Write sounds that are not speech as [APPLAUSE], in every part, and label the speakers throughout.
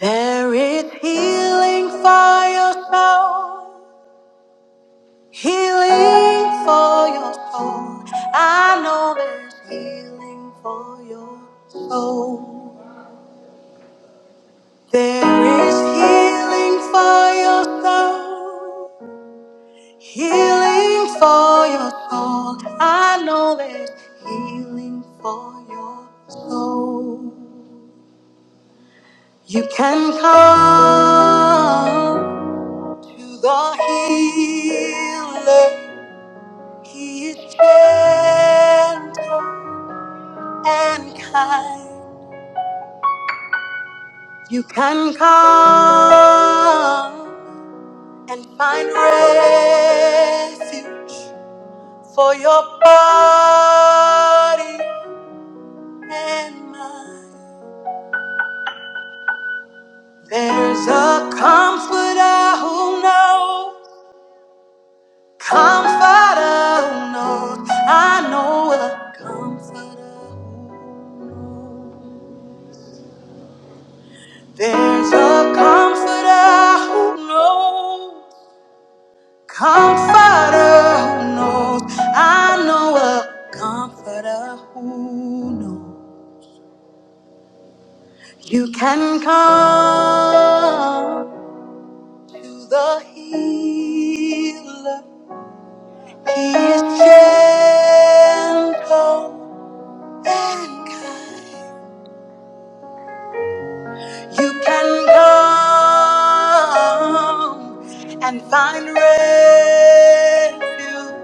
Speaker 1: There is healing for your soul, healing for your soul. I know there's healing for your soul. There is healing for your soul, healing for your soul. I know there's healing for your soul. You can come to the healer. He is gentle and kind. You can come and find refuge for your body and mind. There's a comfort I who know, comforter who knows. I know a comforter who knows. There's a comforter who knows, comforter who knows. I know a comforter who knows. You can come to the healer. He is gentle and kind. You can come and find refuge.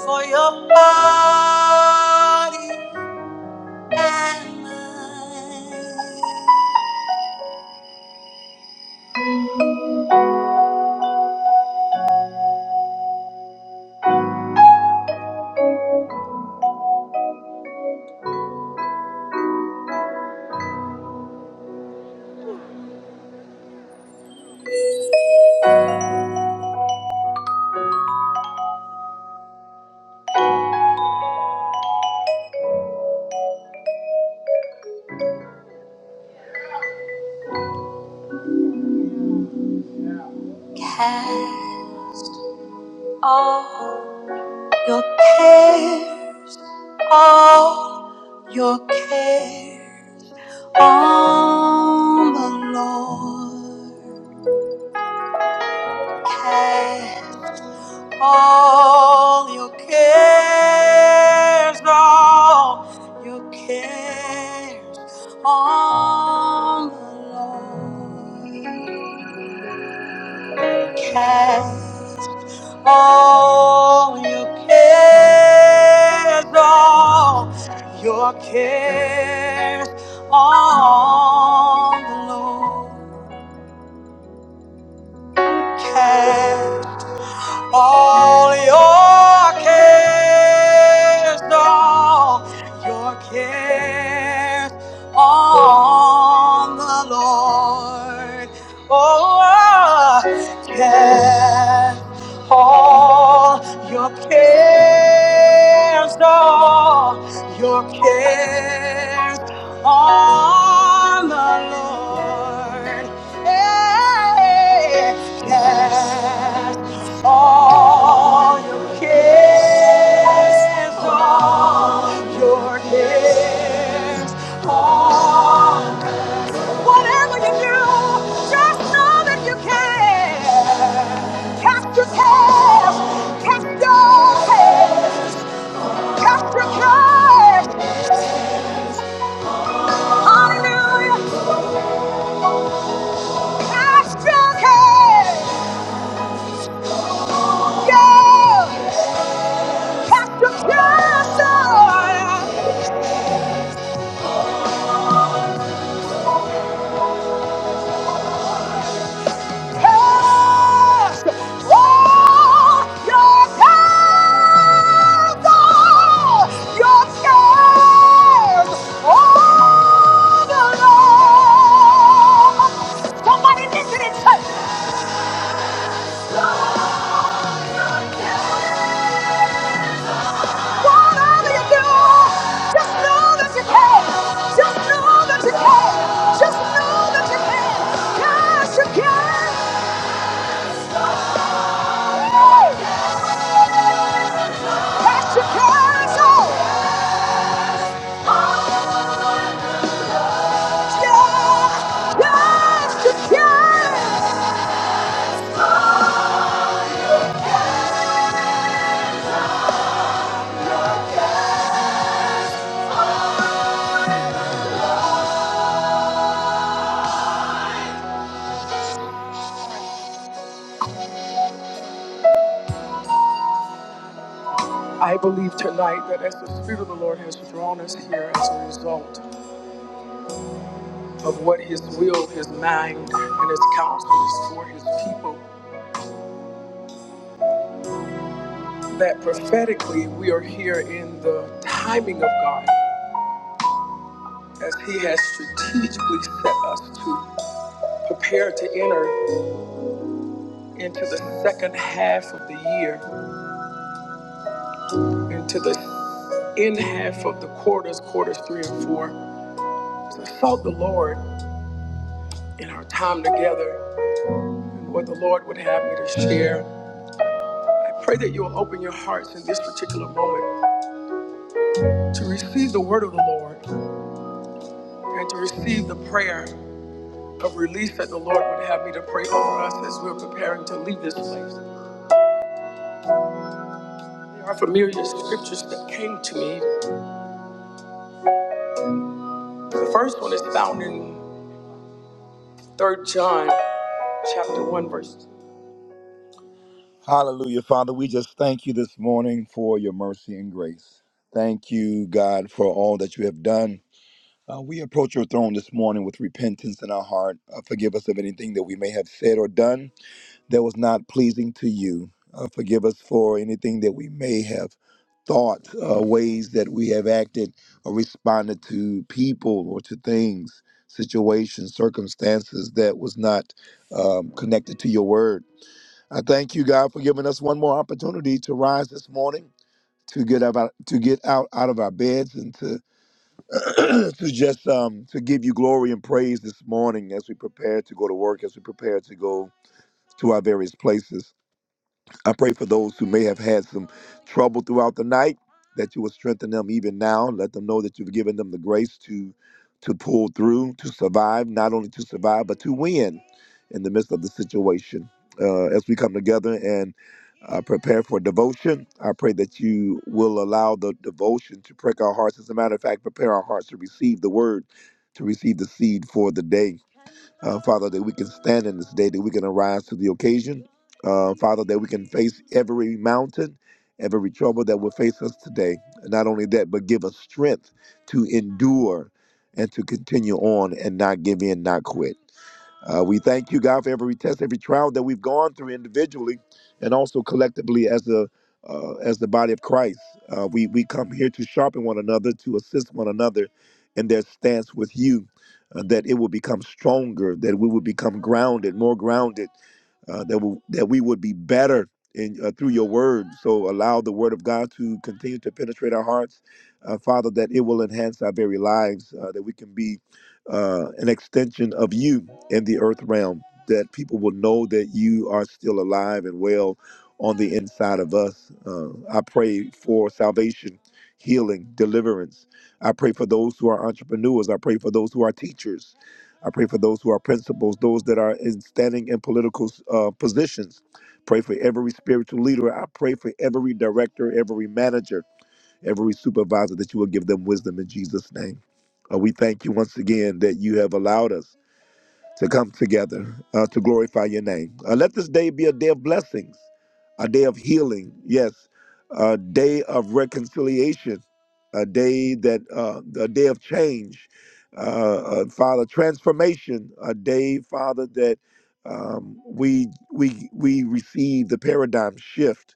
Speaker 1: for your body and mind. Cast all your cares, all your cares on the Lord. Cast. All your cares, all your cares on the Lord. Cast all your cares, all your cares on the Lord. cast. All your cares, all your cares on the Lord. Oh, cast all your cares, all your cares on the Lord. Hey, cast all your cares, all your cares, all whatever you do, just know that you can. Cast your cares, cast your cares, cast your cares. Hallelujah, cast your cares, yeah, cast your cares. oh, cast all your cares, all your cares on the Lord. Somebody listen and say, whatever you do, just know that you can. Just know that you can. Just know that you can. Yes, you can. Yes, you can. Hallelujah, Father. We just thank you this morning for your mercy and grace. Thank you, God, for all that you have done. Uh, we approach your throne this morning with repentance in our heart. Uh, forgive us of anything that we may have said or done that was not pleasing to you. Uh, forgive us for anything that we may have thought, uh, ways that we have acted or responded to people or to things, situations, circumstances that was not um, connected to your word. I thank you, God, for giving us one more opportunity to rise this morning, to get up, out, to get out out of our beds, and to [CLEARS THROAT] to just um, to give you glory and praise this morning as we prepare to go to work, as we prepare to go to our various places. I pray for those who may have had some trouble throughout the night that you will strengthen them even now. Let them know that you've given them the grace to to pull through, to survive, not only to survive but to win in the midst of the situation. Uh, as we come together and uh, prepare for devotion, I pray that you will allow the devotion to prick our hearts. As a matter of fact, prepare our hearts to receive the word, to receive the seed for the day uh, Father, that we can stand in this day, that we can arise to the occasion. Uh, Father, that we can face every mountain, every trouble that will face us today. Not only that, but give us strength to endure and to continue on and not give in, not quit. Uh, we thank you, God, for every test, every trial that we've gone through individually and also collectively as the uh, as the body of Christ. Uh, we we come here to sharpen one another, to assist one another in their stance with you, uh, that it will become stronger, that we will become grounded, more grounded, uh, that we, that we would be better in, uh, through your word. So allow the word of God to continue to penetrate our hearts, uh, Father, that it will enhance our very lives, uh, that we can be uh, an extension of you in the earth realm, that people will know that you are still alive and well on the inside of us. Uh, I pray for salvation, healing, deliverance. I pray for those who are entrepreneurs. I pray for those who are teachers. I pray for those who are principals, those that are in standing in political uh, positions. Pray for every spiritual leader. I pray for every director, every manager every supervisor, that you will give them wisdom in Jesus' name. Uh, we thank you once again that you have allowed us to come together uh, to glorify your name. Uh, let this day be a day of blessings, a day of healing, yes, a day of reconciliation, a day that uh, a day of change, uh, uh, Father, transformation, a day, Father, that um, we we we receive the paradigm shift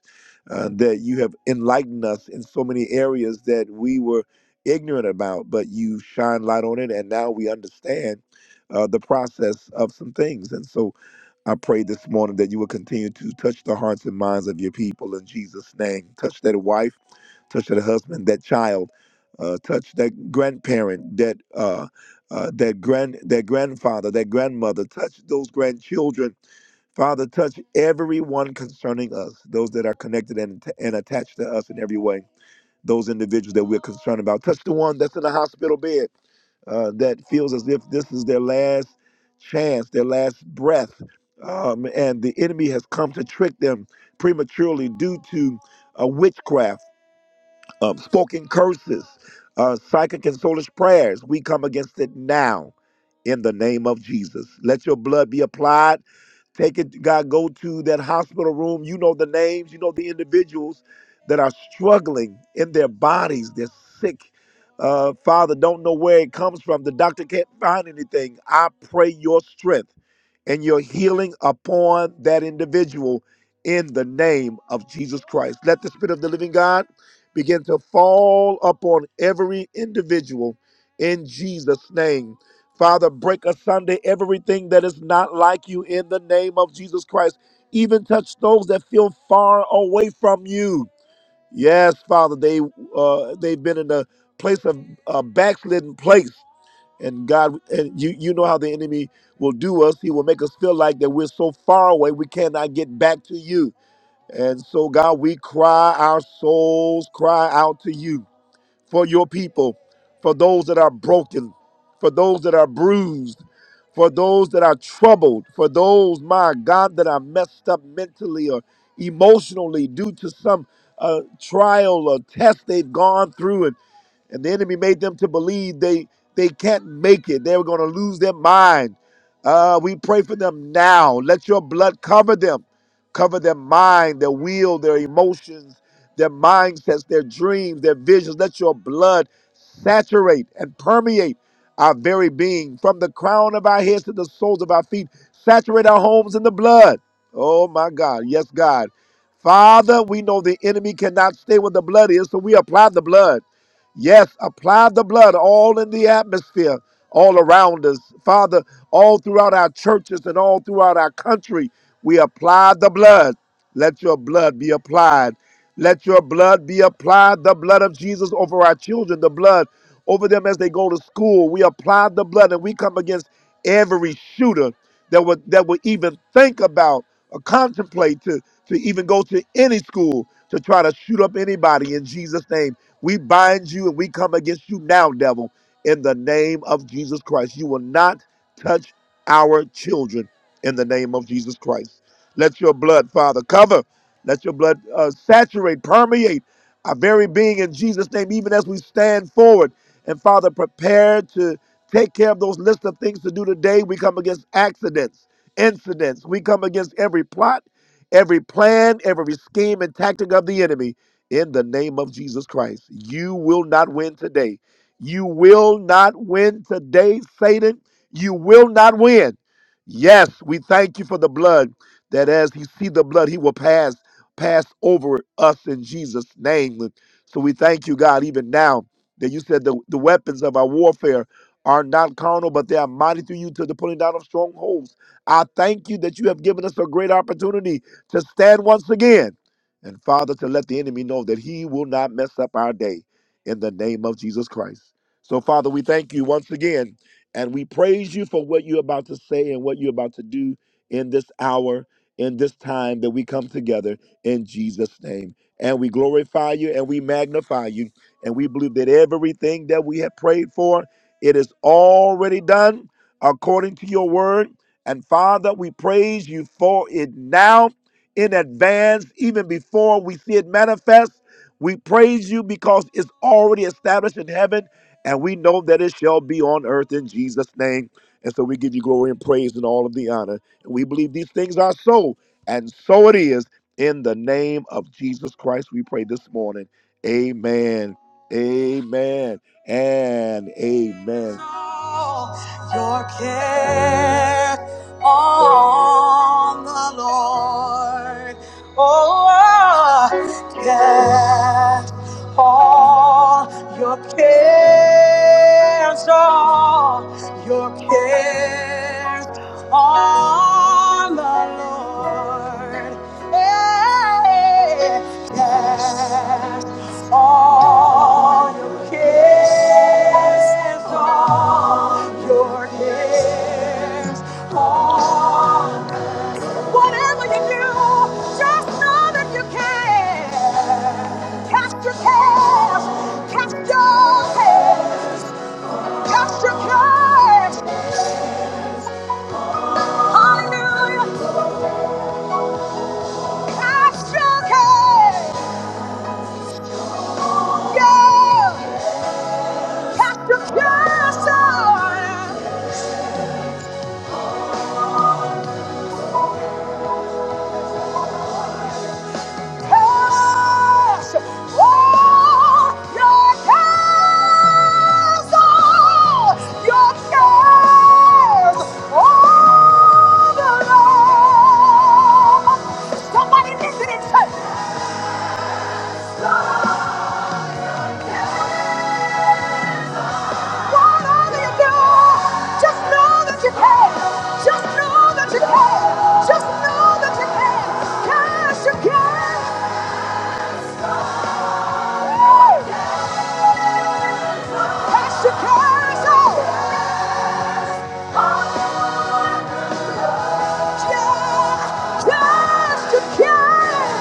Speaker 1: uh, that you have enlightened us in so many areas that we were ignorant about, but you shine light on it, and now we understand uh, the process of some things. And so I pray this morning that you will continue to touch the hearts and minds of your people in Jesus' name. Touch that wife, touch that husband, that child, uh, touch that grandparent, that uh, uh, that grand that grandfather, that grandmother, touch those grandchildren. Father, touch everyone concerning us, those that are connected and, and attached to us in every way those individuals that we're concerned about. Touch the one that's in the hospital bed uh, that feels as if this is their last chance, their last breath, um, and the enemy has come to trick them prematurely due to uh, witchcraft, um, spoken curses, uh, psychic and soulish prayers. We come against it now in the name of Jesus. Let your blood be applied Take it, God, go to that hospital room. You know the names, you know the individuals that are struggling in their bodies. They're sick. Uh, Father, don't know where it comes from. The doctor can't find anything. I pray your strength and your healing upon that individual in the name of Jesus Christ. Let the Spirit of the living God begin to fall upon every individual in Jesus' name Father, break asunder everything that is not like you in the name of Jesus Christ. Even touch those that feel far away from you. Yes, Father, they uh, they've been in a place of a backslidden place, and God, and you you know how the enemy will do us. He will make us feel like that we're so far away we cannot get back to you. And so, God, we cry our souls cry out to you for your people, for those that are broken, for those that are bruised, for those that are troubled, for those, my God, that are messed up mentally or emotionally due to some uh, trial or test they've gone through and the enemy made them to believe they they can't make it. They were going to lose their mind. Uh, we pray for them now. Let your blood cover them, cover their mind, their will, their emotions, their mindsets, their dreams, their visions. Let your blood saturate and permeate our very being, from the crown of our heads to the soles of our feet. Saturate our homes in the blood. Oh my God, yes, God. Father, we know the enemy cannot stay where the blood is, so we apply the blood. Yes, apply the blood all in the atmosphere, all around us. Father, all throughout our churches and all throughout our country, we apply the blood. Let your blood be applied. Let your blood be applied, the blood of Jesus over our children, the blood over them as they go to school. We apply the blood and we come against every shooter that would that would even think about or contemplate to, to even go to any school to try to shoot up anybody in Jesus' name. We bind you and we come against you now, devil, in the name of Jesus Christ. You will not touch our children in the name of Jesus Christ. Let your blood, Father, cover. Let your blood uh, saturate, permeate our very being in Jesus' name, even as we stand forward. And Father, prepare to take care of those list of things to do today. We come against accidents, incidents. We come against every plot, every plan, every scheme and tactic of the enemy in the name of Jesus Christ. You will not win today. You will not win today, Satan. You will not win. Yes, we thank you for the blood that as he see the blood, he will pass pass over us in Jesus' name. So we thank you, God, even now that you said the, the weapons of our warfare are not carnal, but they are mighty through you to the pulling down of strongholds. I thank you that you have given us a great opportunity to stand once again and Father, to let the enemy know that he will not mess up our day in the name of Jesus Christ. So, Father, we thank you once again and we praise you for what you're about to say and what you're about to do in this hour, in this time that we come together in Jesus' name. And we glorify you and we magnify you. And we believe that everything that we have prayed for, it is already done according to your word. And Father, we praise you for it now in advance, even before we see it manifest. We praise you because it's already established in heaven, and we know that it shall be on earth in Jesus' name. And so we give you glory and praise and all of the honor. And we believe these things are so, and so it is. In the name of Jesus Christ, we pray this morning. Amen. Amen. And amen. All Your care on the Lord. Oh, cast all your cares on. Your cares on the Lord. Hey, cast all your cares, all your cares on. Whatever you do, just know that you can. Cast your cares, cast your cares, cast your cares. Hallelujah. Cast your care. Yeah. Cast your cares on. Cast all your cares on. Your cares on the Lord. Somebody listen and touch. Just know that you can. Just know that you can. Just know that you can. Cast your cares. Woo! Oh. you can.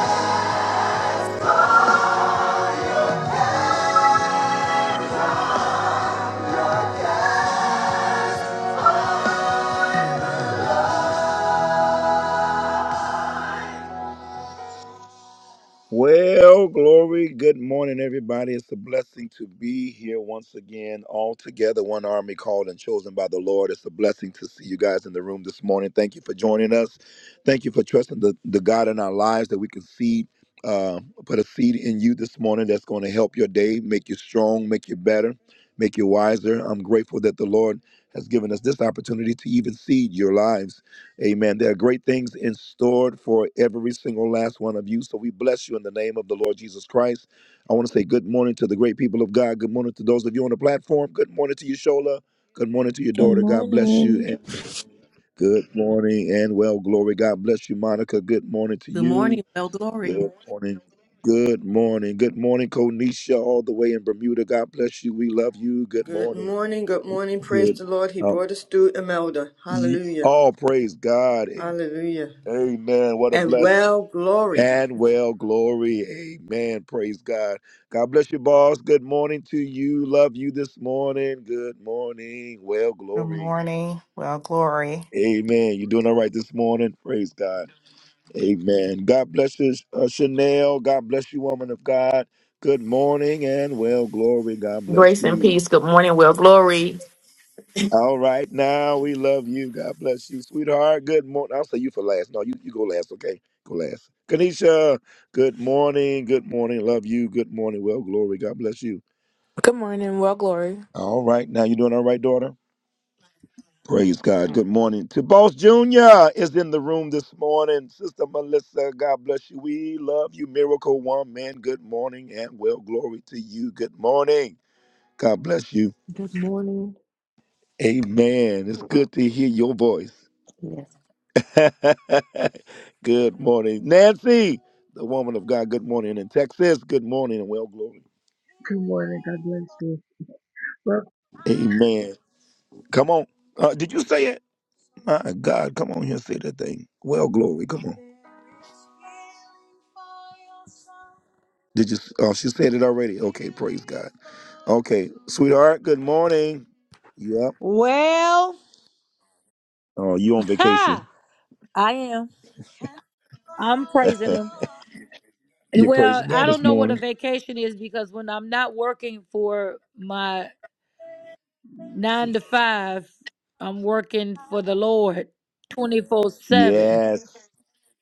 Speaker 1: Well, glory. Good morning, everybody. It's a blessing to be here once again, all together, one army called and chosen by the Lord. It's a blessing to see you guys in the room this morning. Thank you for joining us. Thank you for trusting the, the God in our lives that we can seed, uh, put a seed in you this morning that's going to help your day, make you strong, make you better, make you wiser. I'm grateful that the Lord has given us this opportunity to even seed your lives. Amen. There are great things in store for every single last one of you. So we bless you in the name of the Lord Jesus Christ. I want to say good morning to the great people of God. Good morning to those of you on the platform. Good morning to you, Shola. Good morning to your
Speaker 2: Good
Speaker 1: daughter. God bless you.
Speaker 2: morning.
Speaker 1: And good morning and well, glory. God bless you, Monica. Good morning to
Speaker 3: Good
Speaker 1: you.
Speaker 3: morning, Well Glory.
Speaker 1: Good morning. Good morning. Good morning, Konisha, all the way in Bermuda. God bless you. We love you. Good
Speaker 4: Good
Speaker 1: morning.
Speaker 4: morning, good morning. Praise
Speaker 1: Good.
Speaker 4: the Lord. He
Speaker 1: Uh,
Speaker 4: brought us through Imelda.
Speaker 1: ye-
Speaker 4: Hallelujah.
Speaker 1: all praise God. A-
Speaker 4: Hallelujah.
Speaker 1: Amen. What a
Speaker 4: And
Speaker 1: blessing.
Speaker 4: well, glory.
Speaker 1: and well glory. Amen. Praise God. God bless you, boss. Good morning to you. Love you this morning. Good morning. Well
Speaker 5: Good
Speaker 1: glory.
Speaker 5: morning. Well, glory.
Speaker 1: Amen. You doing all right this morning? Praise God. Amen. God bless you, uh, Chanel. God bless you, woman of God. Good morning and well glory. God bless
Speaker 6: Grace and
Speaker 1: you.
Speaker 6: peace. Good morning. Well, glory.
Speaker 1: All right, now we love you. God bless you, sweetheart. Good morning. I'll say you for last. No, you, you go last, okay? Go last. Kanisha, good morning. Good morning. Love you. Good morning. Well, glory. God bless you.
Speaker 7: Good morning, well, glory.
Speaker 1: All right, now you doing all right, daughter? Praise God. Good morning. To Boss Jr. is in the room this morning. Sister Melissa, God bless you. We love you, Miracle Woman. Good morning and well, glory to you. Good morning. God bless you.
Speaker 8: Good morning.
Speaker 1: Amen. It's good to hear your voice.
Speaker 8: Yes.
Speaker 1: [LAUGHS] good morning, Nancy, the woman of God. Good morning in Texas. Good morning and well glory.
Speaker 9: Good morning. God bless you. Well,
Speaker 1: Amen. Come on. Uh, did you say it? My God, come on here, and say that thing. Well glory, come on. Did you? Oh, she said it already. Okay, praise God. Okay, sweetheart. Good morning. Yep.
Speaker 10: Well,
Speaker 1: Oh, you
Speaker 10: [LAUGHS]
Speaker 1: on vacation?
Speaker 10: ha! I am. I'm
Speaker 1: [LAUGHS]
Speaker 10: praising him. And
Speaker 1: You're
Speaker 10: well,
Speaker 1: praising
Speaker 10: I
Speaker 1: God
Speaker 10: don't
Speaker 1: this
Speaker 10: know what a
Speaker 1: morning.
Speaker 10: vacation is because when I'm not working for my nine to five, I'm working for the Lord 24 7.
Speaker 1: Yes,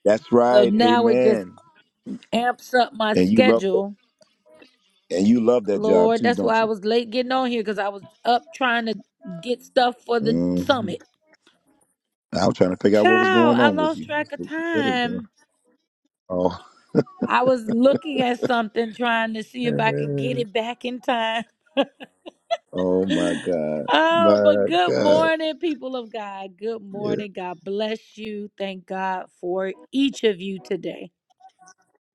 Speaker 1: that's
Speaker 10: So
Speaker 1: right.
Speaker 10: now it just
Speaker 1: Amen.
Speaker 10: amps up my
Speaker 1: And you love it.
Speaker 10: schedule.
Speaker 1: And you love that job
Speaker 10: Lord,
Speaker 1: too,
Speaker 10: that's
Speaker 1: don't
Speaker 10: why I was late getting on here because I was up trying to get stuff for the
Speaker 1: you?
Speaker 10: summit.
Speaker 1: I was trying to figure out what was
Speaker 10: Child,
Speaker 1: going
Speaker 10: I
Speaker 1: on with
Speaker 10: lost
Speaker 1: you.
Speaker 10: track of
Speaker 1: What is going?
Speaker 10: time.
Speaker 1: Oh,
Speaker 10: I was looking at something trying to see if I could get
Speaker 1: [LAUGHS]
Speaker 10: it back in time.
Speaker 1: oh
Speaker 10: [LAUGHS]
Speaker 1: my God,
Speaker 10: Oh, but
Speaker 1: my
Speaker 10: good
Speaker 1: God!
Speaker 10: morning, people of God. Good
Speaker 1: Yeah.
Speaker 10: morning. God bless you. Thank God for each of you today.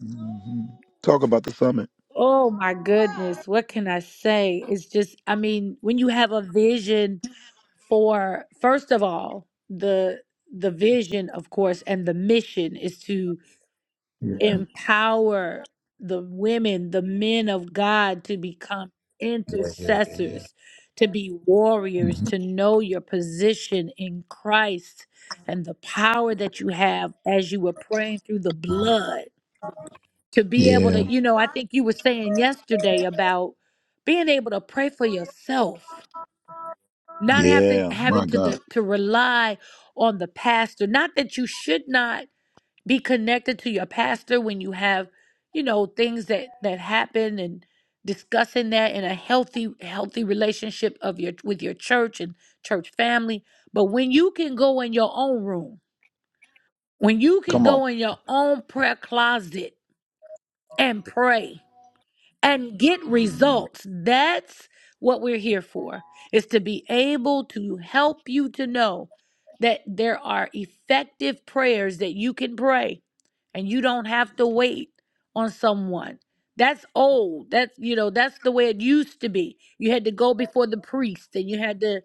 Speaker 1: hmm Talk about the summit.
Speaker 10: Oh, my goodness. What can I say? It's just, I mean, when you have a vision for, first of all, the the vision of course and the mission is to
Speaker 1: Yeah,
Speaker 10: empower the women, the men of God to become
Speaker 1: yeah, yeah, yeah, yeah.
Speaker 10: intercessors, to be warriors,
Speaker 1: hmm
Speaker 10: to know your position in Christ and the power that you have as you were praying through the blood. To be able
Speaker 1: Yeah,
Speaker 10: to, you know, I think you were saying yesterday about being able to pray for yourself, not having
Speaker 1: yeah. My
Speaker 10: having to
Speaker 1: God,
Speaker 10: de- to rely on the pastor. Not that you should not be connected to your pastor when you have you know things that that happen and discussing that in a healthy healthy relationship of your with your church and church family but when you can go in your own room when you can
Speaker 1: come on.
Speaker 10: go in your own prayer closet and pray and get
Speaker 1: hmm
Speaker 10: results. That's what we're here for, is to be able to help you to know that there are effective prayers that you can pray and you don't have to wait on someone. That's old. That's, you know, that's the way it used to be. You had to go before the priest and you had to,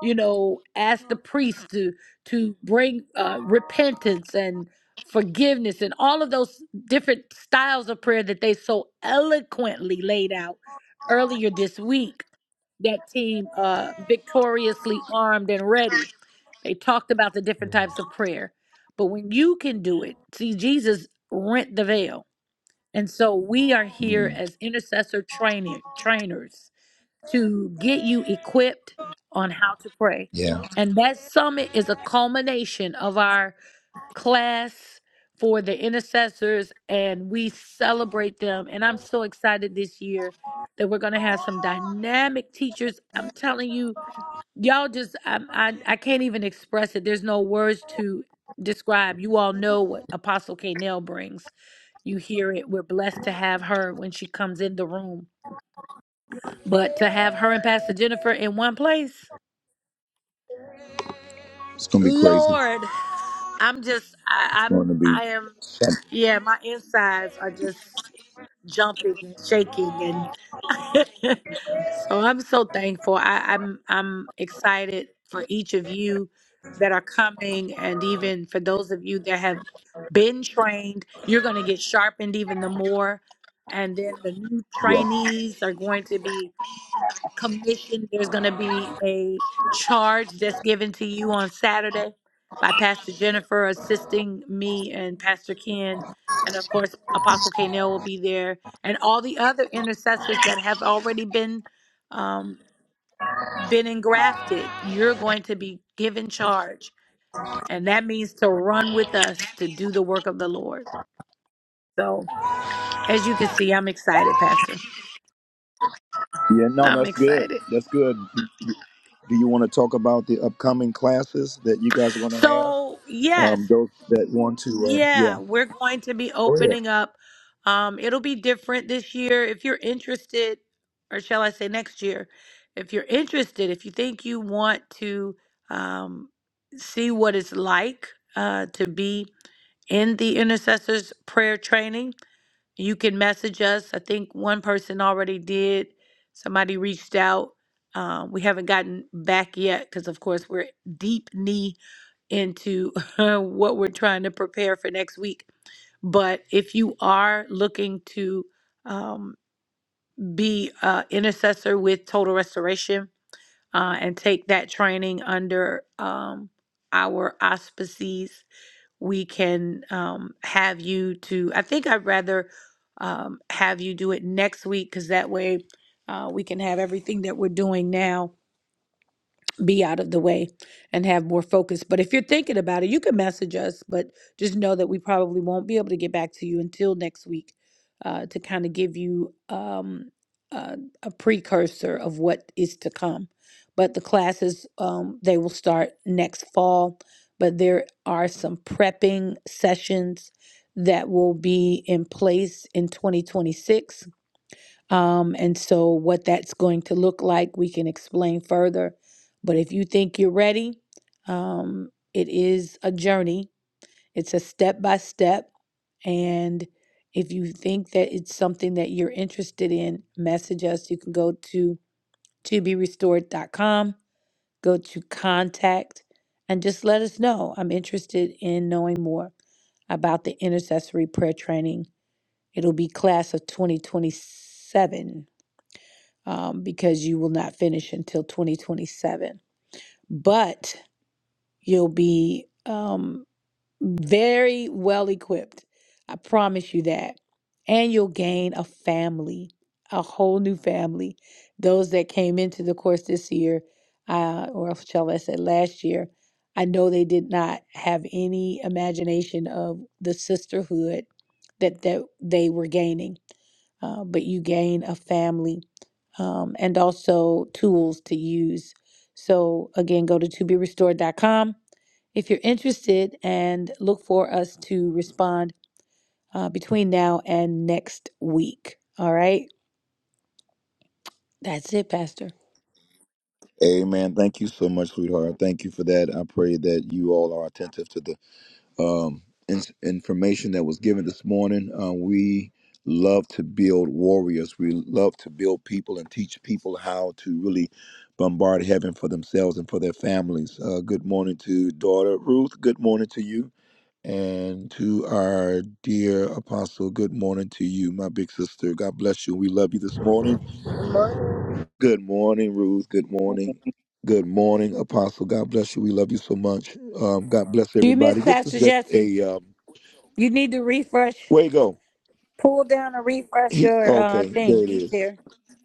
Speaker 10: you know, ask the priest to to bring uh, repentance and forgiveness and all of those different styles of prayer that they so eloquently laid out earlier this week. That team, uh, victoriously armed and ready. They talked about the different types of prayer. But when you can do it, see, Jesus rent the veil. And so we are here as intercessor trainer, trainers to get you equipped on how to pray.
Speaker 1: Yeah,
Speaker 10: And that summit is a culmination of our class for the intercessors and we celebrate them. And I'm so excited this year that we're going to have some dynamic teachers. I'm telling you, y'all just, I, I, I can't even express it. There's no words to describe. You all know what Apostle K. Nell brings. You hear it. We're blessed to have her when she comes in the room. But to have her and Pastor Jennifer in one place,
Speaker 1: it's gonna be crazy.
Speaker 10: Lord, I'm just,
Speaker 1: It's
Speaker 10: I,
Speaker 1: going
Speaker 10: I'm,
Speaker 1: to be
Speaker 10: I am,
Speaker 1: something.
Speaker 10: yeah, my insides are just jumping and shaking, and [LAUGHS] so I'm so thankful. I, I'm, I'm excited for each of you that are coming, and even for those of you that have been trained, you're going to get sharpened even the more, and then the new
Speaker 1: Yeah,
Speaker 10: trainees are going to be commission. There's going to be a charge that's given to you on Saturday by Pastor Jennifer assisting me and Pastor Ken. And of course, Apostle Kanell will be there and all the other intercessors that have already been um, been engrafted. You're going to be given charge. And that means to run with us to do the work of the Lord. So as you can see, I'm excited, Pastor.
Speaker 1: yeah. No, no,
Speaker 10: I'm
Speaker 1: it's good.
Speaker 10: excited.
Speaker 1: That's good. Do you want to talk about the upcoming classes that you guys are going to have?
Speaker 10: So, yes.
Speaker 1: Um, those that want to, uh, yeah.
Speaker 10: Yeah, we're going to be
Speaker 1: Go ahead.
Speaker 10: opening up. Um, it'll be different this year. If you're interested, or shall I say next year, if you're interested, if you think you want to um, see what it's like uh, to be in the intercessors prayer training, you can message us. I think one person already did. Somebody reached out. Uh, we haven't gotten back yet because, of course, we're deep knee into [LAUGHS] what we're trying to prepare for next week. But if you are looking to um, be uh, intercessor with Total Restoration uh, and take that training under um, our auspices, we can um, have you to. I think I'd rather um, have you do it next week because that way uh, we can have everything that we're doing now be out of the way and have more focus. But if you're thinking about it, you can message us, but just know that we probably won't be able to get back to you until next week uh, to kind of give you um, uh, a precursor of what is to come. But the classes, um, they will start next fall, but there are some prepping sessions that will be in place in 2026 um, and so, what that's going to look like, we can explain further. But if you think you're ready, um, it is a journey, it's a step by step. And if you think that it's something that you're interested in, message us. You can go to to be restored. dot com. go to contact, and just let us know. I'm interested in knowing more about the intercessory prayer training. It'll be class of 2027 um, because you will not finish until 2027. But you'll be um, very well equipped. I promise you that. And you'll gain a family, a whole new family. Those that came into the course this year, uh, or shall I say last year, I know they did not have any imagination of the sisterhood that, that they were gaining, uh, but you gain a family um, and also tools to use. So, again, go to to be restored. dot com if you're interested and look for us to respond uh, between now and next week. All right. That's it, Pastor.
Speaker 1: Amen. Thank you so much, sweetheart. Thank you for that. I pray that you all are attentive to the um, in- information that was given this morning. Uh, we love to build warriors. We love to build people and teach people how to really bombard heaven for themselves and for their families. Uh, good morning to daughter Ruth. Good morning to you. And to our dear apostle, good morning to you, my big sister. God bless you. We love you this morning. Good morning, Ruth. Good
Speaker 11: We
Speaker 1: morning. Good morning, Apostle. God bless you. We love you so much. Um, God bless
Speaker 10: Do you miss
Speaker 1: everybody. This is
Speaker 10: Pastor
Speaker 1: just
Speaker 10: Jesse?
Speaker 1: a um,
Speaker 10: You need to refresh,
Speaker 1: where you go.
Speaker 10: pull down and refresh
Speaker 1: He,
Speaker 10: your uh,
Speaker 1: okay, there
Speaker 10: thing.
Speaker 1: it
Speaker 10: Be
Speaker 1: is.
Speaker 10: there.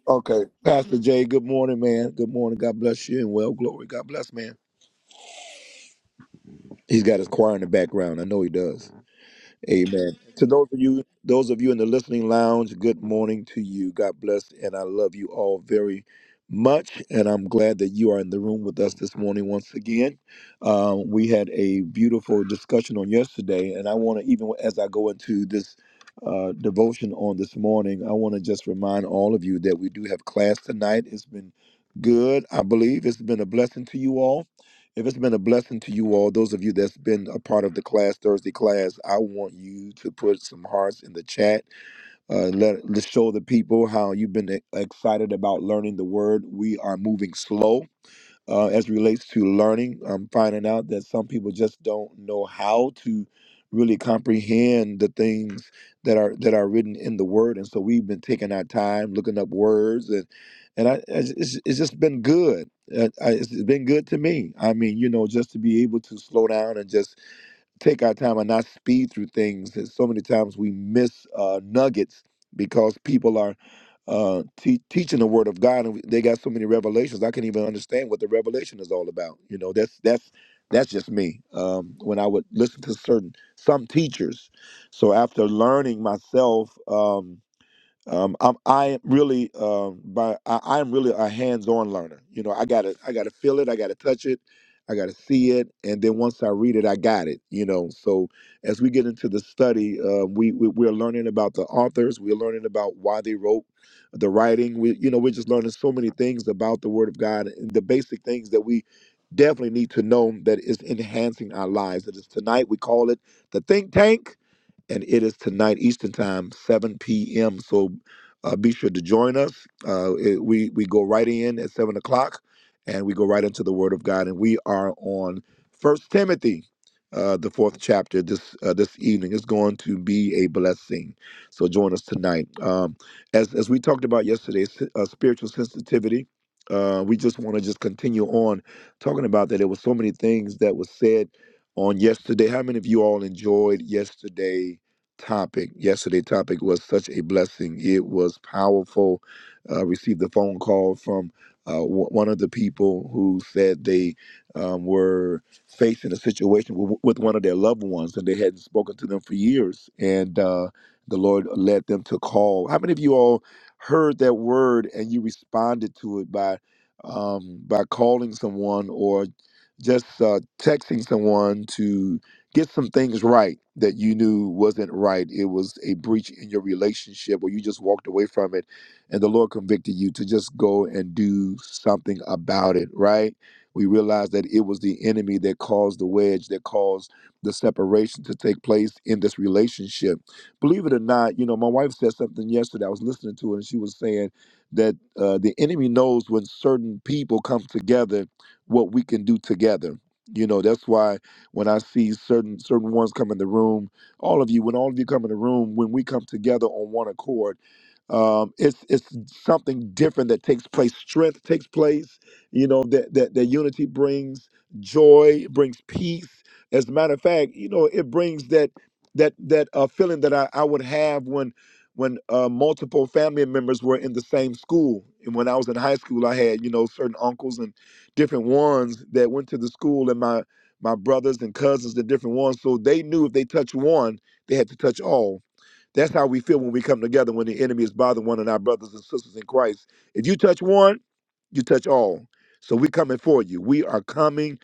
Speaker 1: Okay, Pastor Jay. Good morning, man. Good morning. God bless you and well glory. God bless, man. He's got his choir in the background. I know he does. Amen. To those of you, those of you in the listening lounge, good morning to you. God bless, and I love you all very much. And I'm glad that you are in the room with us this morning once again. Um, we had a beautiful discussion on yesterday, and I want to even as I go into this uh, devotion on this morning, I want to just remind all of you that we do have class tonight. It's been good. I believe it's been a blessing to you all. If it's been a blessing to you all, those of you that's been a part of the class, Thursday class, I want you to put some hearts in the chat. Uh, let, let's show the people how you've been e- excited about learning the word. We are moving slow uh, as it relates to learning. I'm finding out that some people just don't know how to really comprehend the things that are that are written in the Word, and so we've been taking our time looking up words, and and I, it's, it's it's just been good. Uh, I, it's been good to me. I mean, you know, just to be able to slow down and just take our time and not speed through things. And so many times we miss uh, nuggets because people are uh, te- teaching the Word of God, and we- they got so many revelations. I can't even understand what the revelation is all about. You know, that's that's that's just me. Um, when I would listen to certain some teachers, so after learning myself. Um, um, I'm I really um by I, I'm really a hands-on learner. You know, I gotta I gotta feel it, I gotta touch it, I gotta see it, and then once I read it, I got it. You know, so as we get into the study, uh, we, we we're learning about the authors, we're learning about why they wrote the writing. We you know we're just learning so many things about the Word of God and the basic things that we definitely need to know that is enhancing our lives. It is tonight we call it the think tank and it is tonight Eastern Time, 7 p.m. So uh, be sure to join us. Uh, it- we we go right in at seven o'clock, and we go right into the Word of God, and we are on First Timothy, uh, the fourth chapter this uh, this evening. It's going to be a blessing. So join us tonight. Um, as as we talked about yesterday, s- uh, spiritual sensitivity. Uh, we just want to just continue on talking about that. There were so many things that were said on yesterday. How many of you all enjoyed yesterday? topic. Yesterday topic was such a blessing. It was powerful. Uh, received a phone call from uh, w- one of the people who said they um, were facing a situation w- with one of their loved ones, and they hadn't spoken to them for years. And uh, the Lord led them to call. How many of you all heard that word and you responded to it by um, by calling someone or just uh, texting someone to get some things right that you knew wasn't right. It was a breach in your relationship or you just walked away from it and the Lord convicted you to just go and do something about it, right? We realized that it was the enemy that caused the wedge, that caused the separation to take place in this relationship. Believe it or not, you know, my wife said something yesterday. I was listening to her and she was saying that uh, the enemy knows when certain people come together what we can do together. You know, that's why when I see certain certain ones come in the room, all of you, when all of you come in the room, when we come together on one accord, um, it's it's something different that takes place. Strength takes place. You know that that that unity brings joy, brings peace. As a matter of fact, you know it brings that that that uh, feeling that I, I would have when when uh, multiple family members were in the same school. And when I was in high school, I had you know certain uncles and different ones that went to the school in my my brothers and cousins, the different ones. So they knew if they touched one, they had to touch all. That's how we feel when we come together when the enemy is bothering one of our brothers and sisters in Christ. If you touch one, you touch all. So we are coming for you. We are coming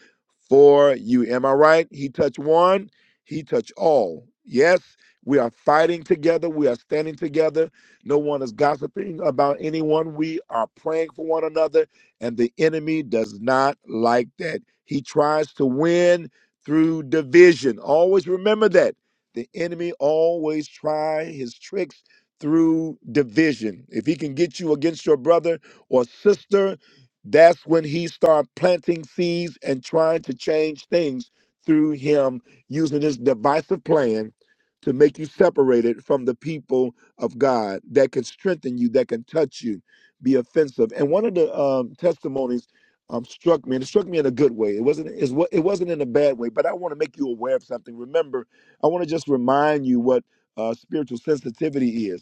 Speaker 1: for you. Am I right? He touched one, he touched all. Yes, we are fighting together. We are standing together. No one is gossiping about anyone. We are praying for one another, and the enemy does not like that. He tries to win through division. Always remember that. The enemy always try his tricks through division. If he can get you against your brother or sister, that's when he start planting seeds and trying to change things through him using his divisive plan to make you separated from the people of God that can strengthen you, that can touch you, be offensive. And one of the um, testimonies um, struck me, and it struck me in a good way. It wasn't, it's, wa- it wasn't in a bad way, but I want to make you aware of something. Remember, I want to just remind you what uh, spiritual sensitivity is.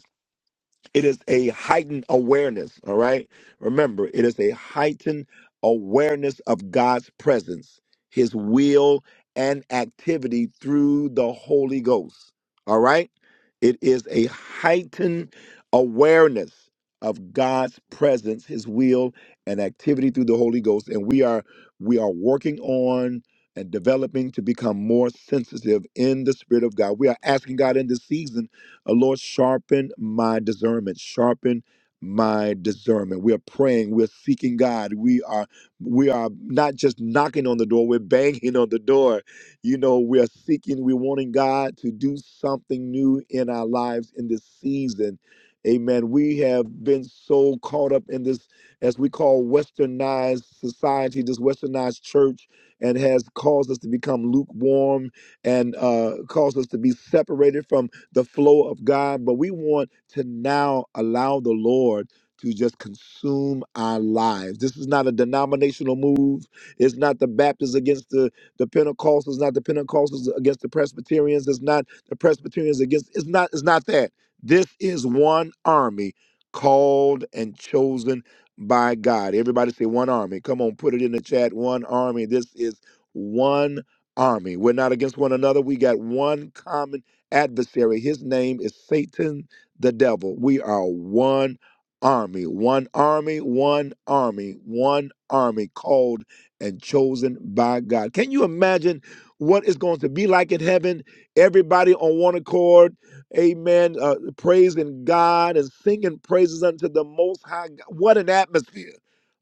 Speaker 1: It is a heightened awareness, all right? Remember, it is a heightened awareness of God's presence, his will and activity through the Holy Ghost. All right? It is a heightened awareness of God's presence, his will and activity through the Holy Ghost, and we are we are working on and developing to become more sensitive in the spirit of God. We are asking God in this season uh, Lord, sharpen my discernment. Sharpen my discernment. We are praying. We're seeking God. We are we are not just knocking on the door. We're banging on the door. You know, we are seeking. We're wanting God to do something new in our lives in this season. Amen. We have been so caught up in this, as we call westernized society, this westernized church, and has caused us to become lukewarm and uh, caused us to be separated from the flow of God, but we want to now allow the Lord to just consume our lives. This is not a denominational move. It's not the Baptists against the, the Pentecostals, not the Pentecostals against the Presbyterians. It's not the Presbyterians against it's not it's not that. This is one army called and chosen by God. Everybody say one army. Come on, put it in the chat. One army. This is one army. We're not against one another. We got one common adversary. His name is Satan the devil. We are one army, one army, one army, one army called and chosen by God. Can you imagine what it's going to be like in heaven? Everybody on one accord, amen, uh, praising God and singing praises unto the Most High God. What an atmosphere.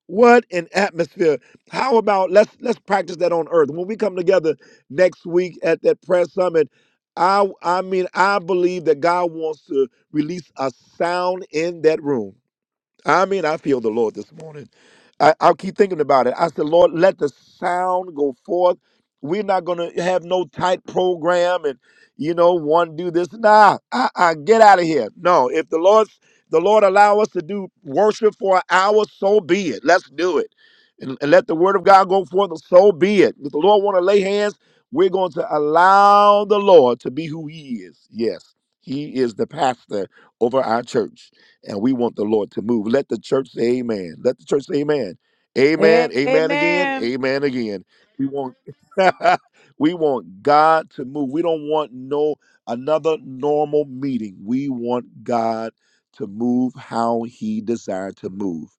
Speaker 1: What an atmosphere. How about let's let's practice that on earth. When we come together next week at that prayer summit, I I mean I believe that God wants to release a sound in that room. I mean, I feel the Lord this morning. I, I'll keep thinking about it. I said, Lord, let the sound go forth. We're not going to have no tight program and, you know, one do this. Nah, I, I get out of here. No, if the Lord, the Lord allow us to do worship for an hour, so be it. Let's do it. And, and let the word of God go forth, so be it. If the Lord want to lay hands, we're going to allow the Lord to be who he is. Yes, he is the pastor over our church and we want the Lord to move. Let the church say amen. Let the church say amen.
Speaker 10: A-
Speaker 1: Amen. Amen again.
Speaker 10: Amen.
Speaker 1: Amen again. We want [LAUGHS] we want God to move. We don't want no another normal meeting. We want God to move how he desired to move.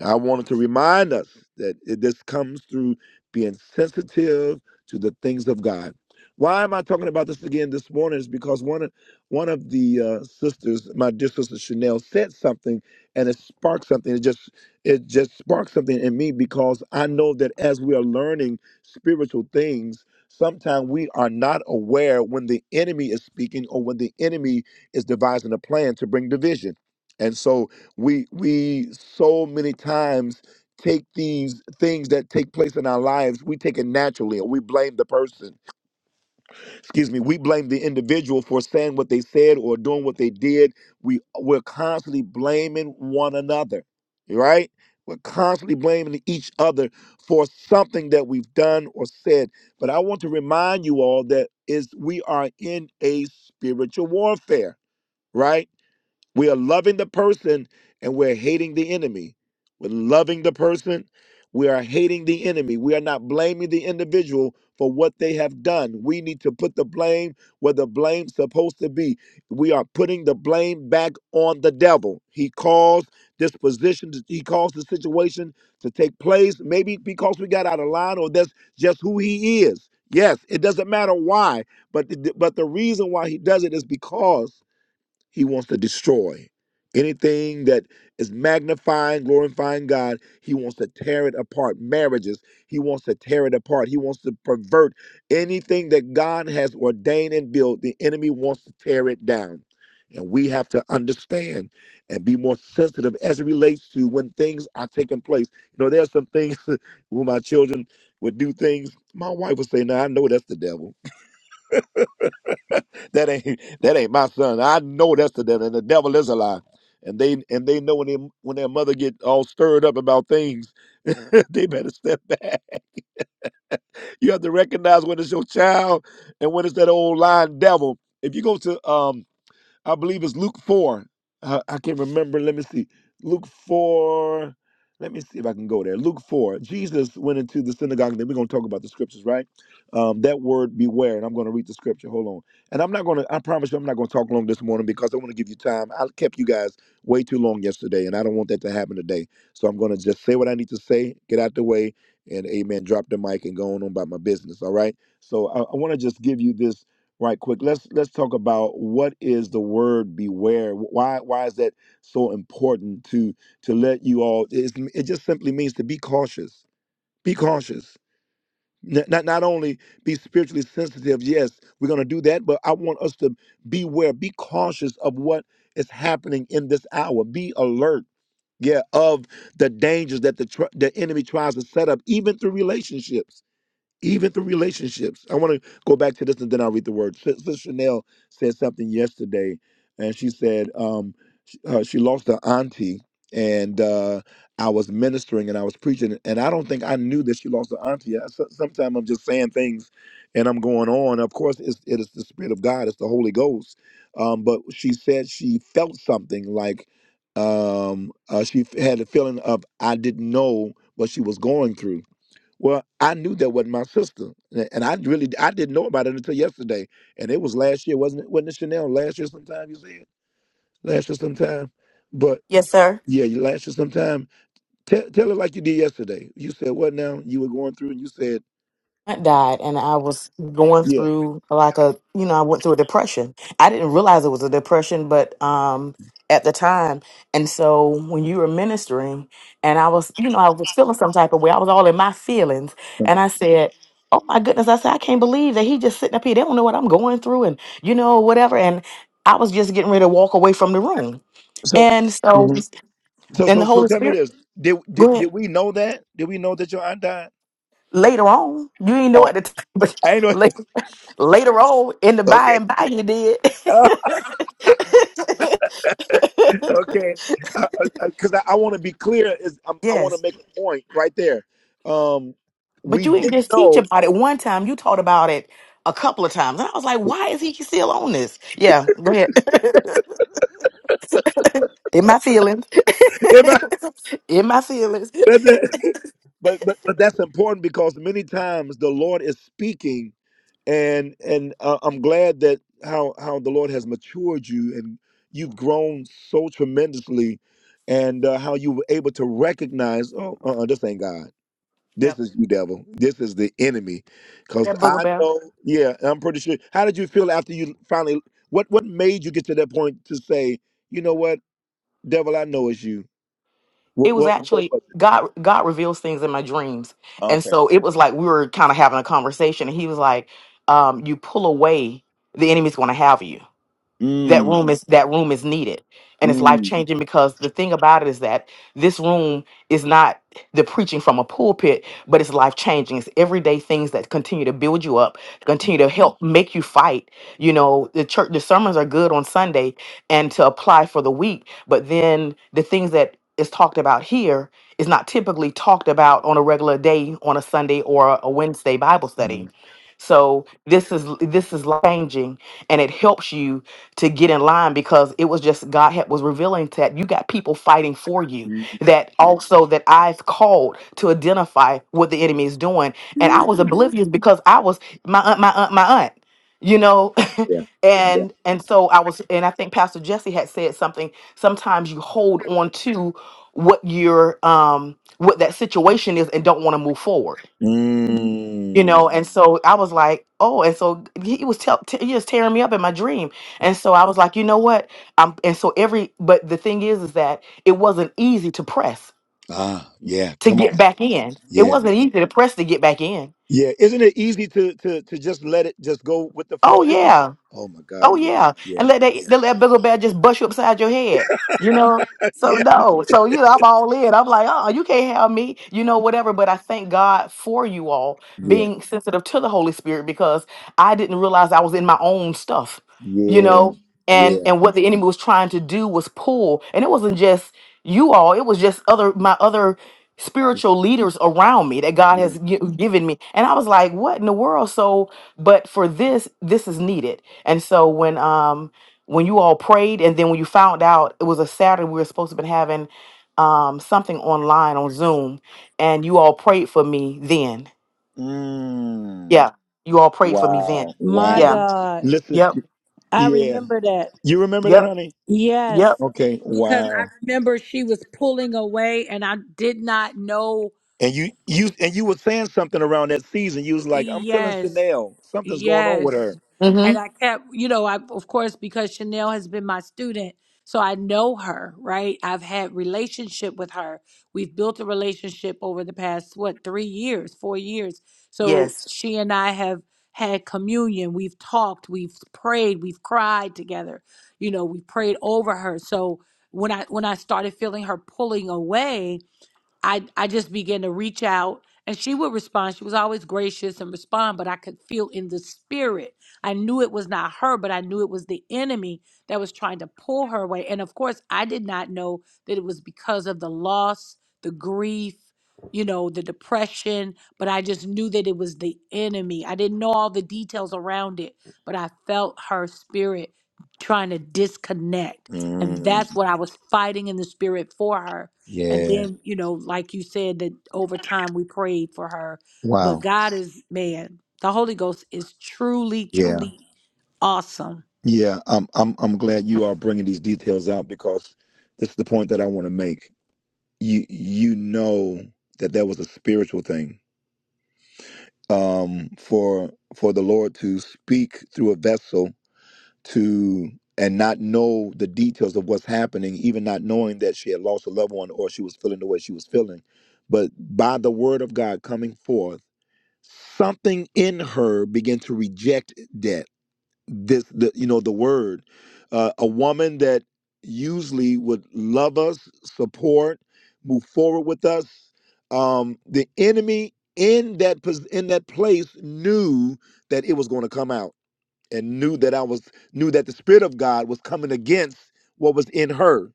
Speaker 1: And I wanted to remind us that it, this comes through being sensitive to the things of God. Why am I talking about this again this morning? Is because one one of the uh, sisters, my dear sister Chanel, said something, and it sparked something. It just it just sparked something in me because I know that as we are learning spiritual things, sometimes we are not aware when the enemy is speaking or when the enemy is devising a plan to bring division. And so we we so many times take these things that take place in our lives, we take it naturally or we blame the person excuse me, we blame the individual for saying what they said or doing what they did. We we're constantly blaming one another, right? We're constantly blaming each other for something that we've done or said. But I want to remind you all that is we are in a spiritual warfare, right? We are loving the person and we're hating the enemy. We're loving the person. We are hating the enemy. We are not blaming the individual for what they have done. We need to put the blame where the blame's supposed to be. We are putting the blame back on the devil. He caused this position, to- he caused the situation to take place, maybe because we got out of line or that's just who he is. Yes, it doesn't matter why, but the, but the reason why he does it is because he wants to destroy anything that is magnifying, glorifying God. He wants to tear it apart. Marriages, he wants to tear it apart. He wants to pervert anything that God has ordained and built. The enemy wants to tear it down. And we have to understand and be more sensitive as it relates to when things are taking place. You know, there's some things [LAUGHS] where my children would do things. My wife would say, No, I know that's the devil. [LAUGHS] that ain't that ain't my son. I know that's the devil, and the devil is a lie. And they and they know when they, when their mother get all stirred up about things, [LAUGHS] they better step back. You have to recognize when it's your child and when it's that old lying devil. If you go to um I believe it's Luke 4. Uh, I can't remember. Let me see. Luke 4. Let me see if I can go there. Luke 4. Jesus went into the synagogue. Then we're going to talk about the scriptures, right? Um, that word beware. And I'm going to read the scripture. Hold on. And I'm not going to, I promise you, I'm not going to talk long this morning because I want to give you time. I kept you guys way too long yesterday, and I don't want that to happen today. So I'm going to just say what I need to say, get out the way, and amen, drop the mic and go on, about my business, all right? So I, I want to just give you this right quick let's let's talk about what is the word beware why why is that so important to to let you all it's, it just simply means to be cautious be cautious N- not not only be spiritually sensitive yes we're going to do that but i want us to beware be cautious of what is happening in this hour be alert yeah of the dangers that the tr- the enemy tries to set up even through relationships even through relationships. I want to go back to this and then I'll read the word. Sis Chanel said something yesterday, and she said um, sh- uh, she lost her auntie, and uh, I was ministering and I was preaching, and I don't think I knew that she lost her auntie. I, so, sometimes I'm just saying things and I'm going on. Of course, it's, it is the Spirit of God, it's the Holy Ghost. Um, but she said she felt something like um, uh, she f- had a feeling of, I didn't know what she was going through well, I knew that wasn't my sister, and and I really I didn't know about it until yesterday, and it was last year, wasn't it? Wasn't it Chanel last year sometime? You said last year sometime, but
Speaker 6: Yes, sir.
Speaker 1: yeah, you last year sometime. Tell tell it like you did yesterday. You said what now? You were going through, and you said
Speaker 6: I died and I was going
Speaker 1: yeah.
Speaker 6: through like a you know I went through a depression. I didn't realize it was a depression but um at the time and so when you were ministering and I was you know I was feeling some type of way I was all in my feelings and I said oh my goodness I said I can't believe that he just sitting up here they don't know what I'm going through and you know whatever and I was just getting ready to walk away from the room
Speaker 1: So
Speaker 6: and so
Speaker 1: Mhm. so
Speaker 6: and the
Speaker 1: so so
Speaker 6: Holy
Speaker 1: tell me
Speaker 6: Spirit
Speaker 1: this: did, did
Speaker 6: go ahead
Speaker 1: did we know that? Did we know that your aunt died?
Speaker 6: later on. You didn't know at
Speaker 1: Oh,
Speaker 6: the [LAUGHS] time, but
Speaker 1: I ain't know.
Speaker 6: like
Speaker 1: [LAUGHS]
Speaker 6: later on in the by
Speaker 1: Okay.
Speaker 6: and by you did.
Speaker 1: Okay, because I, I, I want to be clear. Is I,
Speaker 6: [LAUGHS]
Speaker 1: I want to
Speaker 6: yes.
Speaker 1: make a point right there. Um,
Speaker 6: But
Speaker 1: we
Speaker 6: you didn't
Speaker 1: didn't
Speaker 6: just teach
Speaker 1: know,
Speaker 6: about it one time. You taught about it a couple of times. And I was like, why is he still on this? Yeah, go ahead. [LAUGHS] in my feelings.
Speaker 1: [LAUGHS] Am I-
Speaker 6: [LAUGHS] in my feelings. [LAUGHS]
Speaker 1: but, the- [LAUGHS] but but but that's important because many times the Lord is speaking, and and uh, I'm glad that how how the Lord has matured you and you've grown so tremendously, and uh, how you were able to recognize, oh, uh, uh this ain't God
Speaker 6: Yep.
Speaker 1: This is you, devil. This is the enemy. Because
Speaker 6: That booger
Speaker 1: I
Speaker 6: bear.
Speaker 1: know, yeah, I'm pretty sure. How did you feel after you finally, what what made you get to that point to say, you know what, devil, I know it's you?
Speaker 6: it
Speaker 1: What,
Speaker 6: was
Speaker 1: what, what
Speaker 6: actually
Speaker 1: was
Speaker 6: God God reveals things in my dreams.
Speaker 1: it?
Speaker 6: And
Speaker 1: Okay.
Speaker 6: so it was like we were kind of having a conversation and he was like, um, you pull away, the enemy's gonna have you that room
Speaker 1: Mm,
Speaker 6: is that room is needed and it's life
Speaker 1: mm,
Speaker 6: changing because the thing about it is that this room is not the preaching from a pulpit but it's life changing it's everyday things that continue to build you up continue to help make you fight you know the church the sermons are good on sunday and to apply for the week but then the things that is talked about here is not typically talked about on a regular day on a sunday or a wednesday bible study so this is this is life changing and it helps you to get in line because it was just God had, was revealing that you got people fighting for you that also that I've called to identify what the enemy is doing and I was oblivious because I was my aunt my aunt my aunt you know [LAUGHS]
Speaker 1: yeah, yeah.
Speaker 6: and and so I was and I think Pastor Jesse had said something sometimes you hold on to what your um what that situation is and don't want to move forward you
Speaker 1: Mm,
Speaker 6: know and so i was like oh and so he he was tell, t- he was tearing me up in my dream and so i was like you know what um and so every but the thing is is that it wasn't easy to press
Speaker 1: ah, yeah,
Speaker 6: to
Speaker 1: come
Speaker 6: get
Speaker 1: on.
Speaker 6: back in it
Speaker 1: Yeah,
Speaker 6: wasn't easy to press to get back in
Speaker 1: yeah. Isn't it easy to, to, to just let it just go with the
Speaker 6: oh
Speaker 1: flow, isn't
Speaker 6: yeah
Speaker 1: it? Oh my God,
Speaker 6: Oh
Speaker 1: yeah,
Speaker 6: yeah,
Speaker 1: yeah,
Speaker 6: and let that the that bizzle bear just bust you upside your head, you know.
Speaker 1: [LAUGHS]
Speaker 6: So
Speaker 1: yeah,
Speaker 6: no, so you know, I'm all in. I'm like, oh, you can't have me, you know, whatever. But I thank God for you all
Speaker 1: yeah,
Speaker 6: being sensitive to the Holy Spirit because I didn't realize I was in my own stuff, you
Speaker 1: yeah,
Speaker 6: know. Mhm. And
Speaker 1: yeah,
Speaker 6: and what the enemy was trying to do was pull, and it wasn't just you all; it was just other my other spiritual leaders around me that God
Speaker 1: yeah.
Speaker 6: has gi- given me. And I was like, what in the world? So, but for this, this is needed and so when um when you all prayed and then when you found out it was a Saturday, we were supposed to been having um something online on Zoom and you all prayed for me then.
Speaker 1: Mm.
Speaker 6: Yeah. You all prayed for me
Speaker 1: Wow.
Speaker 6: then.
Speaker 10: My
Speaker 6: Yeah.
Speaker 1: Wow.
Speaker 10: God.
Speaker 1: Listen,
Speaker 6: Yep.
Speaker 10: I
Speaker 1: yeah.
Speaker 10: remember that.
Speaker 1: You remember that,
Speaker 6: Yep.
Speaker 1: honey?
Speaker 6: Yep.
Speaker 10: Yes.
Speaker 1: Okay.
Speaker 10: Because I
Speaker 1: Wow.
Speaker 10: remember she was pulling away and I did not know
Speaker 1: And you you and you were saying something around that season. You was like, I'm feeling
Speaker 10: Yes.
Speaker 1: Chanel. Something's going on with
Speaker 10: Yes.
Speaker 1: her.
Speaker 10: And
Speaker 6: Mm-hmm.
Speaker 10: I kept, you know, I of course because Chanel has been my student, so I know her, right? I've had relationship with her. We've built a relationship over the past what, 3 years, 4 years. So
Speaker 6: Yes.
Speaker 10: she and I have had communion. We've talked, we've prayed, we've cried together. You know, we prayed over her. So when I when I started feeling her pulling away, I I just began to reach out and she would respond. She was always gracious and respond, but I could feel in the spirit. I knew it was not her, but I knew it was the enemy that was trying to pull her away. And of course, I did not know that it was because of the loss, the grief, you know, the depression, but I just knew that it was the enemy. I didn't know all the details around it, but I felt her spirit trying to disconnect. And
Speaker 1: Mm,
Speaker 10: that's what I was fighting in the spirit for her and
Speaker 1: yeah.
Speaker 10: then, you know, like you said, that over time we prayed for her. But
Speaker 1: Wow.
Speaker 10: God is, man, the Holy Ghost is truly,
Speaker 1: Yeah.
Speaker 10: truly awesome.
Speaker 1: Yeah. I'm I'm I'm glad you are bringing these details out because this is the point that I want to make. You you know that that was a spiritual thing. Um for for the Lord to speak through a vessel to and not know the details of what's happening, even not knowing that she had lost a loved one or she was feeling the way she was feeling. But by the word of God coming forth, something in her began to reject that. This, the, you know, the word. Uh, a woman that usually would love us, support, move forward with us. Um, the enemy in that pos- in that place knew that it was going to come out and knew that I was knew that the spirit of God was coming against what was in her.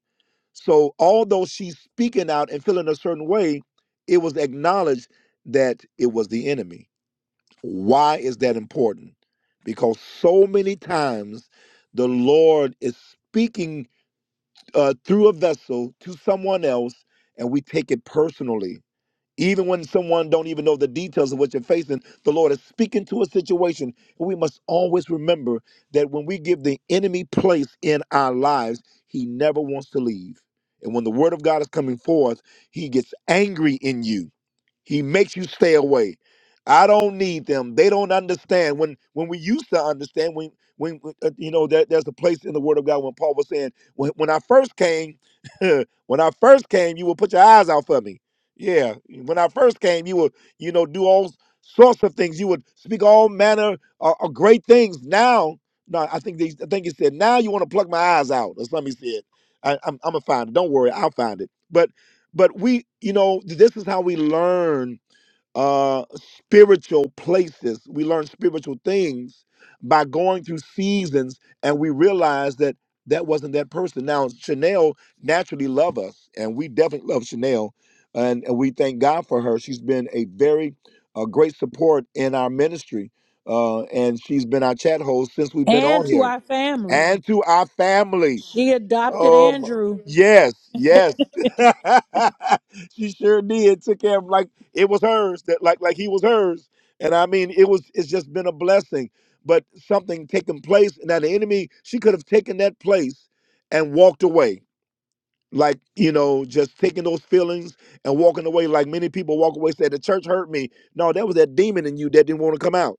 Speaker 1: So although she's speaking out and feeling a certain way, it was acknowledged that it was the enemy. Why is that important? Because so many times the Lord is speaking uh, through a vessel to someone else and we take it personally even when someone don't even know the details of what you're facing, the Lord is speaking to a situation. And we must always remember that when we give the enemy place in our lives, he never wants to leave. And when the word of God is coming forth, he gets angry in you he makes you stay away. I don't need them. They don't understand. When when we used to understand, when when when, uh, you know that there's a place in the Word of God when Paul was saying, when when I first came, [LAUGHS] when I first came, you will put your eyes out for me. Yeah, when I first came, you would you know do all sorts of things. You would speak all manner of, of great things. Now, no, I think they, I think he said now you want to pluck my eyes out. Or something he said. I, I'm I'm gonna find it. Don't worry, I'll find it. But but we you know this is how we learn uh spiritual places we learn spiritual things by going through seasons and we realize that that wasn't that person now chanel naturally love us and we definitely love chanel and, and we thank god for her she's been a very uh, great support in our ministry uh, and she's been our chat host since we've been
Speaker 10: And
Speaker 1: on
Speaker 10: to
Speaker 1: here
Speaker 10: our family.
Speaker 1: and to our family
Speaker 10: She adopted
Speaker 1: Oh, my-
Speaker 10: Andrew.
Speaker 1: yes, yes. [LAUGHS] she sure did. Took care of like it was hers. That like like he was hers. And I mean, it was. It's just been a blessing. But something taking place. Now the enemy, she could have taken that place and walked away. Like you know, just taking those feelings and walking away. Like many people walk away, say the church hurt me. No, that was that demon in you that didn't want to come out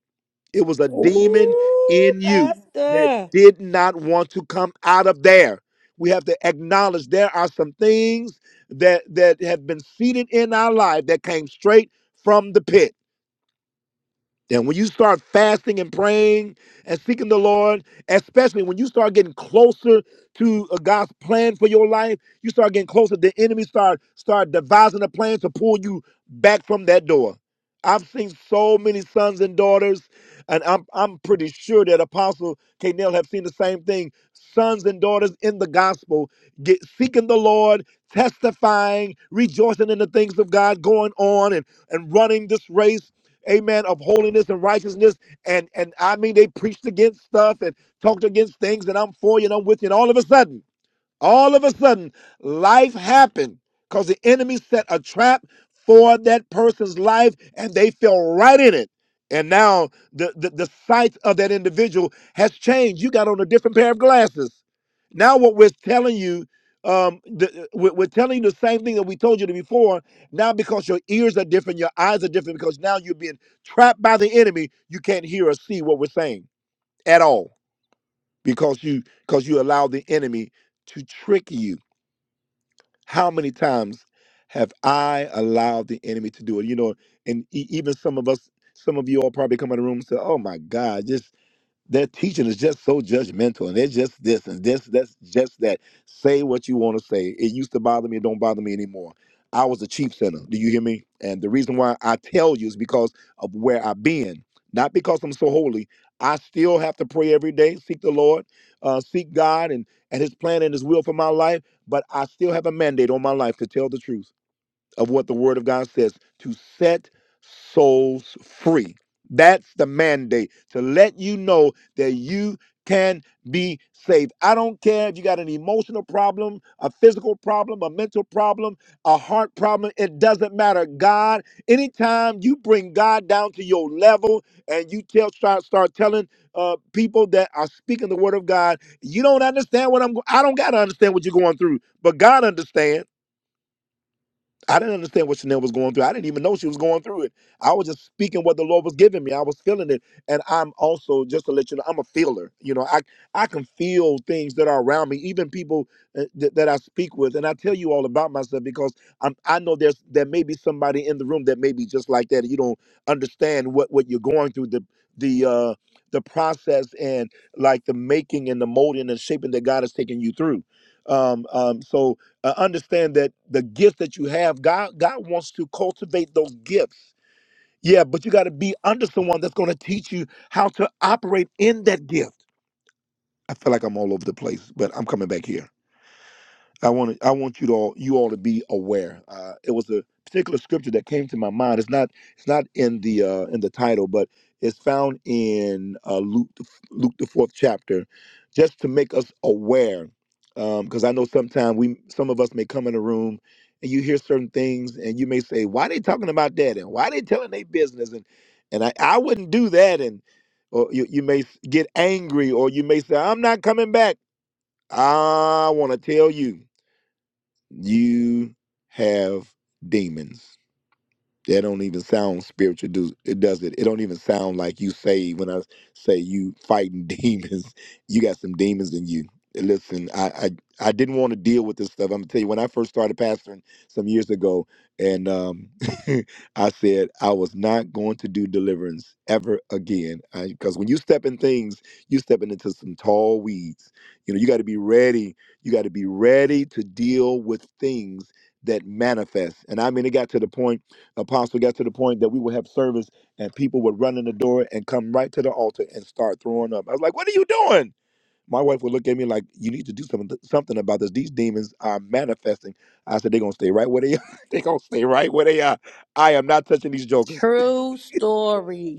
Speaker 1: it was a demon
Speaker 10: Ooh,
Speaker 1: in you that
Speaker 10: Pastor.
Speaker 1: did not want to come out of there. We have to acknowledge there are some things that that have been seated in our life that came straight from the pit and when you start fasting and praying and seeking the Lord, especially when you start getting closer to uh, God's plan for your life, you start getting closer. The enemy start start devising a plan to pull you back from that door. I've seen so many sons and daughters, and I'm I'm pretty sure that Apostle K. have seen the same thing. Sons and daughters in the gospel get seeking the Lord, testifying, rejoicing in the things of God, going on and, and running this race amen, of holiness and righteousness. And and I mean, they preached against stuff and talked against things, and I'm for you and I'm with you. And all of a sudden, all of a sudden, life happened because the enemy set a trap for that person's life and they fell right in it. And now the, the, the sight of that individual has changed. You got on a different pair of glasses. Now, what we're telling you, um, the, uh, we're, we're telling you the same thing that we told you before. Now, because your ears are different, your eyes are different, because now you're being trapped by the enemy, you can't hear or see what we're saying at all because you because you allow the enemy to trick you how many times have I allowed the enemy to do it? You know, and e- even some of us, some of you all probably come in the room and say, "Oh my God, just." Their teaching is just so judgmental, and they're just this and this. That's just that. Say what you want to say. It used to bother me. It don't bother me anymore. I was a cheap sinner. Do you hear me? And the reason why I tell you is because of where I've been, not because I'm so holy. I still have to pray every day, seek the Lord, uh, seek God and and His plan and His will for my life. But I still have a mandate on my life to tell the truth of what the Word of God says to set souls free. That's the mandate to let you know that you can be saved. I don't care if you got an emotional problem, a physical problem, a mental problem, a heart problem. It doesn't matter. God, anytime you bring God down to your level and you tell start start telling uh, people that are speaking the word of God, you don't understand what I'm. go- I don't gotta understand what you're going through, but God understands. I didn't understand what Chanel was going through. I didn't even know she was going through it. I was just speaking what the Lord was giving me. I was feeling it, and I'm also just to let you know, I'm a feeler. You know, I I can feel things that are around me, even people uh, that that I speak with, and I tell you all about myself because I'm I know there's there may be somebody in the room that may be just like that. You don't understand what what you're going through the the uh the process and like the making and the molding and shaping that God has taken you through. Um, um, so uh, understand that the gifts that you have, God, God wants to cultivate those gifts. Yeah, but you got to be under someone that's going to teach you how to operate in that gift. I feel like I'm all over the place, but I'm coming back here. I want to, I want you to all, you all to be aware. Uh, it was a particular scripture that came to my mind. It's not it's not in the uh, in the title, but it's found in uh, Luke the f- Luke the fourth chapter, just to make us aware. Because I know sometimes we some of us may come in a room and you hear certain things and you may say, "Why they talking about that?" and "Why they telling their business?" and and I, I wouldn't do that. And or you, you may s- get angry, or you may say, "I'm not coming back." I want to tell you. You have demons. That don't even sound spiritual. Do it does it? It don't even sound like you say when I say you fighting [LAUGHS] demons. You got some demons in you. Listen, I I, I didn't want to deal with this stuff. I'm gonna tell you when I first started pastoring some years ago, and um, [LAUGHS] I said I was not going to do deliverance ever again. Because when you step in things, you stepping into some tall weeds. You know, you got to be ready. You got to be ready to deal with things that manifest. And I mean, it got to the point. Apostle got to the point that we would have service and people would run in the door and come right to the altar and start throwing up. I was like, "What are you doing?" My wife would look at me like, "You need to do something something about this. These demons are manifesting." I said, "They're gonna stay right where they are. [LAUGHS] they gonna stay right where they are. I am not touching these jokers."
Speaker 10: True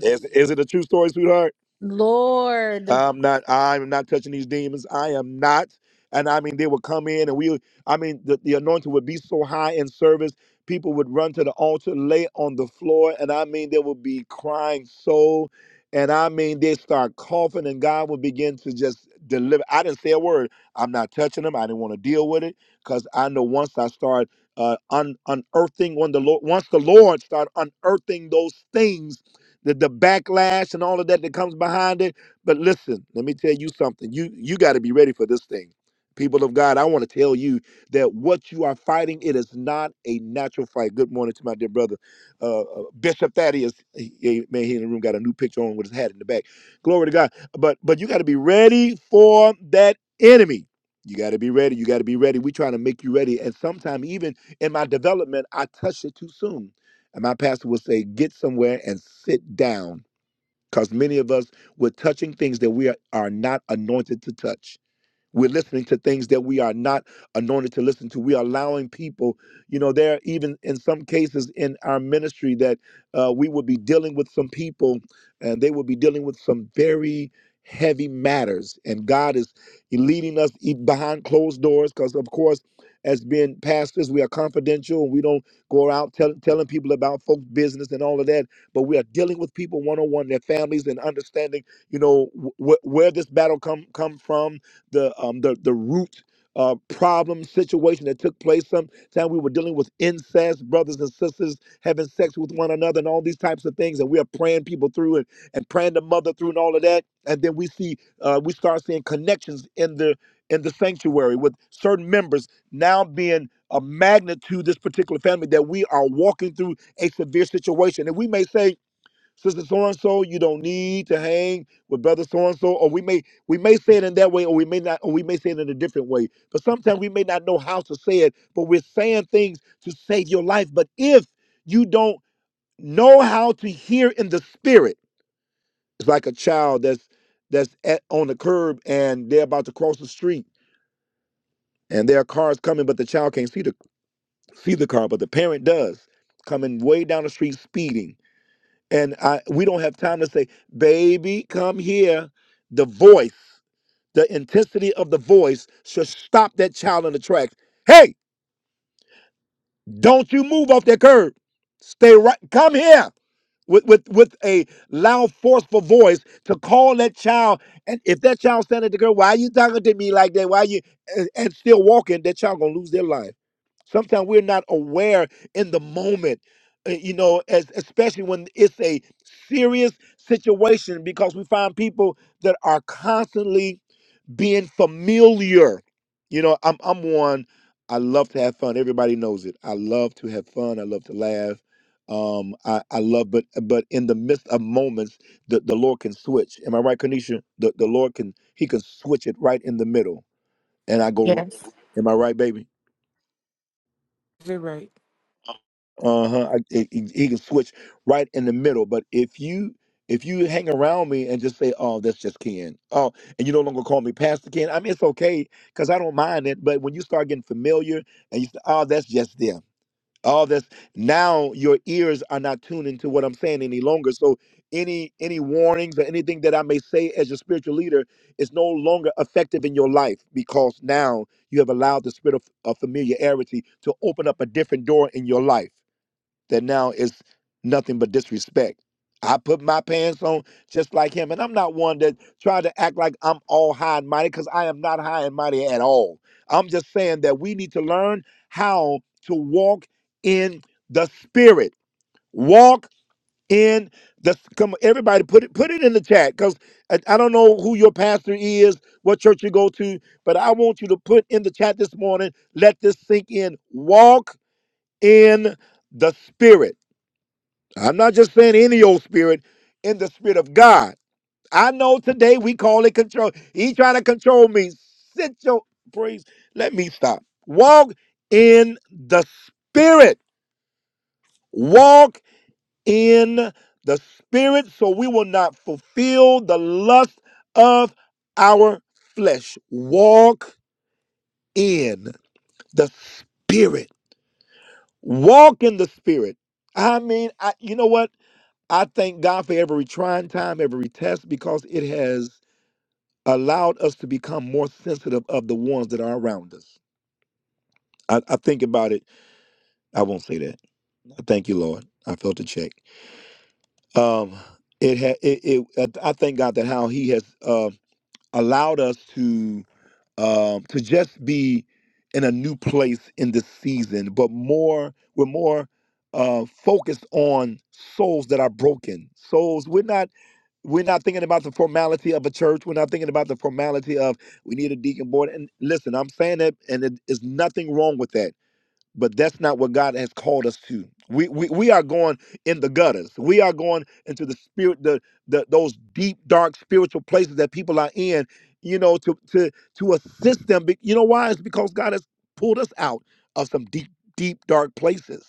Speaker 1: Is, is it a true story, sweetheart?
Speaker 10: Lord.
Speaker 1: I'm not. I'm not touching these demons. I am not. And I mean, they would come in, and we. I mean, the, the anointing would be so high in service, people would run to the altar, lay on the floor, and I mean, they would be crying so. And I mean, they start coughing, and God would begin to just deliver. I didn't say a word. I'm not touching them. I didn't want to deal with it because I know once I start uh, un- unearthing when the Lord, once the Lord start unearthing those things, the, the backlash and all of that that comes behind it but listen, let me tell you something. You you got to be ready for this thing. People of God, I want to tell you that what you are fighting, it is not a natural fight. Good morning to my dear brother, uh, uh, Bishop Thaddeus. He, he- man, he in the room got a new picture on with his hat in the back. Glory to God. But but you got to be ready for that enemy. You got to be ready. You got to be ready. we trying to make you ready. And sometimes, even in my development, I touched it too soon. And my pastor would say, "Get somewhere and sit down." because many of us we're touching things that we are, are not anointed to touch we're listening to things that we are not anointed to listen to. We are allowing people, you know, there are even in some cases in our ministry that uh, we will be dealing with some people and they will be dealing with some very heavy matters. And God is leading us e- behind closed doors because, of course, as being pastors, we are confidential we don't go out tell, telling people about folks' business and all of that. But we are dealing with people one on one, their families, and understanding, you know, wh- wh- where this battle come come from the um, the the root uh, problem situation that took place. Sometime we were dealing with incest, brothers and sisters having sex with one another, and all these types of things. And we are praying people through and, and praying the mother through and all of that. And then we see uh, we start seeing connections in the in the sanctuary with certain members now being a magnet to this particular family that we are walking through a severe situation. And we may say, Sister so and so, you don't need to hang with brother so and so, or we may we may say it in that way, or we may not, or we may say it in a different way. But sometimes we may not know how to say it, but we're saying things to save your life. But if you don't know how to hear in the spirit, it's like a child that's that's at, on the curb and they're about to cross the street, and there are cars coming, but the child can't see the see the car, but the parent does, coming way down the street speeding And I we don't have time to say, baby, come here. The voice, the intensity of the voice should stop that child in the tracks. Hey, don't you move off that curb. Stay right. Come here with, with, with a loud, forceful voice to call that child. And if that child standing at the girl, why are you talking to me like that? Why you and, and still walking, that child gonna lose their life. Sometimes we're not aware in the moment, uh, you know, as, especially when it's a serious situation because we find people that are constantly being familiar. You know, I'm I'm one. I love to have fun. Everybody knows it. I love to have fun. I love to laugh. Um, I, I love, but but in the midst of moments, the, the Lord can switch. Am I right, Kanisha? The the Lord can He can switch it right in the middle, and I go right.
Speaker 7: Yes.
Speaker 1: Am I right, baby?
Speaker 7: You're right.
Speaker 1: uh-huh I, he, he he can switch right in the middle but if you if you hang around me and just say oh that's just ken oh and you no longer call me pastor ken i mean it's okay because i don't mind it but when you start getting familiar and you say oh that's just them oh that's now your ears are not tuning to what i'm saying any longer so any any warnings or anything that i may say as your spiritual leader is no longer effective in your life because now you have allowed the spirit of, of familiarity to open up a different door in your life that now is nothing but disrespect. I put my pants on just like him, and I'm not one that try to act like I'm all high and mighty because I am not high and mighty at all. I'm just saying that we need to learn how to walk in the spirit. Walk in the come. on, Everybody, put it put it in the chat because I, I don't know who your pastor is, what church you go to, but I want you to put in the chat this morning. Let this sink in. Walk in the spirit I'm not just saying any old spirit, in the spirit of God. I know today we call it control. He trying to control me. Sit your praise. Let me stop. Walk in the spirit. Walk in the spirit so we will not fulfill the lust of our flesh. Walk in the spirit. Walk in the spirit. I mean, I, you know what? I thank God for every trying time, every test, because it has allowed us to become more sensitive of the ones that are around us. I, I think about it. I won't say that. I Thank you, Lord. I felt a check. Um, it had. It, it. I I thank God that how He has uh, allowed us to um, to just be in a new place in this season, but more. We're more uh, focused on souls that are broken. Souls. We're not We're not thinking about the formality of a church. We're not thinking about the formality of we need a deacon board. And listen, I'm saying that, and it is nothing wrong with that. But that's not what God has called us to. We, we we are going in the gutters. We are going into the spirit, the, the those deep, dark spiritual places that people are in. You know, to to to assist them. Be- You know why? It's because God has pulled us out of some deep, deep, dark places.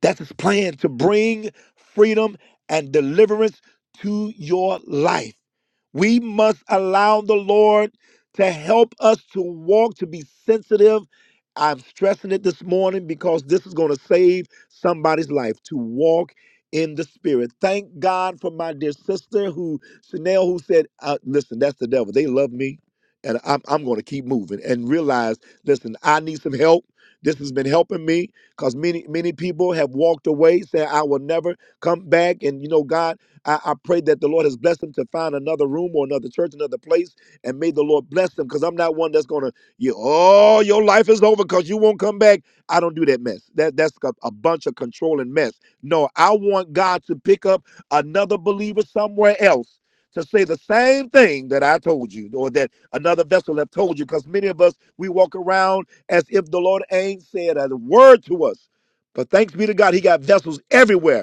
Speaker 1: That's his plan to bring freedom and deliverance to your life. We must allow the Lord to help us to walk, to be sensitive. I'm stressing it this morning because this is going to save somebody's life to walk in the spirit. Thank God for my dear sister who, Chanel, who said, uh, Listen, that's the devil. They love me and I'm, I'm going to keep moving and realize, listen, I need some help. This has been helping me because many, many people have walked away, saying, I will never come back. And, you know, God, I, I pray that the Lord has blessed them to find another room or another church, another place, and may the Lord bless them because I'm not one that's going to, you, oh, your life is over because you won't come back. I don't do that mess. That That's a, a bunch of controlling mess. No, I want God to pick up another believer somewhere else to say the same thing that I told you or that another vessel have told you because many of us, we walk around as if the Lord ain't said a word to us. But thanks be to God, he got vessels everywhere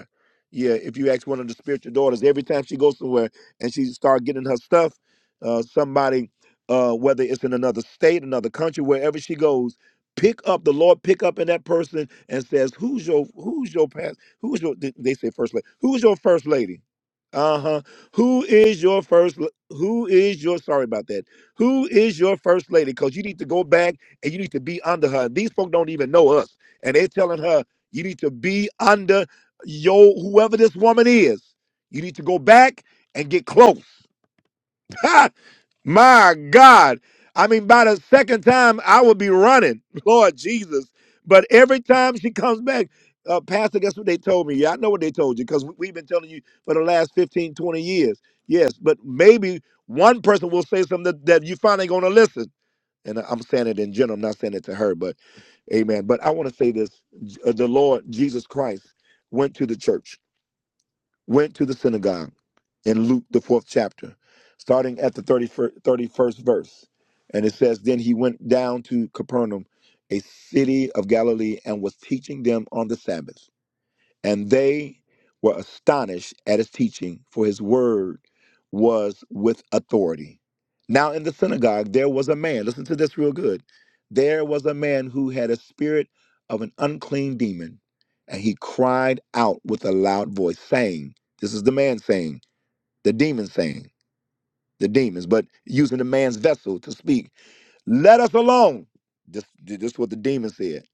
Speaker 1: yeah, if you ask one of the spiritual daughters, every time she goes somewhere and she start getting her stuff, uh, somebody, uh, whether it's in another state, another country, wherever she goes, pick up the Lord, pick up in that person and says, "Who's your Who's your past? Who's your?" They they say first lady. Who's your first lady? Uh huh. Who is your first? l- Who is your? Sorry about that. Who is your first lady? Because you need to go back and you need to be under her. These folk don't even know us, and they're telling her you need to be under yo, whoever this woman is, you need to go back and get close. [LAUGHS] My God. I mean, by the second time, I would be running, [LAUGHS] Lord Jesus. But every time she comes back, uh, Pastor, guess what they told me? Yeah, I know what they told you because we've been telling you for the last 15, 20 years. Yes, but maybe one person will say something that, that you finally going to listen. And I'm saying it in general, I'm not saying it to her, but amen. But I want to say this J- uh, the Lord Jesus Christ went to the church went to the synagogue in Luke, the fourth chapter, starting at the 31st, 31st verse. And it says, Then he went down to Capernaum, a city of Galilee, and was teaching them on the Sabbath and they were astonished at his teaching, for his word was with authority. Now in the synagogue there was a man, listen to this real good. There was a man who had a spirit of an unclean demon, and he cried out with a loud voice, saying, This is the man saying, the demon saying, the demons, but using the man's vessel to speak, Let us alone. This, this is what the demon said.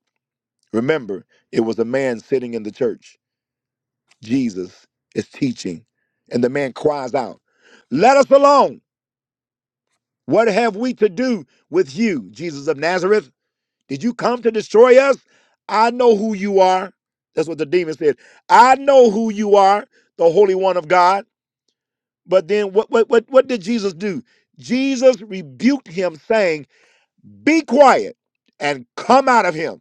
Speaker 1: Remember, it was a man sitting in the church Jesus is teaching. And the man cries out, Let us alone. What have we to do with you, Jesus of Nazareth? Did you come to destroy us? I know who you are. That's what the demon said. I know who you are, the Holy One of God. But then what, what, what, what did Jesus do? Jesus rebuked him, saying, Be quiet and come out of him.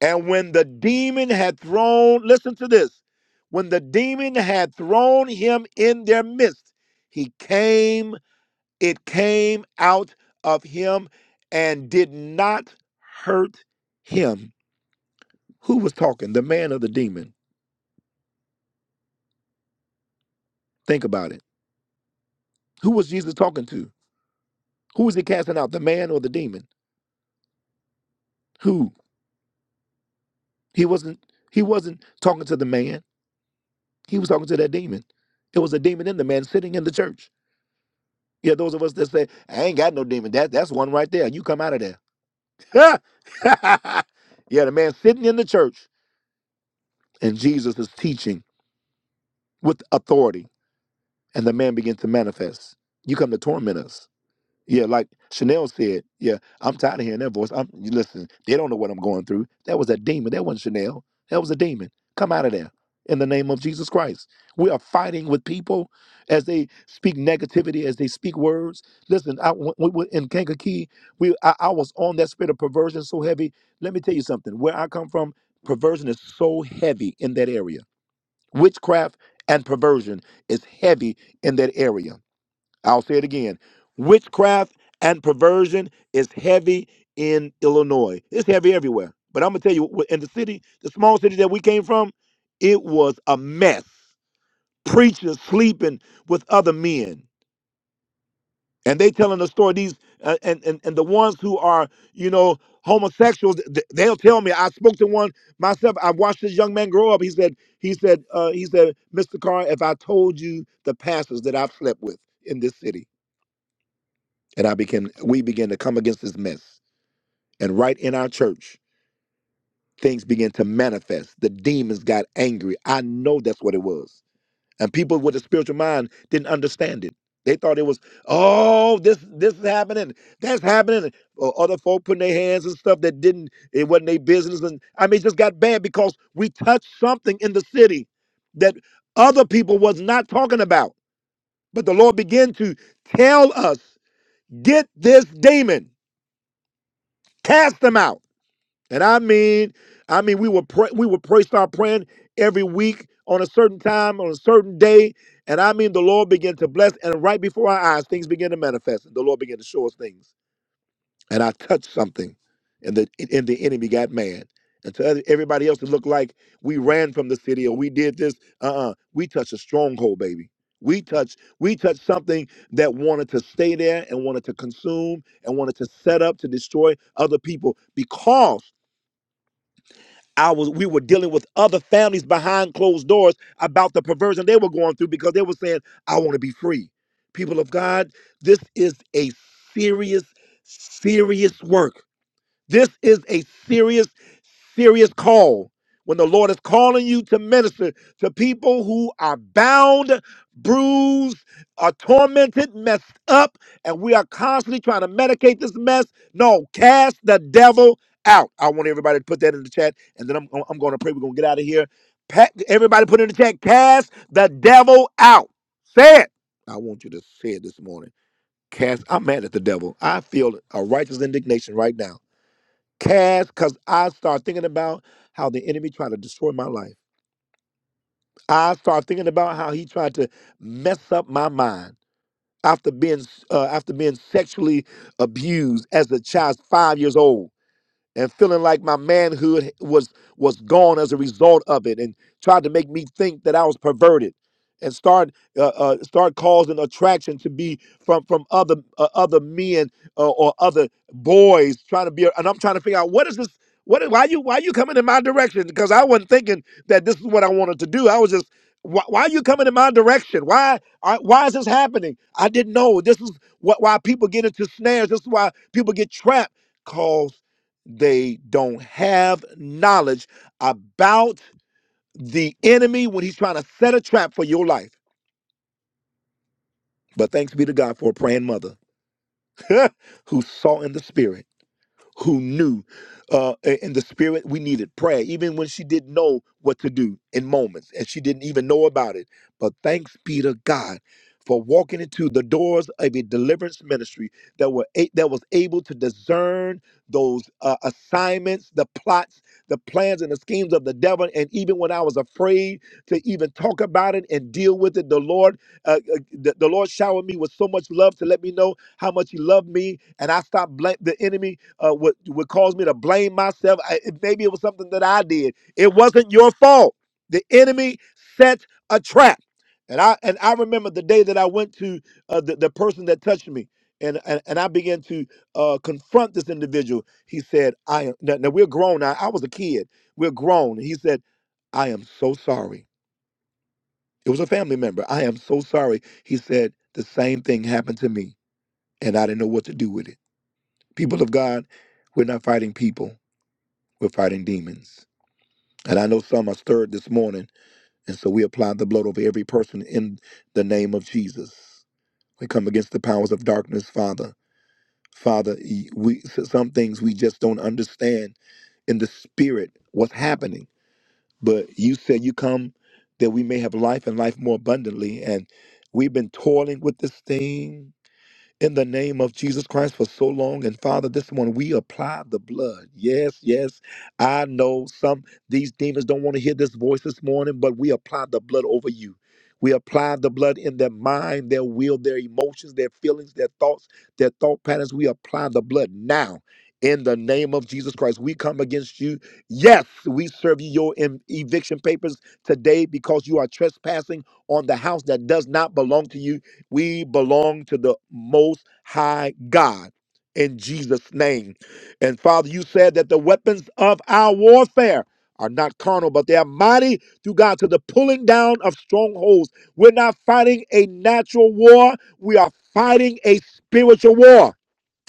Speaker 1: And when the demon had thrown, listen to this, when the demon had thrown him in their midst, he came, it came out of him and did not hurt him. Who was talking? The man or the demon? Think about it. Who was Jesus talking to? Who was he casting out? The man or the demon? Who? He wasn't he wasn't talking to the man. He was talking to that demon. It was a demon in the man sitting in the church. Yeah, those of us that say, I ain't got no demon. That that's one right there. You come out of there. [LAUGHS] yeah, the man sitting in the church and Jesus is teaching with authority, and the man begins to manifest. You come to torment us. Yeah, like Chanel said, yeah, I'm tired of hearing that voice. I'm you listen, they don't know what I'm going through. That was a demon. That wasn't Chanel. That was a demon. Come out of there. In the name of Jesus Christ. We are fighting with people as they speak negativity, as they speak words. Listen, I when we were in Kankakee, we I, I was on that spirit of perversion so heavy. Let me tell you something. Where I come from, perversion is so heavy in that area. Witchcraft and perversion is heavy in that area I'll say it again. Witchcraft and perversion is heavy in Illinois. It's heavy everywhere. But I'm gonna tell you, in the city, the small city that we came from, it was a mess. Preachers sleeping with other men, and they telling the story. These uh, and, and and the ones who are you know homosexuals, th- they'll tell me. I spoke to one myself. I watched this young man grow up. He said, he said, uh, he said, Mr. Carr, if I told you the pastors that I've slept with in this city. And I became we began to come against this mess. And right in our church, things began to manifest. The demons got angry. I know that's what it was. And people with a spiritual mind didn't understand it. They thought it was, oh, this this is happening, that's happening. Or other folk putting their hands and stuff that didn't, it wasn't their business. And I mean, it just got bad because we touched something in the city that other people was not talking about. But the Lord began to tell us, get this demon, cast them out. And I mean, I mean, we would pray, we would pray, start praying every week on a certain time, on a certain day. And I mean, the Lord began to bless, and right before our eyes, things began to manifest. And the Lord began to show us things. And I touched something, and the and the enemy got mad. And to other- everybody else, it looked like we ran from the city or we did this. Uh-uh. We touched a stronghold, baby. We touched, we touched something that wanted to stay there and wanted to consume and wanted to set up to destroy other people because I was we were dealing with other families behind closed doors about the perversion they were going through because they were saying, I want to be free. People of God, this is a serious, serious work. This is a serious serious call. When the Lord is calling you to minister to people who are bound, bruised, are tormented, messed up, and we are constantly trying to medicate this mess. No, cast the devil out. I want everybody to put that in the chat, and then I'm, I'm going to pray. We're going to get out of here. Pa- everybody put in the chat, cast the devil out. Say it. I want you to say it this morning. Cast, I'm mad at the devil. I feel a righteous indignation right now Cash, because I start thinking about how the enemy tried to destroy my life. I start thinking about how he tried to mess up my mind after being uh, after being sexually abused as a child, five years old and feeling like my manhood was was gone as a result of it and tried to make me think that I was perverted and start uh, uh, start causing attraction to be from from other uh, other men uh, or other boys trying to be and I'm trying to figure out what is this what is, why you why you coming in my direction because I wasn't thinking that this is what I wanted to do I was just why, why are you coming in my direction why I, why is this happening I didn't know this is what why people get into snares this is why people get trapped because. They don't have knowledge about the enemy when he's trying to set a trap for your life. But thanks be to God for a praying mother [LAUGHS] who saw in the spirit who knew uh, in the spirit we needed prayer, even when she didn't know what to do in moments and she didn't even know about it. But thanks be to God for walking into the doors of a deliverance ministry that were a- that was able to discern those uh, assignments, the plots, the plans, and the schemes of the devil. And even when I was afraid to even talk about it and deal with it, the Lord, uh, uh, the, the Lord showered me with so much love to let me know how much He loved me, and I stopped bl- the enemy uh, would would cause me to blame myself. I, it- maybe it was something that I did. It wasn't your fault. The enemy set a trap, and I and I remember the day that I went to uh, the the person that touched me, and and, and I began to uh, confront this individual. He said, "I am." Now, now we're grown. Now I was a kid. We're grown. He said, "I am so sorry." It was a family member. I am so sorry. He said the same thing happened to me, and I didn't know what to do with it. People of God, we're not fighting people we're fighting demons. And I know some are stirred this morning, and so we apply the blood over every person in the name of Jesus. We come against the powers of darkness, Father. Father, we some things we just don't understand in the spirit what's happening. But you said you come that we may have life and life more abundantly, and we've been toiling with this thing in the name of Jesus Christ for so long. And Father, this one, we apply the blood. Yes, yes. I know some these demons don't want to hear this voice this morning, but we apply the blood over you. We apply the blood in their mind, their will, their emotions, their feelings, their thoughts, their thought patterns. We apply the blood now. In the name of Jesus Christ, we come against you. Yes, we serve you your em- eviction papers today because you are trespassing on the house that does not belong to you we belong to the Most High God in Jesus' name. And Father, you said that the weapons of our warfare are not carnal, but they are mighty through God to the pulling down of strongholds. We're not fighting a natural war, we are fighting a spiritual war.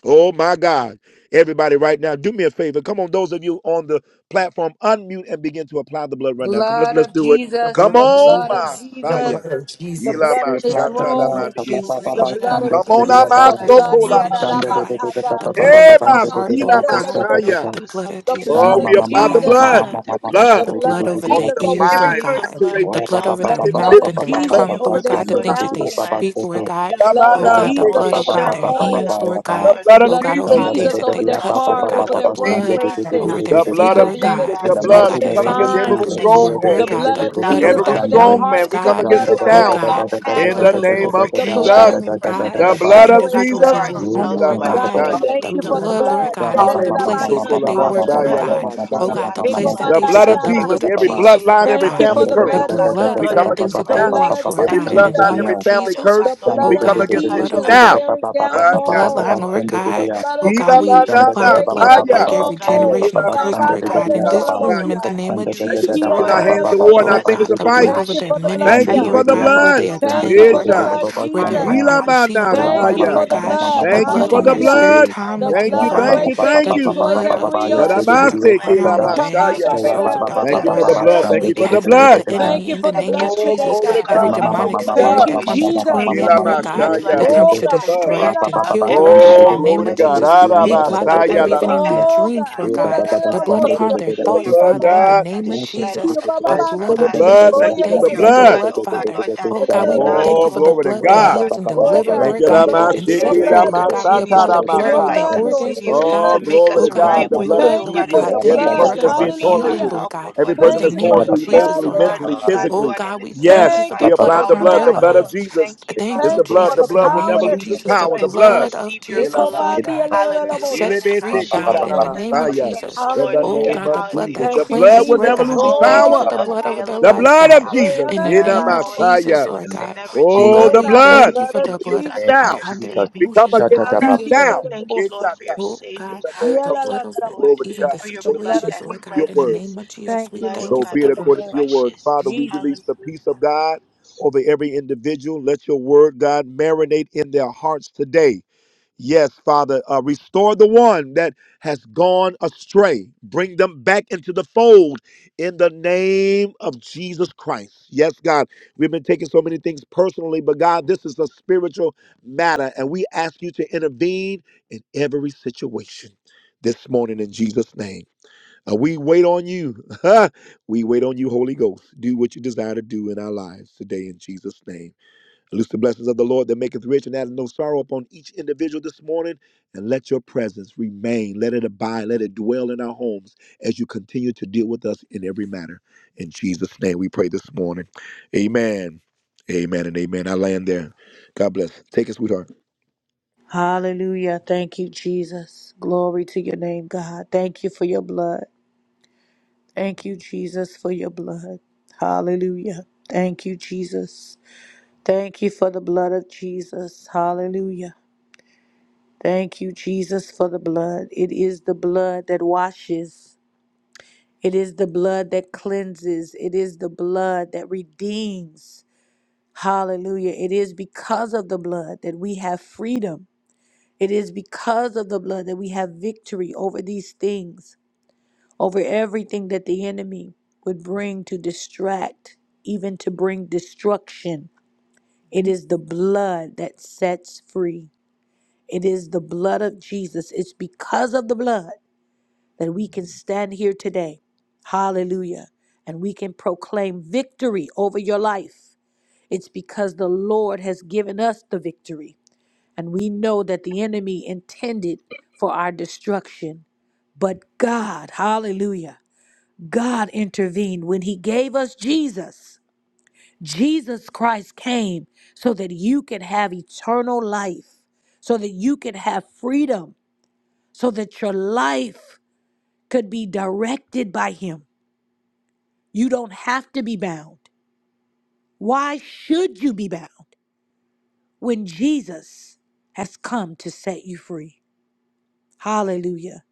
Speaker 1: Oh my God. Everybody right now, do me a favor. Come on, those of you on the platform, unmute and begin to apply the blood right now. Come let's
Speaker 10: Blood
Speaker 1: let's
Speaker 10: of
Speaker 1: do it.
Speaker 6: The
Speaker 10: Jesus.
Speaker 1: Come
Speaker 6: blood
Speaker 10: The
Speaker 6: of
Speaker 1: on,
Speaker 10: blood of
Speaker 6: Jesus. The
Speaker 10: Jesus.
Speaker 1: Messiah.
Speaker 6: blood of
Speaker 10: The
Speaker 6: Jesus.
Speaker 1: Ila
Speaker 10: blood in this
Speaker 11: apply the
Speaker 1: mashata da
Speaker 10: room.
Speaker 11: blood.
Speaker 7: Lord
Speaker 11: Pa pa
Speaker 1: maniyesi.
Speaker 11: pa
Speaker 2: over
Speaker 7: Jesus,
Speaker 11: pa
Speaker 10: The
Speaker 11: pa.
Speaker 2: each and
Speaker 7: Lord
Speaker 10: blood
Speaker 2: every
Speaker 11: Sanda
Speaker 7: God,
Speaker 10: of
Speaker 1: Come
Speaker 7: the
Speaker 11: de de
Speaker 1: on,
Speaker 7: blood
Speaker 11: de
Speaker 2: person,
Speaker 7: over
Speaker 10: Jesus,
Speaker 2: oh
Speaker 7: every
Speaker 11: pa.
Speaker 10: the
Speaker 2: God,
Speaker 7: person's
Speaker 2: Lord,
Speaker 10: blood
Speaker 1: amasoko la
Speaker 2: that is
Speaker 7: mind, Lord
Speaker 11: Sanda de
Speaker 1: masha.
Speaker 11: de
Speaker 7: God,
Speaker 2: struggling,
Speaker 11: de de
Speaker 2: oh
Speaker 11: pa
Speaker 10: yadadabasada,
Speaker 7: the
Speaker 11: pa
Speaker 2: God,
Speaker 11: pa
Speaker 7: blood
Speaker 2: Lord,
Speaker 11: pa pa.
Speaker 7: over
Speaker 1: Eh,
Speaker 7: their
Speaker 2: with
Speaker 11: Sanda de de
Speaker 2: something
Speaker 7: heart,
Speaker 10: ekomandi
Speaker 11: de
Speaker 2: in
Speaker 11: pa
Speaker 1: masila
Speaker 2: the
Speaker 7: Lord
Speaker 11: pa pa
Speaker 7: God,
Speaker 2: spirit,
Speaker 11: pa
Speaker 2: oh
Speaker 11: pa pa.
Speaker 1: mashaya.
Speaker 10: adadadabosha.
Speaker 2: God,
Speaker 7: the
Speaker 2: with
Speaker 7: blood of
Speaker 2: something
Speaker 10: the
Speaker 7: Jesus
Speaker 11: Sama
Speaker 10: blood
Speaker 1: Oh,
Speaker 2: that
Speaker 7: over
Speaker 11: ma
Speaker 10: of
Speaker 1: we
Speaker 11: ma
Speaker 7: their
Speaker 11: ma
Speaker 1: apply
Speaker 11: ma
Speaker 1: the
Speaker 2: feels
Speaker 11: ma
Speaker 10: Jesus,
Speaker 7: eyes,
Speaker 11: ma
Speaker 1: blood.
Speaker 2: out
Speaker 11: ma
Speaker 2: of
Speaker 7: God.
Speaker 11: ma ma
Speaker 2: their
Speaker 1: The
Speaker 11: ma ma ma.
Speaker 10: the
Speaker 1: blood.
Speaker 7: the
Speaker 11: De
Speaker 2: control,
Speaker 11: de
Speaker 10: blood
Speaker 11: de
Speaker 7: blood
Speaker 10: of
Speaker 2: Lord.
Speaker 11: de
Speaker 7: over
Speaker 11: de
Speaker 1: All in
Speaker 7: their
Speaker 10: Jesus
Speaker 11: pa
Speaker 1: the
Speaker 2: We
Speaker 11: pa
Speaker 10: over
Speaker 2: just
Speaker 11: pa
Speaker 7: ears,
Speaker 11: pa.
Speaker 10: every
Speaker 7: Lord
Speaker 1: mind.
Speaker 2: plead the
Speaker 7: God,
Speaker 10: person,
Speaker 2: blood
Speaker 1: Saturate
Speaker 7: the
Speaker 11: Oh
Speaker 2: right
Speaker 11: pa
Speaker 7: blood
Speaker 11: pa
Speaker 2: now, oh
Speaker 7: over
Speaker 11: pa
Speaker 1: each
Speaker 10: the
Speaker 2: God,
Speaker 7: their
Speaker 11: pa pa pa
Speaker 2: Lord,
Speaker 10: blood
Speaker 7: mouth
Speaker 11: pa
Speaker 10: of
Speaker 1: individual
Speaker 7: and
Speaker 11: pa
Speaker 1: in
Speaker 7: their
Speaker 1: the
Speaker 2: that
Speaker 11: pa pa
Speaker 10: Jesus
Speaker 11: pa
Speaker 7: tongue,
Speaker 2: you,
Speaker 1: blood.
Speaker 11: pa.
Speaker 10: over
Speaker 2: oh
Speaker 7: Lord
Speaker 10: their
Speaker 2: God,
Speaker 7: God, the
Speaker 1: Ila
Speaker 11: Sanda
Speaker 2: Lord,
Speaker 11: de
Speaker 7: things
Speaker 11: de
Speaker 2: will
Speaker 7: that
Speaker 11: de
Speaker 7: they
Speaker 11: de
Speaker 10: surroundings,
Speaker 11: pa
Speaker 1: mashaya.
Speaker 11: pa pa
Speaker 7: speak,
Speaker 2: cleanse,
Speaker 7: Lord
Speaker 11: pa.
Speaker 2: that
Speaker 7: God.
Speaker 10: the
Speaker 2: you,
Speaker 1: Ula
Speaker 10: blood of
Speaker 2: Lord,
Speaker 7: Oh
Speaker 1: mana
Speaker 11: Saya
Speaker 7: God, the
Speaker 11: pa
Speaker 2: will
Speaker 11: pa
Speaker 10: Jesus
Speaker 1: seke
Speaker 7: blood
Speaker 11: pa
Speaker 2: just
Speaker 10: over
Speaker 1: la
Speaker 11: pa
Speaker 7: upon
Speaker 11: pa
Speaker 10: their
Speaker 7: their
Speaker 2: shower
Speaker 11: pa pa
Speaker 2: over
Speaker 11: pa
Speaker 10: homes,
Speaker 1: mashaya.
Speaker 11: pa
Speaker 2: them,
Speaker 7: hands,
Speaker 2: oh
Speaker 11: ya
Speaker 7: Lord
Speaker 11: pa.
Speaker 2: God,
Speaker 1: The
Speaker 7: God.
Speaker 2: Lord,
Speaker 10: the
Speaker 1: blood of
Speaker 2: with
Speaker 7: Oh
Speaker 10: blood
Speaker 7: God,
Speaker 10: of
Speaker 7: over
Speaker 1: Jesus.
Speaker 7: the
Speaker 11: Sanda
Speaker 2: um,
Speaker 11: de
Speaker 7: things
Speaker 11: de
Speaker 10: Jesus
Speaker 2: just
Speaker 11: de
Speaker 7: that
Speaker 2: the
Speaker 10: over
Speaker 7: they
Speaker 11: de
Speaker 10: their
Speaker 11: pa
Speaker 2: love,
Speaker 7: touch,
Speaker 11: pa
Speaker 2: oh
Speaker 1: Oh,
Speaker 7: Lord
Speaker 11: pa
Speaker 10: cars,
Speaker 1: the
Speaker 2: God,
Speaker 11: pa
Speaker 7: God,
Speaker 2: the
Speaker 10: over
Speaker 11: pa
Speaker 1: blood
Speaker 7: the
Speaker 10: their
Speaker 2: love.
Speaker 11: pa.
Speaker 1: of
Speaker 2: of
Speaker 11: Sanda
Speaker 1: Jesus,
Speaker 7: blood
Speaker 11: de
Speaker 2: God,
Speaker 11: de de
Speaker 2: that
Speaker 11: de
Speaker 7: over
Speaker 11: de
Speaker 10: workplaces,
Speaker 7: their
Speaker 1: the
Speaker 11: de
Speaker 2: you
Speaker 11: de
Speaker 7: feet,
Speaker 1: blood
Speaker 10: the
Speaker 11: de.
Speaker 1: of
Speaker 2: died
Speaker 7: Lord
Speaker 10: blood
Speaker 2: for
Speaker 10: of
Speaker 1: Jesus,
Speaker 7: God.
Speaker 2: that
Speaker 11: In
Speaker 1: the
Speaker 11: the
Speaker 10: Jesus
Speaker 2: to
Speaker 7: Oh
Speaker 1: blood.
Speaker 11: mighty
Speaker 10: over
Speaker 7: God,
Speaker 1: We
Speaker 10: their
Speaker 7: as
Speaker 1: come
Speaker 7: they
Speaker 11: name of
Speaker 1: against
Speaker 2: experience,
Speaker 7: lead
Speaker 2: for
Speaker 7: them
Speaker 10: minds,
Speaker 1: every
Speaker 2: us
Speaker 7: through
Speaker 2: to
Speaker 11: Jesus.
Speaker 7: this
Speaker 11: Oh
Speaker 7: world,
Speaker 11: de de
Speaker 1: stronghold,
Speaker 10: the
Speaker 7: Lord
Speaker 11: de
Speaker 2: experience
Speaker 7: God,
Speaker 11: de
Speaker 10: blood
Speaker 11: de
Speaker 7: the
Speaker 10: of
Speaker 11: de de
Speaker 2: that
Speaker 7: blood
Speaker 11: de.
Speaker 7: over
Speaker 10: Jesus
Speaker 1: every
Speaker 2: blood,
Speaker 7: their
Speaker 10: over
Speaker 11: Sanda
Speaker 10: their
Speaker 11: de.
Speaker 2: Lord.
Speaker 1: strong
Speaker 2: We
Speaker 7: homes,
Speaker 1: man.
Speaker 2: just
Speaker 10: hearts,
Speaker 1: We
Speaker 10: the
Speaker 1: come
Speaker 7: God.
Speaker 10: blood
Speaker 1: against
Speaker 2: declare
Speaker 11: Sandra
Speaker 1: it
Speaker 10: over
Speaker 2: that
Speaker 7: Oh
Speaker 10: their
Speaker 2: right
Speaker 1: now.
Speaker 7: God,
Speaker 2: now,
Speaker 10: thought
Speaker 2: oh God,
Speaker 7: the
Speaker 1: In
Speaker 2: Lord
Speaker 10: patterns.
Speaker 7: blood
Speaker 1: the
Speaker 7: over
Speaker 1: name
Speaker 7: their
Speaker 2: over
Speaker 1: of
Speaker 10: The
Speaker 2: each and
Speaker 10: blood
Speaker 7: children,
Speaker 1: Jesus,
Speaker 10: of
Speaker 2: every
Speaker 7: Lord
Speaker 2: person
Speaker 7: God,
Speaker 2: in
Speaker 10: Jesus
Speaker 1: the
Speaker 2: this
Speaker 7: the
Speaker 1: blood
Speaker 2: room, oh
Speaker 1: of
Speaker 2: God,
Speaker 10: saturates
Speaker 3: Blood,
Speaker 7: individuals
Speaker 2: over
Speaker 7: in
Speaker 1: Jesus.
Speaker 10: now.
Speaker 7: their home,
Speaker 2: ourselves,
Speaker 1: Ila
Speaker 7: Lord
Speaker 2: Lord.
Speaker 10: God,
Speaker 7: God,
Speaker 10: we
Speaker 2: We
Speaker 1: Mashaya,
Speaker 10: thank
Speaker 7: the
Speaker 2: plead
Speaker 10: you
Speaker 2: the
Speaker 10: for
Speaker 3: blood,
Speaker 10: the
Speaker 7: blood,
Speaker 2: blood,
Speaker 7: Lord
Speaker 10: blood.
Speaker 2: oh
Speaker 7: God,
Speaker 2: God,
Speaker 7: even
Speaker 2: Lord. We
Speaker 7: the
Speaker 2: plead
Speaker 7: places
Speaker 1: Soko
Speaker 7: that
Speaker 1: La
Speaker 7: they
Speaker 2: um, the
Speaker 7: work, Lord
Speaker 1: Mashaya,
Speaker 2: blood
Speaker 7: God.
Speaker 1: La
Speaker 2: of
Speaker 7: Oh
Speaker 2: mercy,
Speaker 3: blood,
Speaker 2: oh
Speaker 1: Mashaya.
Speaker 7: God,
Speaker 2: God,
Speaker 7: the
Speaker 2: the
Speaker 7: place that
Speaker 2: blood
Speaker 1: The
Speaker 7: they
Speaker 1: blood
Speaker 2: of
Speaker 1: of
Speaker 7: sit, the blood
Speaker 1: Jesus,
Speaker 7: of
Speaker 1: every
Speaker 3: blood.
Speaker 2: sanctification,
Speaker 7: Jesus,
Speaker 2: oh
Speaker 1: bloodline,
Speaker 7: Lord
Speaker 2: God,
Speaker 1: every
Speaker 10: Thank
Speaker 2: Lord.
Speaker 7: God,
Speaker 10: you
Speaker 2: We
Speaker 10: for
Speaker 1: family
Speaker 10: the
Speaker 2: pray,
Speaker 1: curse.
Speaker 7: the
Speaker 2: oh
Speaker 10: blood,
Speaker 2: God,
Speaker 10: Lord
Speaker 7: blood
Speaker 10: God.
Speaker 1: We
Speaker 2: Lord,
Speaker 7: over
Speaker 1: come
Speaker 7: the
Speaker 2: that the
Speaker 7: things
Speaker 1: against it
Speaker 7: that
Speaker 10: The
Speaker 7: they
Speaker 1: now.
Speaker 10: blood
Speaker 2: cleansing
Speaker 10: of
Speaker 7: watch, Lord
Speaker 1: Every
Speaker 2: that
Speaker 7: God, in
Speaker 10: Jesus.
Speaker 7: the
Speaker 2: comes
Speaker 1: bloodline,
Speaker 2: by
Speaker 7: name
Speaker 2: your
Speaker 1: every
Speaker 7: of
Speaker 1: family
Speaker 2: blood, oh
Speaker 7: Jesus.
Speaker 1: curse.
Speaker 2: God,
Speaker 10: The
Speaker 2: Lord,
Speaker 10: blood
Speaker 7: Oh
Speaker 1: We
Speaker 2: will
Speaker 10: of
Speaker 1: come
Speaker 7: God,
Speaker 2: just
Speaker 7: the
Speaker 1: against it
Speaker 7: blood
Speaker 2: touch
Speaker 10: Jesus
Speaker 7: over
Speaker 2: us.
Speaker 7: their
Speaker 1: now.
Speaker 10: tearing
Speaker 2: We
Speaker 10: down
Speaker 1: Ah,
Speaker 2: thank you,
Speaker 1: yeah,
Speaker 2: Father,
Speaker 10: walls.
Speaker 7: bloodline,
Speaker 2: Lord,
Speaker 7: Lord
Speaker 2: for
Speaker 10: The
Speaker 7: God.
Speaker 2: you
Speaker 10: blood
Speaker 7: Oh
Speaker 10: of
Speaker 1: yeah, yeah.
Speaker 2: are
Speaker 7: God,
Speaker 1: Ila
Speaker 7: we
Speaker 10: Jesus
Speaker 7: apply
Speaker 1: Manana
Speaker 7: the
Speaker 2: faithful.
Speaker 10: breaking
Speaker 7: blood to
Speaker 10: up
Speaker 1: Shaya,
Speaker 7: break
Speaker 2: Thank you,
Speaker 7: every
Speaker 2: God, that
Speaker 10: strongholds.
Speaker 7: generational
Speaker 1: Ila
Speaker 2: you
Speaker 7: curse,
Speaker 2: are
Speaker 7: Lord
Speaker 1: Masaka
Speaker 2: God
Speaker 7: God,
Speaker 2: who
Speaker 7: in
Speaker 1: Tala
Speaker 7: this
Speaker 2: sees,
Speaker 7: room
Speaker 2: oh
Speaker 1: Mashaya.
Speaker 7: in the
Speaker 2: God, that
Speaker 7: name of
Speaker 2: you,
Speaker 1: Thank you for
Speaker 7: Jesus, Lord
Speaker 1: teaching our
Speaker 2: Lord,
Speaker 7: God.
Speaker 1: hands to war
Speaker 2: meet
Speaker 1: and our
Speaker 10: Hallelujah.
Speaker 7: Oh
Speaker 2: us
Speaker 1: fingers
Speaker 7: God,
Speaker 2: with
Speaker 1: to
Speaker 7: the
Speaker 1: fight.
Speaker 7: blood
Speaker 10: Thank
Speaker 7: over
Speaker 10: you
Speaker 7: their
Speaker 2: compassion,
Speaker 10: for the
Speaker 2: Lord
Speaker 10: blood,
Speaker 1: Thank
Speaker 2: that
Speaker 7: ministry,
Speaker 1: you
Speaker 2: you
Speaker 10: God.
Speaker 1: for
Speaker 7: Lord
Speaker 1: the
Speaker 2: meet
Speaker 7: God, where
Speaker 2: us,
Speaker 1: blood.
Speaker 7: they
Speaker 2: oh God,
Speaker 10: Thank you
Speaker 7: attend,
Speaker 2: Lord,
Speaker 10: for
Speaker 7: Lord
Speaker 10: the
Speaker 1: Isha.
Speaker 7: God,
Speaker 2: knowing
Speaker 10: blood,
Speaker 7: where
Speaker 2: our
Speaker 7: they're
Speaker 2: heart
Speaker 10: Jesus.
Speaker 7: uh,
Speaker 2: postures, oh
Speaker 7: receiving
Speaker 11: Thank
Speaker 7: your
Speaker 2: God,
Speaker 10: Thank
Speaker 7: word,
Speaker 10: you
Speaker 1: Ilamanasaya.
Speaker 2: knowing
Speaker 10: for
Speaker 7: Lord
Speaker 10: the
Speaker 2: the
Speaker 7: God,
Speaker 10: blood.
Speaker 7: the
Speaker 1: Thank
Speaker 2: struggles,
Speaker 1: you
Speaker 7: blood
Speaker 2: oh
Speaker 1: for
Speaker 7: in
Speaker 1: the
Speaker 2: God,
Speaker 7: their
Speaker 10: Hallelujah.
Speaker 2: Lord,
Speaker 7: spare
Speaker 1: blood.
Speaker 2: in our
Speaker 7: time
Speaker 10: The
Speaker 7: with
Speaker 2: walk,
Speaker 1: Thank
Speaker 7: you,
Speaker 2: oh
Speaker 1: you,
Speaker 2: God,
Speaker 10: blood
Speaker 2: Lord,
Speaker 1: thank
Speaker 7: Father,
Speaker 2: we
Speaker 1: you,
Speaker 10: breaks and
Speaker 2: thank
Speaker 7: the
Speaker 1: thank
Speaker 2: you
Speaker 1: you.
Speaker 2: for
Speaker 10: destroys
Speaker 7: blood
Speaker 2: your
Speaker 7: of
Speaker 10: every
Speaker 1: For the
Speaker 2: blood
Speaker 10: yoke.
Speaker 7: Jesus from
Speaker 2: that
Speaker 7: the
Speaker 1: Masi
Speaker 7: crown
Speaker 2: cleanses.
Speaker 10: Thank
Speaker 7: of their
Speaker 2: We
Speaker 7: heads
Speaker 2: thank
Speaker 7: to
Speaker 2: you
Speaker 7: the
Speaker 1: Kilamashaya.
Speaker 2: for your
Speaker 7: soles of their
Speaker 2: blood
Speaker 1: Thank
Speaker 7: feet,
Speaker 1: you
Speaker 2: that
Speaker 1: for
Speaker 7: Lord
Speaker 1: the
Speaker 7: God.
Speaker 1: blood.
Speaker 2: restores. We
Speaker 1: Thank
Speaker 7: We
Speaker 1: you for
Speaker 2: thank
Speaker 1: the
Speaker 2: you
Speaker 7: cast
Speaker 2: for your
Speaker 7: out
Speaker 1: blood.
Speaker 7: the
Speaker 2: blood
Speaker 7: enemy
Speaker 10: you
Speaker 7: in the
Speaker 10: for the
Speaker 2: that
Speaker 7: name
Speaker 10: blood
Speaker 2: gives
Speaker 7: of
Speaker 1: Oh,
Speaker 2: hope,
Speaker 10: today,
Speaker 7: Jesus,
Speaker 2: oh
Speaker 1: glory to
Speaker 10: God.
Speaker 2: God,
Speaker 7: every
Speaker 1: God.
Speaker 2: Lord, in
Speaker 7: demonic
Speaker 2: hopeless
Speaker 10: Thank
Speaker 7: spirit
Speaker 1: Hallelujah.
Speaker 10: you,
Speaker 7: that comes to
Speaker 2: situations. Thank
Speaker 7: torment,
Speaker 2: you
Speaker 10: Jesus.
Speaker 7: Lord
Speaker 2: for
Speaker 7: God,
Speaker 2: your blood
Speaker 1: Ilamashaya.
Speaker 7: that
Speaker 2: that
Speaker 1: Thank
Speaker 2: is
Speaker 1: you
Speaker 7: comes
Speaker 10: Oh,
Speaker 7: to
Speaker 1: for
Speaker 2: able
Speaker 1: the
Speaker 10: God.
Speaker 2: to
Speaker 1: blood.
Speaker 2: rid
Speaker 7: distract and
Speaker 2: of
Speaker 7: kill, Lord
Speaker 2: every
Speaker 7: God. In
Speaker 1: Oh,
Speaker 7: the
Speaker 2: stronghold,
Speaker 7: name
Speaker 1: glory
Speaker 2: that
Speaker 7: of
Speaker 1: to
Speaker 2: is able
Speaker 1: God.
Speaker 7: Jesus,
Speaker 2: to
Speaker 7: we
Speaker 2: rid
Speaker 7: apply the
Speaker 2: of
Speaker 7: blood
Speaker 1: Arabasaya
Speaker 7: even
Speaker 2: everything
Speaker 1: Lamashaya.
Speaker 7: in
Speaker 2: that
Speaker 7: their
Speaker 2: has
Speaker 10: Oh,
Speaker 7: dreams,
Speaker 2: taken
Speaker 7: Lord
Speaker 2: a
Speaker 7: God,
Speaker 2: hold.
Speaker 7: the
Speaker 2: Lord, I
Speaker 7: blood
Speaker 1: God,
Speaker 7: upon
Speaker 2: thank
Speaker 1: Thank
Speaker 2: you
Speaker 7: their
Speaker 1: you for
Speaker 2: for
Speaker 1: the
Speaker 2: your
Speaker 7: thoughts,
Speaker 1: blood,
Speaker 7: Father, in the
Speaker 2: blood
Speaker 1: God.
Speaker 10: God.
Speaker 2: that
Speaker 7: name
Speaker 2: is
Speaker 7: of
Speaker 2: shed
Speaker 7: Jesus,
Speaker 2: on the
Speaker 7: the
Speaker 1: Thank
Speaker 2: cross
Speaker 1: you
Speaker 2: for
Speaker 1: for
Speaker 7: blood
Speaker 1: the
Speaker 7: of
Speaker 2: us.
Speaker 1: blood.
Speaker 7: Jesus.
Speaker 10: Oh,
Speaker 7: We
Speaker 1: Thank
Speaker 2: Thank
Speaker 1: you
Speaker 10: yeah,
Speaker 2: you
Speaker 10: la,
Speaker 1: for
Speaker 10: la,
Speaker 2: for
Speaker 7: thank
Speaker 1: the
Speaker 10: la,
Speaker 7: you
Speaker 2: your
Speaker 7: for
Speaker 10: la,
Speaker 7: the
Speaker 10: bo-
Speaker 1: blood.
Speaker 2: blood,
Speaker 7: blood,
Speaker 2: oh God,
Speaker 7: Father.
Speaker 2: Lord, that
Speaker 10: la,
Speaker 7: Oh
Speaker 10: la, la,
Speaker 7: God,
Speaker 2: does
Speaker 7: we
Speaker 10: la,
Speaker 11: you.
Speaker 10: la, la,
Speaker 2: not
Speaker 7: thank you
Speaker 1: Oh,
Speaker 10: bo-
Speaker 7: for the
Speaker 2: go
Speaker 1: glory to
Speaker 11: In the name of Jesus,
Speaker 7: blood that
Speaker 2: away, oh
Speaker 1: God.
Speaker 2: God,
Speaker 7: heals and
Speaker 2: but Lord,
Speaker 10: oh
Speaker 2: it
Speaker 7: delivers,
Speaker 10: God,
Speaker 1: Thank
Speaker 7: Lord
Speaker 1: you,
Speaker 10: your
Speaker 2: remains.
Speaker 7: God,
Speaker 1: Lama.
Speaker 10: blood,
Speaker 7: and
Speaker 2: It
Speaker 10: your
Speaker 7: set
Speaker 1: Shiki
Speaker 7: free,
Speaker 2: remains. It
Speaker 10: blood,
Speaker 7: Lord
Speaker 1: Lama
Speaker 7: God.
Speaker 10: Lord.
Speaker 7: We
Speaker 2: continues
Speaker 7: apply
Speaker 2: to
Speaker 7: the
Speaker 1: Satara
Speaker 7: blood
Speaker 10: Your
Speaker 7: over
Speaker 2: purify.
Speaker 1: Masa.
Speaker 7: their
Speaker 2: It
Speaker 10: blood, Lord
Speaker 7: organs,
Speaker 2: continues
Speaker 7: Lord
Speaker 2: to
Speaker 1: Oh,
Speaker 7: God.
Speaker 2: make
Speaker 10: Jesus.
Speaker 7: Oh
Speaker 2: us
Speaker 11: we
Speaker 1: glory to
Speaker 7: God,
Speaker 11: come
Speaker 7: the
Speaker 1: God.
Speaker 2: right
Speaker 1: The
Speaker 11: and
Speaker 2: with
Speaker 1: blood
Speaker 11: do.
Speaker 1: of
Speaker 2: you,
Speaker 7: blood,
Speaker 2: oh
Speaker 10: Thank you
Speaker 7: Lord
Speaker 2: God.
Speaker 11: In
Speaker 2: It
Speaker 10: for
Speaker 11: the
Speaker 7: God.
Speaker 1: Jesus.
Speaker 10: your
Speaker 1: Every
Speaker 7: Thank you,
Speaker 11: name
Speaker 2: continues
Speaker 10: blood.
Speaker 7: Lord
Speaker 1: person that's
Speaker 7: God, for
Speaker 2: to
Speaker 1: being
Speaker 2: be our
Speaker 7: healing,
Speaker 1: tormented,
Speaker 10: Hallelujah.
Speaker 7: Lord
Speaker 2: help,
Speaker 7: God.
Speaker 2: oh
Speaker 1: every
Speaker 2: Lord. We
Speaker 7: In
Speaker 1: person
Speaker 10: Thank
Speaker 7: the
Speaker 1: that's
Speaker 10: you
Speaker 2: thank you
Speaker 10: for
Speaker 7: name
Speaker 1: going
Speaker 7: of
Speaker 10: your
Speaker 1: through
Speaker 2: for your
Speaker 10: blood,
Speaker 7: Jesus,
Speaker 1: emotionally,
Speaker 7: Lord
Speaker 10: Lord
Speaker 2: blood,
Speaker 7: God.
Speaker 1: mentally,
Speaker 2: oh God,
Speaker 10: Jesus.
Speaker 7: Oh
Speaker 1: physically.
Speaker 2: Lord, and
Speaker 7: God, we
Speaker 2: its
Speaker 7: thank you
Speaker 1: Yes,
Speaker 7: for
Speaker 10: Thank
Speaker 7: the
Speaker 1: we
Speaker 10: you
Speaker 2: sanctifying
Speaker 10: for
Speaker 7: blood
Speaker 1: apply
Speaker 10: your
Speaker 1: the
Speaker 2: power,
Speaker 7: upon
Speaker 2: oh
Speaker 1: blood,
Speaker 7: their
Speaker 1: the
Speaker 10: blood,
Speaker 2: God.
Speaker 1: blood
Speaker 7: lives.
Speaker 1: of
Speaker 10: Lord.
Speaker 1: Jesus.
Speaker 2: Thank you,
Speaker 7: Thank
Speaker 1: It's
Speaker 2: Father
Speaker 7: you,
Speaker 1: the
Speaker 10: Thank you
Speaker 1: blood.
Speaker 10: for
Speaker 2: Lord,
Speaker 1: The
Speaker 10: the
Speaker 2: for
Speaker 7: Jesus. In
Speaker 2: the
Speaker 7: the
Speaker 1: blood will
Speaker 10: power
Speaker 7: name
Speaker 1: never
Speaker 7: of
Speaker 2: opportunity
Speaker 10: that's
Speaker 1: lose
Speaker 10: in
Speaker 1: its
Speaker 2: to
Speaker 7: Jesus,
Speaker 10: your
Speaker 7: the
Speaker 1: power. The
Speaker 10: blood.
Speaker 2: even
Speaker 1: blood.
Speaker 7: blood of
Speaker 2: receive your
Speaker 1: Ela
Speaker 7: Jesus,
Speaker 2: blood.
Speaker 7: Lord
Speaker 1: Masa.
Speaker 7: God,
Speaker 10: Ekomandia la- la- la- la-
Speaker 7: that
Speaker 10: bo-
Speaker 2: Hallelujah.
Speaker 1: Ele
Speaker 2: It
Speaker 7: sets
Speaker 2: does
Speaker 1: be
Speaker 2: not
Speaker 7: free,
Speaker 1: Shiki
Speaker 7: God,
Speaker 2: change.
Speaker 7: in
Speaker 1: Kana
Speaker 10: Thank
Speaker 7: the
Speaker 2: It
Speaker 10: you,
Speaker 2: does
Speaker 7: name
Speaker 2: not
Speaker 7: of
Speaker 1: Masaya.
Speaker 10: Jesus.
Speaker 2: reduce,
Speaker 7: Jesus.
Speaker 2: oh
Speaker 1: In
Speaker 2: Lord,
Speaker 1: the
Speaker 7: Oh,
Speaker 2: in
Speaker 10: Hallelujah.
Speaker 1: name
Speaker 7: God, the
Speaker 1: of
Speaker 2: how it's
Speaker 7: blood
Speaker 2: able
Speaker 1: Jesus.
Speaker 7: that
Speaker 2: to
Speaker 1: The
Speaker 10: Thank you,
Speaker 1: blood
Speaker 7: cleanses,
Speaker 2: cleanse,
Speaker 1: will
Speaker 2: but
Speaker 7: Lord
Speaker 1: never
Speaker 2: it's
Speaker 10: Jesus.
Speaker 7: God.
Speaker 1: lose
Speaker 7: We
Speaker 1: its
Speaker 7: thank
Speaker 2: always
Speaker 7: you
Speaker 10: Oh,
Speaker 7: for
Speaker 10: yeah.
Speaker 1: power.
Speaker 7: the
Speaker 10: la,
Speaker 7: blood over their
Speaker 1: The
Speaker 2: available,
Speaker 7: lives,
Speaker 1: blood
Speaker 7: God.
Speaker 1: of
Speaker 10: ma- yeah, la,
Speaker 1: Jesus.
Speaker 7: In
Speaker 10: la,
Speaker 7: the
Speaker 2: Hallelujah.
Speaker 10: la,
Speaker 1: Ela
Speaker 2: It's
Speaker 7: name
Speaker 10: la,
Speaker 7: of
Speaker 10: la,
Speaker 2: always
Speaker 10: bo-
Speaker 7: Jesus,
Speaker 1: Masaya.
Speaker 2: available.
Speaker 7: Lord
Speaker 2: It's
Speaker 7: God.
Speaker 11: of
Speaker 2: never
Speaker 7: Oh,
Speaker 11: Jesus,
Speaker 1: Oh,
Speaker 7: God,
Speaker 10: Oh
Speaker 2: tainted.
Speaker 1: the
Speaker 7: we
Speaker 10: God, the
Speaker 2: Lord, we
Speaker 1: blood.
Speaker 7: thank you
Speaker 1: We're
Speaker 10: blood
Speaker 7: for
Speaker 2: thank
Speaker 10: of
Speaker 1: coming
Speaker 7: the
Speaker 2: you, oh
Speaker 7: blood
Speaker 1: against you
Speaker 2: God,
Speaker 11: name
Speaker 10: Jesus.
Speaker 2: Lord, for
Speaker 1: now.
Speaker 11: of
Speaker 2: your
Speaker 7: upon their
Speaker 2: saving
Speaker 1: We come
Speaker 7: emotions
Speaker 10: We
Speaker 7: and what
Speaker 1: against
Speaker 10: can't
Speaker 7: they
Speaker 2: power.
Speaker 1: you
Speaker 7: feel, Lord.
Speaker 10: The
Speaker 1: now.
Speaker 7: God.
Speaker 2: Thank you,
Speaker 10: Bosa.
Speaker 2: Lord, for
Speaker 1: Ishata.
Speaker 2: your
Speaker 7: Oh,
Speaker 1: In
Speaker 2: saving
Speaker 7: God,
Speaker 1: the
Speaker 2: power.
Speaker 1: name
Speaker 10: Yeah,
Speaker 7: the
Speaker 1: of
Speaker 10: la,
Speaker 2: Thank
Speaker 1: Jesus.
Speaker 2: you,
Speaker 7: blood
Speaker 10: la, da, da,
Speaker 7: over
Speaker 2: Lord,
Speaker 1: Glory to
Speaker 7: even
Speaker 1: God.
Speaker 7: the
Speaker 2: for your
Speaker 10: The
Speaker 1: So be
Speaker 2: blood
Speaker 10: blood
Speaker 1: it
Speaker 10: of
Speaker 7: situations,
Speaker 2: that
Speaker 7: Lord
Speaker 1: according to
Speaker 7: God.
Speaker 1: your
Speaker 7: In the
Speaker 10: Jesus.
Speaker 1: word.
Speaker 7: name
Speaker 2: cleanses,
Speaker 7: of
Speaker 2: your
Speaker 7: Jesus,
Speaker 10: Thank
Speaker 7: we
Speaker 10: you,
Speaker 2: blood,
Speaker 10: Lord
Speaker 2: oh
Speaker 7: thank
Speaker 10: God,
Speaker 7: you
Speaker 1: So
Speaker 7: for
Speaker 2: God,
Speaker 1: be
Speaker 7: the
Speaker 1: it
Speaker 10: for
Speaker 2: that
Speaker 10: the
Speaker 7: blood.
Speaker 1: according to
Speaker 10: blood.
Speaker 1: your word.
Speaker 2: refreshes.
Speaker 1: Father, we release
Speaker 2: Hallelujah.
Speaker 10: Jesus.
Speaker 1: the peace of God over every individual. Let your word, God, marinate in their hearts today. Yes, Father, uh, restore the one that has gone astray. Bring them back into the fold in the name of Jesus Christ. Yes, God, we've been taking so many things personally, but God, this is a spiritual matter, and we ask you to intervene in every situation this morning in Jesus' name. Uh, we wait on you. [LAUGHS] we wait on you, Holy Ghost. Do what you desire to do in our lives today in Jesus' name. Loose the blessings of the Lord that maketh rich and addeth no sorrow upon each individual this morning. And let your presence remain. Let it abide. Let it dwell in our homes as you continue to deal with us in every matter. In Jesus' name we pray this morning. Amen. Amen and amen. I land there. God bless. Take it, sweetheart.
Speaker 10: Hallelujah. Thank you, Jesus. Glory to your name, God. Thank you for your blood. Thank you, Jesus, for your blood. Hallelujah. Thank you, Jesus. Thank you for the blood of Jesus. Hallelujah. Thank you, Jesus, for the blood. It is the blood that washes. It is the blood that cleanses. It is the blood that redeems. Hallelujah. It is because of the blood that we have freedom. It is because of the blood that we have victory over these things, over everything that the enemy would bring to distract, even to bring destruction. It is the blood that sets free. It is the blood of Jesus. It's because of the blood that we can stand here today. Hallelujah. And we can proclaim victory over your life. It's because the Lord has given us the victory. And we know that the enemy intended for our destruction. But God, hallelujah, God intervened when he gave us Jesus. Jesus Christ came so that you can have eternal life, so that you can have freedom, so that your life could be directed by him. You don't have to be bound. Why should you be bound when Jesus has come to set you free? Hallelujah.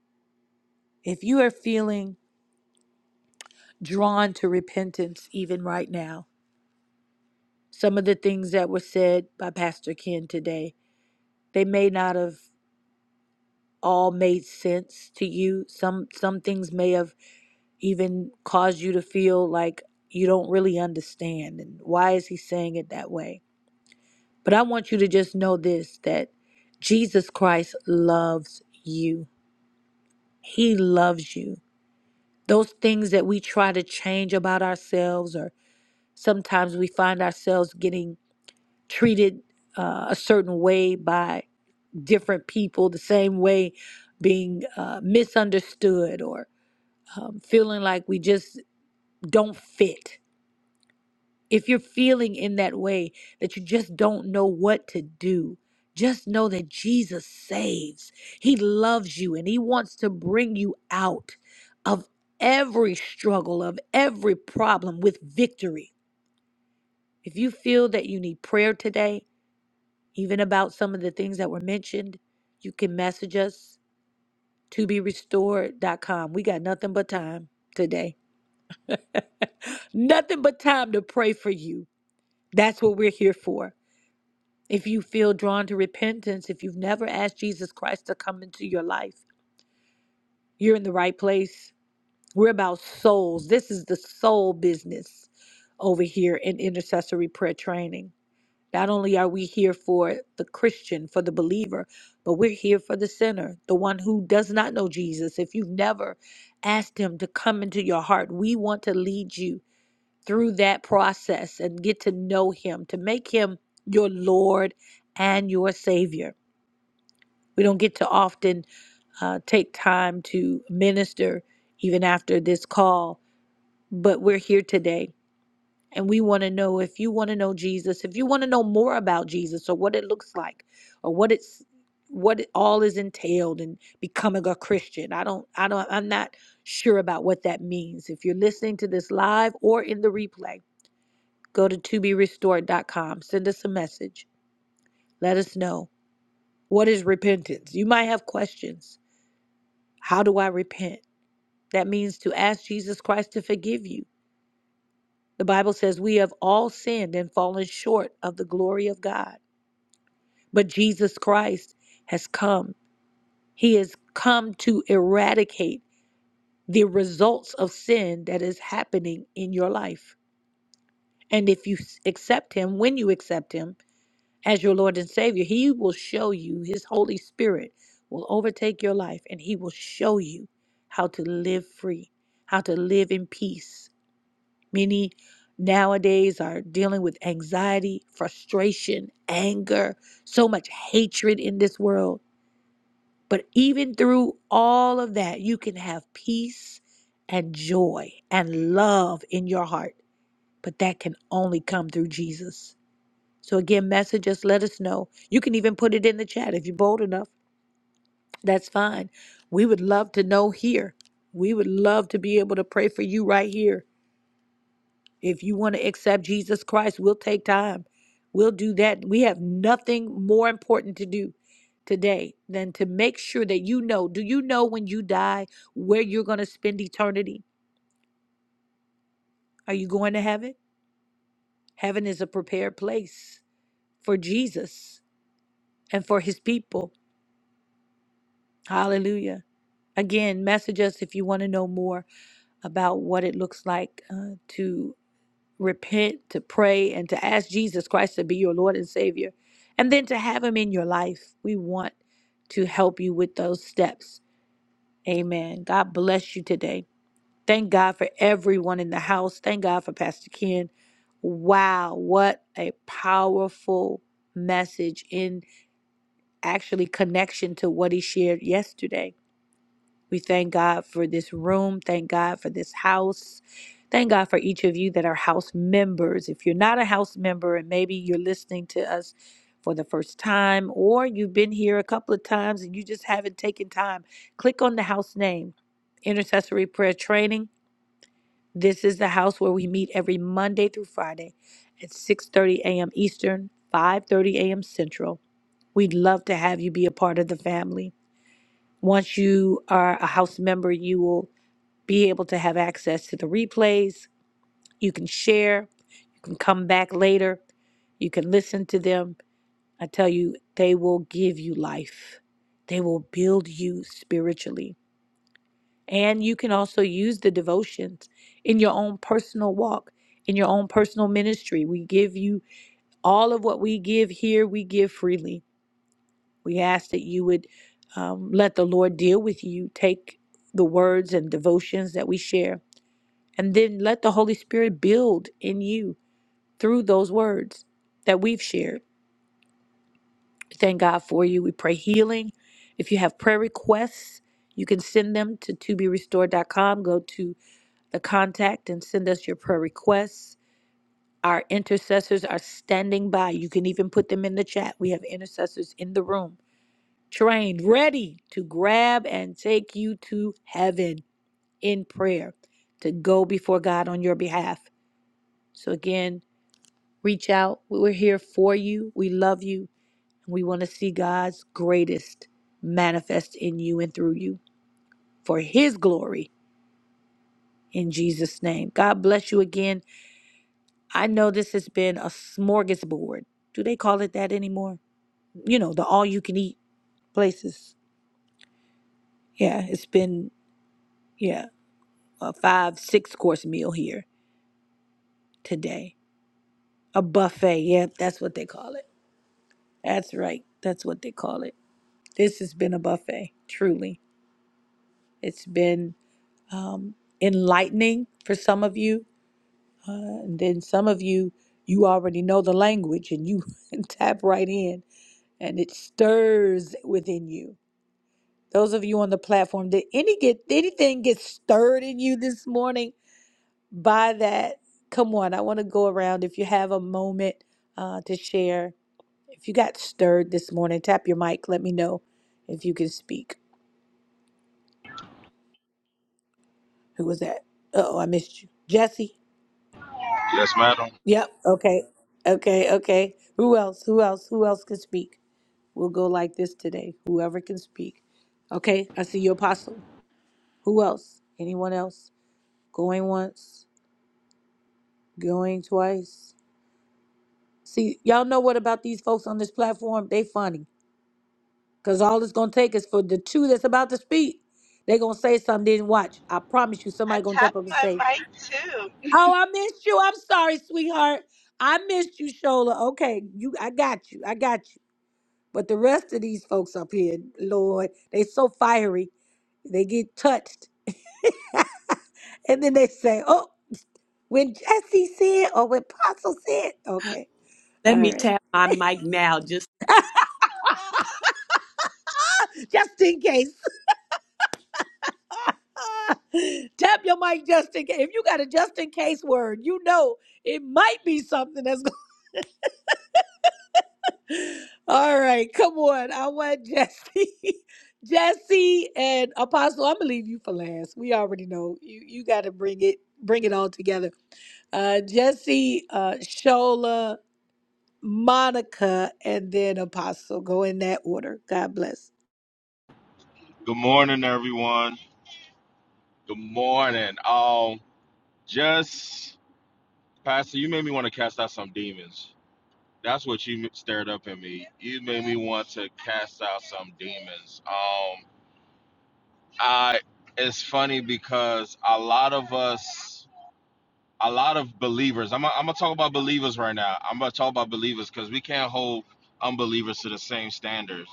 Speaker 10: If you are feeling drawn to repentance even right now, some of the things that were said by Pastor Ken today, they may not have all made sense to you. Some some things may have even caused you to feel like you don't really understand and why is he saying it that way? But I want you to just know this that Jesus Christ loves you. He loves you. Those things that we try to change about ourselves, or sometimes we find ourselves getting treated uh, a certain way by different people, the same way being uh, misunderstood or um, feeling like we just don't fit If you're feeling in that way that you just don't know what to do, just know that Jesus saves. He loves you and He wants to bring you out of every struggle, of every problem with victory. If you feel that you need prayer today, even about some of the things that were mentioned, you can message us to be restored dot com. We got nothing but time today. [LAUGHS] nothing but time to pray for you. That's what we're here for. If you feel drawn to repentance, if you've never asked Jesus Christ to come into your life, you're in the right place. We're about souls. This is the soul business over here in intercessory prayer training. Not only are we here for the Christian, for the believer, but we're here for the sinner, the one who does not know Jesus. If you've never asked him to come into your heart, we want to lead you through that process and get to know him, to make him your Lord and your Savior. We don't get to often uh, take time to minister even after this call, but we're here today. And we want to know if you want to know Jesus, if you want to know more about Jesus or what it looks like or what it's what it all is entailed in becoming a Christian. I don't I don't I'm not sure about what that means. If you're listening to this live or in the replay, go to to be restored. dot com. send us a message. Let us know what is repentance. You might have questions. How do I repent? That means to ask Jesus Christ to forgive you. The Bible says we have all sinned and fallen short of the glory of God. But Jesus Christ has come. He has come to eradicate the results of sin that is happening in your life. And if you s- accept Him, when you accept Him as your Lord and Savior, He will show you, His Holy Spirit will overtake your life and He will show you how to live free, how to live in peace Many nowadays are dealing with anxiety, frustration, anger, so much hatred in this world. But even through all of that, you can have peace and joy and love in your heart. But that can only come through Jesus. So, again, message us, let us know. You can even put it in the chat if you're bold enough. That's fine. We would love to know here. We would love to be able to pray for you right here If you want to accept Jesus Christ, we'll take time. We'll do that. We have nothing more important to do today than to make sure that you know do you know when you die where you're going to spend eternity? Are you going to heaven? Heaven is a prepared place for Jesus and for his people. Hallelujah. Again, message us if you want to know more about what it looks like uh, to repent, to pray, and to ask Jesus Christ to be your Lord and Savior, and then to have Him in your life. We want to help you with those steps. Amen. God bless you today. Thank God for everyone in the house. Thank God for Pastor Ken. Wow, what a powerful message in actually connection to what he shared yesterday we thank God for this room. Thank God for this house. Thank God for each of you that are house members. If you're not a house member and maybe you're listening to us for the first time or you've been here a couple of times and you just haven't taken time, click on the house name, Intercessory Prayer Training. This is the house where we meet every Monday through Friday at 6:30 a.m. Eastern, 5:30 a.m. Central. We'd love to have you be a part of the family. Once you are a house member, you will be able to have access to the replays. You can share, you can come back later, you can listen to them. I tell you, they will give you life, they will build you spiritually. And you can also use the devotions in your own personal walk, in your own personal ministry. We give you all of what we give here, we give freely. We ask that you would um, let the Lord deal with you. Take the words and devotions that we share And then let the Holy Spirit build in you through those words that we've shared. We Thank God for you. We pray healing. If you have prayer requests, you can send them to toberestored.com. Go to the contact and send us your prayer requests. Our intercessors are standing by. You can even put them in the chat. We have intercessors in the room, trained, ready to grab and take you to heaven in prayer, to go before God on your behalf. So, again, Reach out. We're here for you. We love you. And we want to see God's greatest manifest in you and through you for His glory in Jesus' name. God bless you again. I know this has been a smorgasbord. Do they call it that anymore? You know, the all you can eat places. Yeah, it's been, yeah, a five, six course meal here today. A buffet. Yeah, that's what they call it. That's right. That's what they call it. This has been a buffet, truly. It's been um, enlightening for some of you. Uh, and then some of you, you already know the language and you [LAUGHS] tap right in and it stirs within you. Those of you on the platform, did any get anything get stirred in you this morning by that? Come on, I want to go around. If you have a moment uh, to share, if you got stirred this morning, tap your mic. Let me know if you can speak. Who was that? Uh oh, I missed you, Jesse.
Speaker 12: Yes, madam.
Speaker 10: Yep. Okay. Okay. Okay. Who else? Who else? Who else can speak? We'll go like this today. Whoever can speak. Okay. I see you, Apostle. Who else? Anyone else? Going once, going twice. See, y'all know what about these folks on this platform? They funny. Because all it's going to take is for the two that's about to speak. they going to say something, didn't watch. I promise you,
Speaker 2: I
Speaker 10: somebody going to jump up
Speaker 2: tapped
Speaker 10: and
Speaker 2: my
Speaker 10: say,
Speaker 2: mic too.
Speaker 10: Oh, I missed you. I'm sorry, sweetheart. I missed you, Shola. Okay, you I got you. I got you. But the rest of these folks up here, Lord, they so fiery, they get touched. [LAUGHS] and then they say, oh, when Jesse said or when Apostle said, okay,
Speaker 3: Let
Speaker 10: all
Speaker 3: me
Speaker 10: right,
Speaker 3: tap my mic now. Just
Speaker 10: just in case. [LAUGHS] Tap your mic just in case. If you got a just in case word, you know it might be something that's All right, come on. I want Jesse, [LAUGHS] Jesse, and Apostle. I'm gonna leave you for last. We already know you. You got to bring it, bring it all together. Uh, Jesse, uh, Shola, Monica, and then Apostle. Go in that order. God bless.
Speaker 12: Good morning, everyone. Good morning. Um, just Pastor, you made me want to cast out some demons. That's what you stirred up in me. You made me want to cast out some demons. Um, I it's funny because a lot of us, a lot of believers. I'm I'm gonna talk about believers right now. I'm gonna talk about believers because we can't hold unbelievers to the same standards.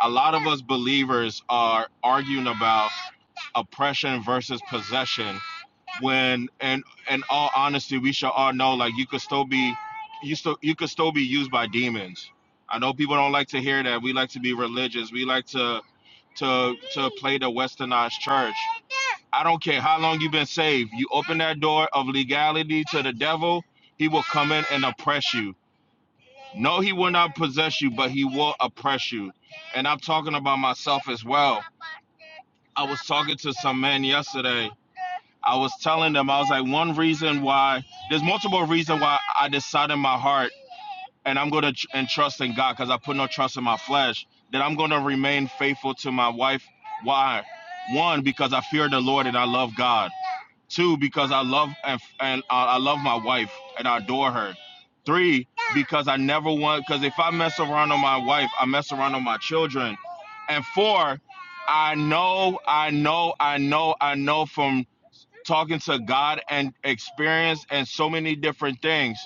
Speaker 12: A lot of us believers are arguing about oppression versus possession when and and all honesty we should all know like you could still be you still you could still be used by demons i know people don't like to hear that we like to be religious we like to to to play the westernized church i don't care how long you've been saved you open that door of legality to the devil he will come in and oppress you no he will not possess you but he will oppress you and i'm talking about myself as well i was talking to some man yesterday I was telling them, I was like, one reason why, there's multiple reasons why I decided in my heart, and I'm going to tr- and trust in God because I put no trust in my flesh, that I'm going to remain faithful to my wife. Why? One, because I fear the Lord and I love God. Two, because I love and, and uh, I love my wife and I adore her. Three, because I never want, because if I mess around on my wife, I mess around on my children. And four, I know, I know, I know, I know from talking to God and experience and so many different things.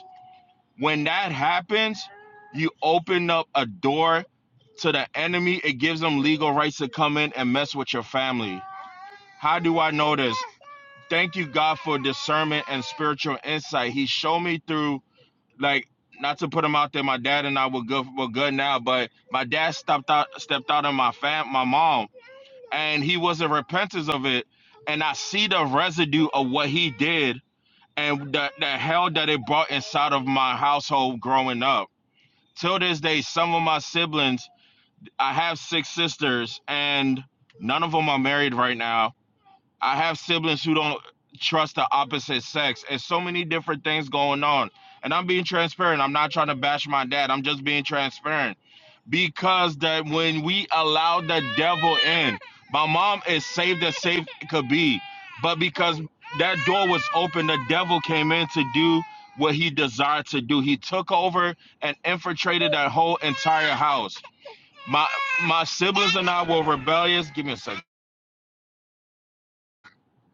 Speaker 12: When that happens, you open up a door to the enemy. It gives them legal rights to come in and mess with your family. How do I know this? Thank you, God, for discernment and spiritual insight. He showed me through, like, not to put him out there. My dad and I were good, We're good now, but my dad stepped out, stepped out on my fam, my mom, and he wasn't repentant of it. And I see the residue of what he did and the, the hell that it brought inside of my household growing up. Till this day, some of my siblings, I have six sisters, and none of them are married right now. I have siblings who don't trust the opposite sex, and so many different things going on. And I'm being transparent. I'm not trying to bash my dad. I'm just being transparent because that when we allow the devil in, my mom is saved as safe could be, but because that door was open, the devil came in to do what he desired to do. He took over and infiltrated that whole entire house. My my siblings and I were rebellious. Give me a second.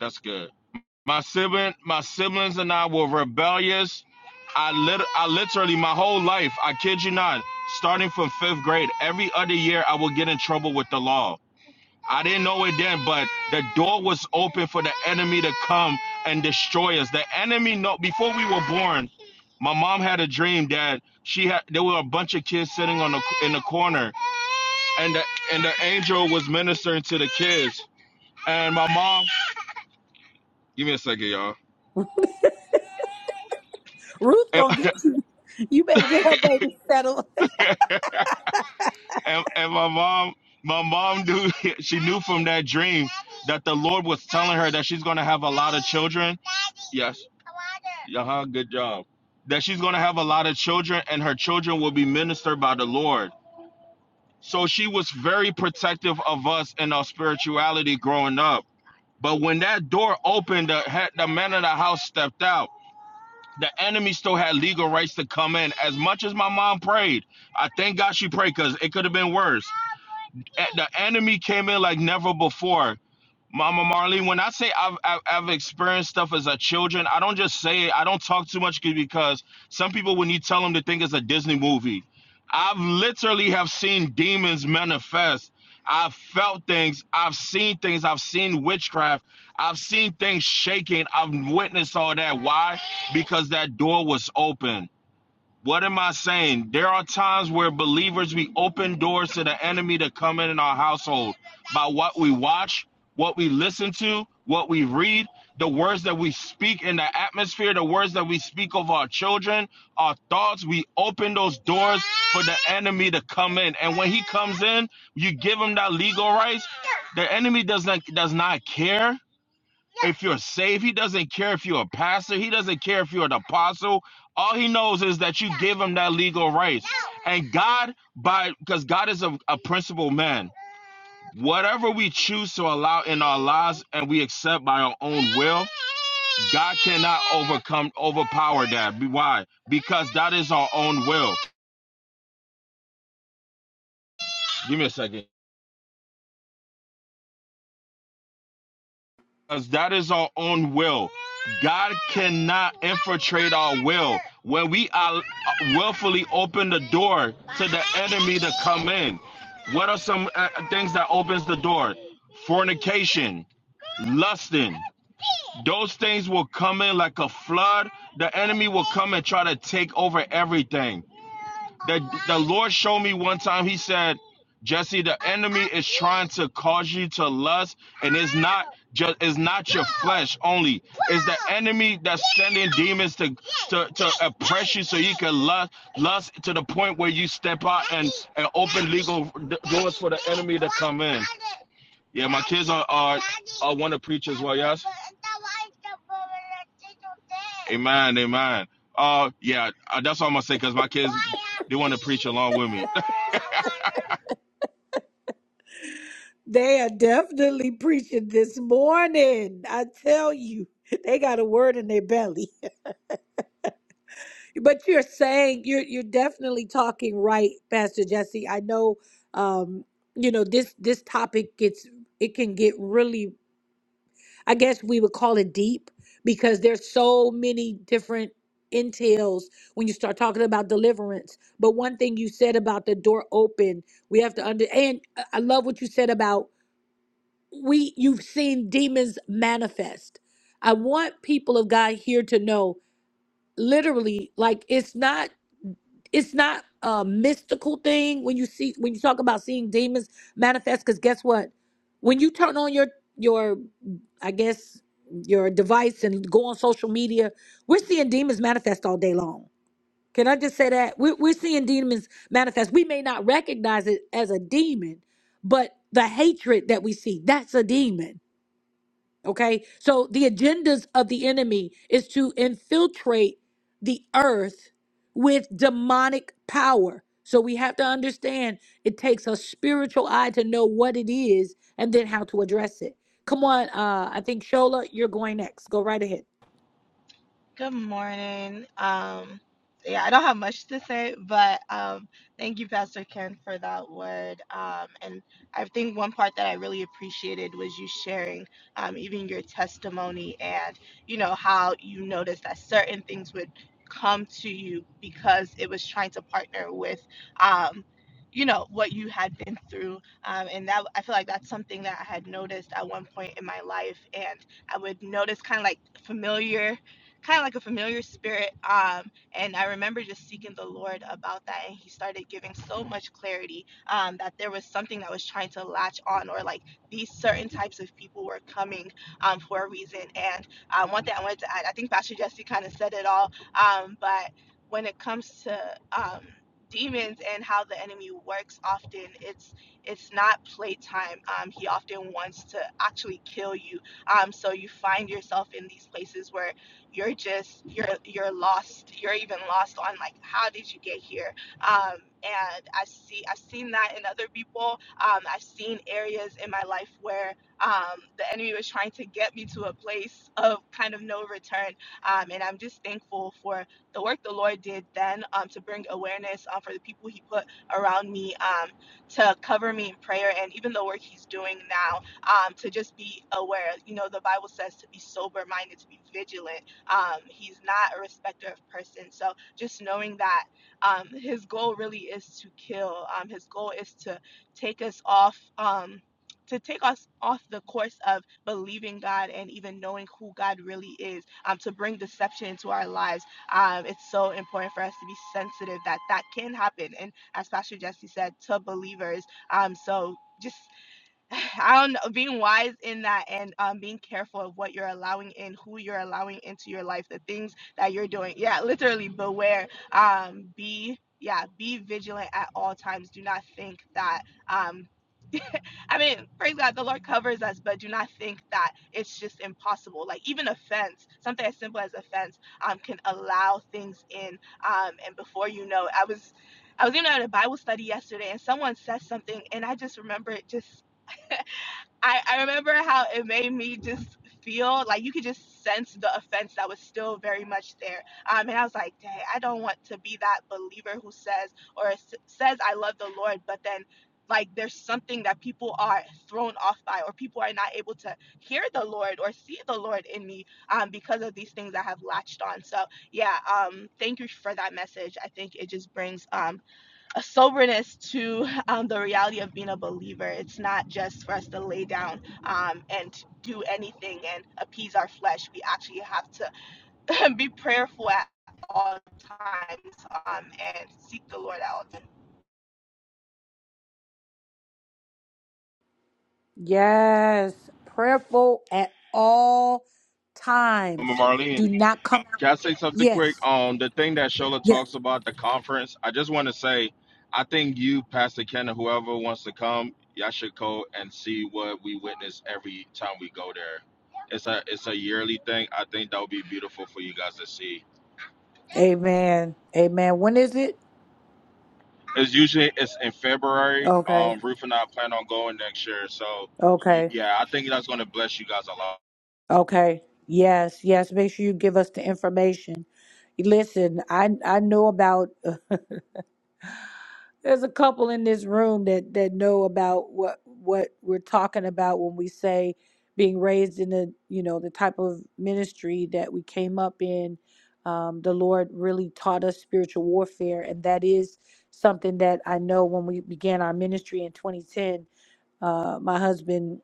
Speaker 12: That's good. My sibling, my siblings and I were rebellious. I lit- I literally my whole life, I kid you not, starting from fifth grade, every other year I would get in trouble with the law. I didn't know it then, but the door was open for the enemy to come and destroy us. The enemy no, before we were born, my mom had a dream that she had there were a bunch of kids sitting on the in the corner and the and the angel was ministering to the kids. And my mom, give me a second, y'all.
Speaker 10: Ruth gonna get you. [LAUGHS] You better get her baby settled. [LAUGHS]
Speaker 12: and, and my mom my mom knew [LAUGHS] she knew from that dream that the lord was telling her that she's going to have a lot of children yes uh-huh good job that she's going to have a lot of children and her children will be ministered by the lord so she was very protective of us and our spirituality growing up but when that door opened the, the man of the house stepped out the enemy still had legal rights to come in as much as my mom prayed i thank god she prayed because it could have been worse e- the enemy came in like never before. Mama Marlene, when I say I've, I've I've experienced stuff as a children, I don't just say it. I don't talk too much c- because some people, when you tell them, they think it's a Disney movie. I've literally have seen demons manifest. I've felt things. I've seen things. I've seen witchcraft. I've seen things shaking. I've witnessed all that. Why? Because that door was open. What am I saying? There are times where believers we open doors to the enemy to come in in our household by what we watch, what we listen to, what we read, the words that we speak in the atmosphere, the words that we speak of our children, our thoughts. We open those doors for the enemy to come in, and when he comes in, you give him that legal rights. The enemy does not does not care if you're saved. He doesn't care if you're a pastor. He doesn't care if you're an apostle. All he knows is that you give him that legal right. And God, by because God is a, a principled man, whatever we choose to allow in our lives and we accept by our own will, God cannot overcome, overpower that. Why? Because that is our own will. Give me a second. because that is our own will. God cannot infiltrate our will. When we are uh, willfully open the door to the enemy to come in, what are some uh, things that opens the door? Fornication, lusting. Those things will come in like a flood. The enemy will come and try to take over everything. The the Lord showed me one time. He said, Jesse, the enemy is trying to cause you to lust, and it's not just it's not your flesh only. It's the enemy that's sending demons to to, to oppress you so you can lust lust to the point where you step out and, and open legal doors for the enemy to come in. Yeah, my kids are are, are want to preach as well, yes? Amen, amen. Uh, yeah, uh, that's all I'm gonna say because my kids they want to preach along with me. [LAUGHS]
Speaker 10: They are definitely preaching this morning. I tell you, they got a word in their belly. But you're saying you're you're definitely talking right, Pastor Jesse. I know um, you know, this this topic gets it can get really I guess we would call it deep because there's so many different entails when you start talking about deliverance. But one thing you said about the door open, we have to under and I I love what you said about we you've seen demons manifest. I want people of God here to know literally like it's not it's not a mystical thing when you see when you talk about seeing demons manifest because guess what when you turn on your your i guess your device and go on social media we're seeing demons manifest all day long can i just say that we're, we're seeing demons manifest we may not recognize it as a demon but the hatred that we see that's a demon Okay. So the agendas of the enemy is to infiltrate the earth with demonic power. So we have to understand it takes a spiritual eye to know what it is and then how to address it. Come on. Uh, I think Shola, you're going next. Go right ahead.
Speaker 2: Good morning. Um, yeah, I don't have much to say, but um, thank you, Pastor Ken, for that word. Um, and I think one part that I really appreciated was you sharing um, even your testimony and, you know, how you noticed that certain things would come to you because it was trying to partner with, um, you know, what you had been through. Um, and that I feel like that's something that I had noticed at one point in my life. And I would notice kind of like familiar kind of like a familiar spirit. Um, and I remember just seeking the Lord about that, and He started giving so much clarity um, that there was something that was trying to latch on, or like these certain types of people were coming um, for a reason. And um, one thing I wanted to add, I think Pastor Jesse kind of said it all, um, but when it comes to um, demons and how the enemy works often it's it's not playtime um, he often wants to actually kill you um, so you find yourself in these places where you're just you're you're lost you're even lost on like how did you get here um and i see i've seen that in other people um i've seen areas in my life where um the enemy was trying to get me to a place of kind of no return um and i'm just thankful for the work the lord did then um to bring awareness um, for the people he put around me um to cover me in prayer and even the work he's doing now um, to just be aware. You know, the Bible says to be sober minded, to be vigilant. Um, he's not a respecter of person. So just knowing that um, his goal really is to kill. Um, his goal is to take us off. Um, to take us off the course of believing God and even knowing who God really is, um, to bring deception into our lives, um, it's so important for us to be sensitive that that can happen. And as Pastor Jesse said, to believers, um, so just [SIGHS] I don't know, being wise in that and um, being careful of what you're allowing in, who you're allowing into your life, the things that you're doing. Yeah, literally beware. Um, be yeah, be vigilant at all times. Do not think that um, [LAUGHS] I mean, praise God, the Lord covers us, but do not think that it's just impossible. Like even offense, something as simple as offense, um, can allow things in. Um, and before you know, it, I was, I was even at a Bible study yesterday, and someone said something, and I just remember it just I, I remember how it made me just feel like you could just sense the offense that was still very much there. Um, and I was like, dang, I don't want to be that believer who says or s- says I love the Lord, but then like there's something that people are thrown off by or people are not able to hear the Lord or see the Lord in me um, because of these things I have latched on. So yeah, um, thank you for that message. I think it just brings um, a soberness to um, the reality of being a believer. It's not just for us to lay down um, and do anything and appease our flesh. We actually have to [LAUGHS] be prayerful at all times um, and seek the Lord out.
Speaker 10: Yes, prayerful at all
Speaker 12: Mama
Speaker 10: times.
Speaker 12: Marlene,
Speaker 10: Do not come out.
Speaker 12: can I say something quick?
Speaker 10: Yes.
Speaker 12: Um, the thing that Shola
Speaker 10: Yeah.
Speaker 12: talks about the conference, I just want to say, I think you, Pastor Ken, and whoever wants to come, y'all should go and see what we witness every time we go there. It's a it's a yearly thing. I think that would be beautiful for you guys to see.
Speaker 10: Amen. Amen. When is it?
Speaker 12: It's usually it's in February.
Speaker 10: Okay.
Speaker 12: Um, Ruth and I plan on going next year, so y-
Speaker 10: Okay.
Speaker 12: yeah, I think that's gonna bless you guys a lot.
Speaker 10: Okay. Yes, yes. Make sure you give us the information. Listen, I I know about uh, there's a couple in this room that that know about what what we're talking about when we say being raised in the you know the type of ministry that we came up in. Um, the Lord really taught us spiritual warfare, and that is something that I know when we began our ministry in 2010 uh, my husband,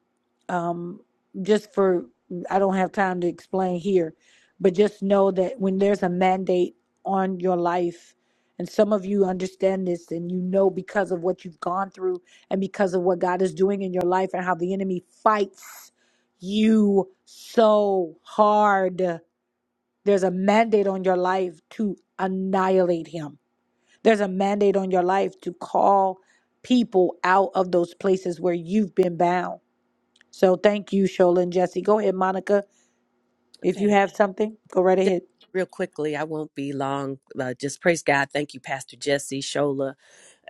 Speaker 10: um, just for, I don't have time to explain here, but just know that when there's a mandate on your life, and some of you understand this and you know because of what you've gone through and because of what God is doing in your life and how the enemy fights you so hard. There's a mandate on your life to annihilate him there's a mandate on your life to call people out of those places where you've been bound. So thank you, Shola and Jesse. Go ahead, Monica. If you
Speaker 3: Okay.
Speaker 10: have something, go right
Speaker 3: Just
Speaker 10: ahead.
Speaker 3: real quickly, I won't be long. Uh, just praise God. Thank you, Pastor Jesse, Shola.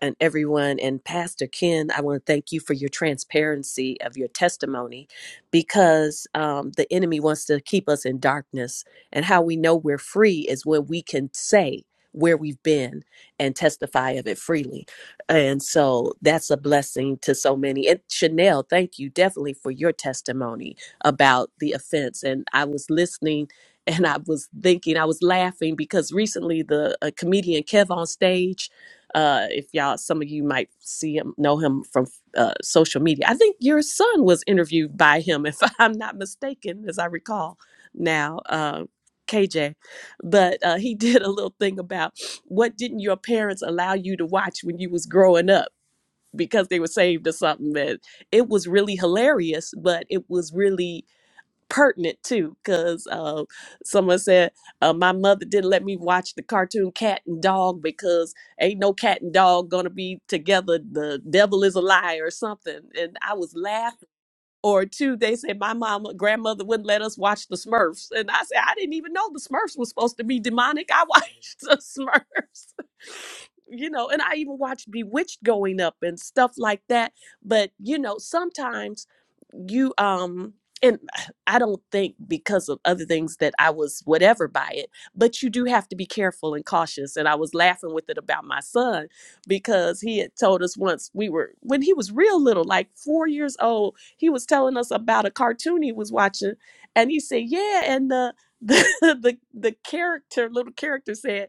Speaker 3: and everyone and Pastor Ken, I want to thank you for your transparency of your testimony because um, the enemy wants to keep us in darkness. And how we know we're free is when we can say where we've been and testify of it freely. And so that's a blessing to so many. And Chanel, thank you definitely for your testimony about the offense. And I was listening and I was thinking, I was laughing because recently the uh comedian Kev on stage uh, if y'all, some of you might see him, know him from uh, social media. I think your son was interviewed by him, if [LAUGHS] I'm not mistaken, as I recall now, uh, KJ. But uh, he [LAUGHS] did a little thing about what didn't your parents allow you to watch when you was growing up because they were saved or something. And it was really hilarious, but it was really pertinent too, because uh, someone said uh, my mother didn't let me watch the cartoon Cat and Dog because ain't no cat and dog gonna be together. The devil is a lie or something, and I was laughing. Or two, they said my mama, grandmother wouldn't let us watch the Smurfs, and I said I didn't even know the Smurfs was supposed to be demonic. I [LAUGHS] watched the Smurfs. [LAUGHS] You know, and I even watched Bewitched going up and stuff like that. But, you know, sometimes you um and I don't think because of other things that I was whatever by it, but you do have to be careful and cautious. And I was laughing with it about my son because he had told us once we were, when he was real little, like four years old, he was telling us about a cartoon he was watching. And he said, Yeah. And the, [LAUGHS] the, the, the character, little character said,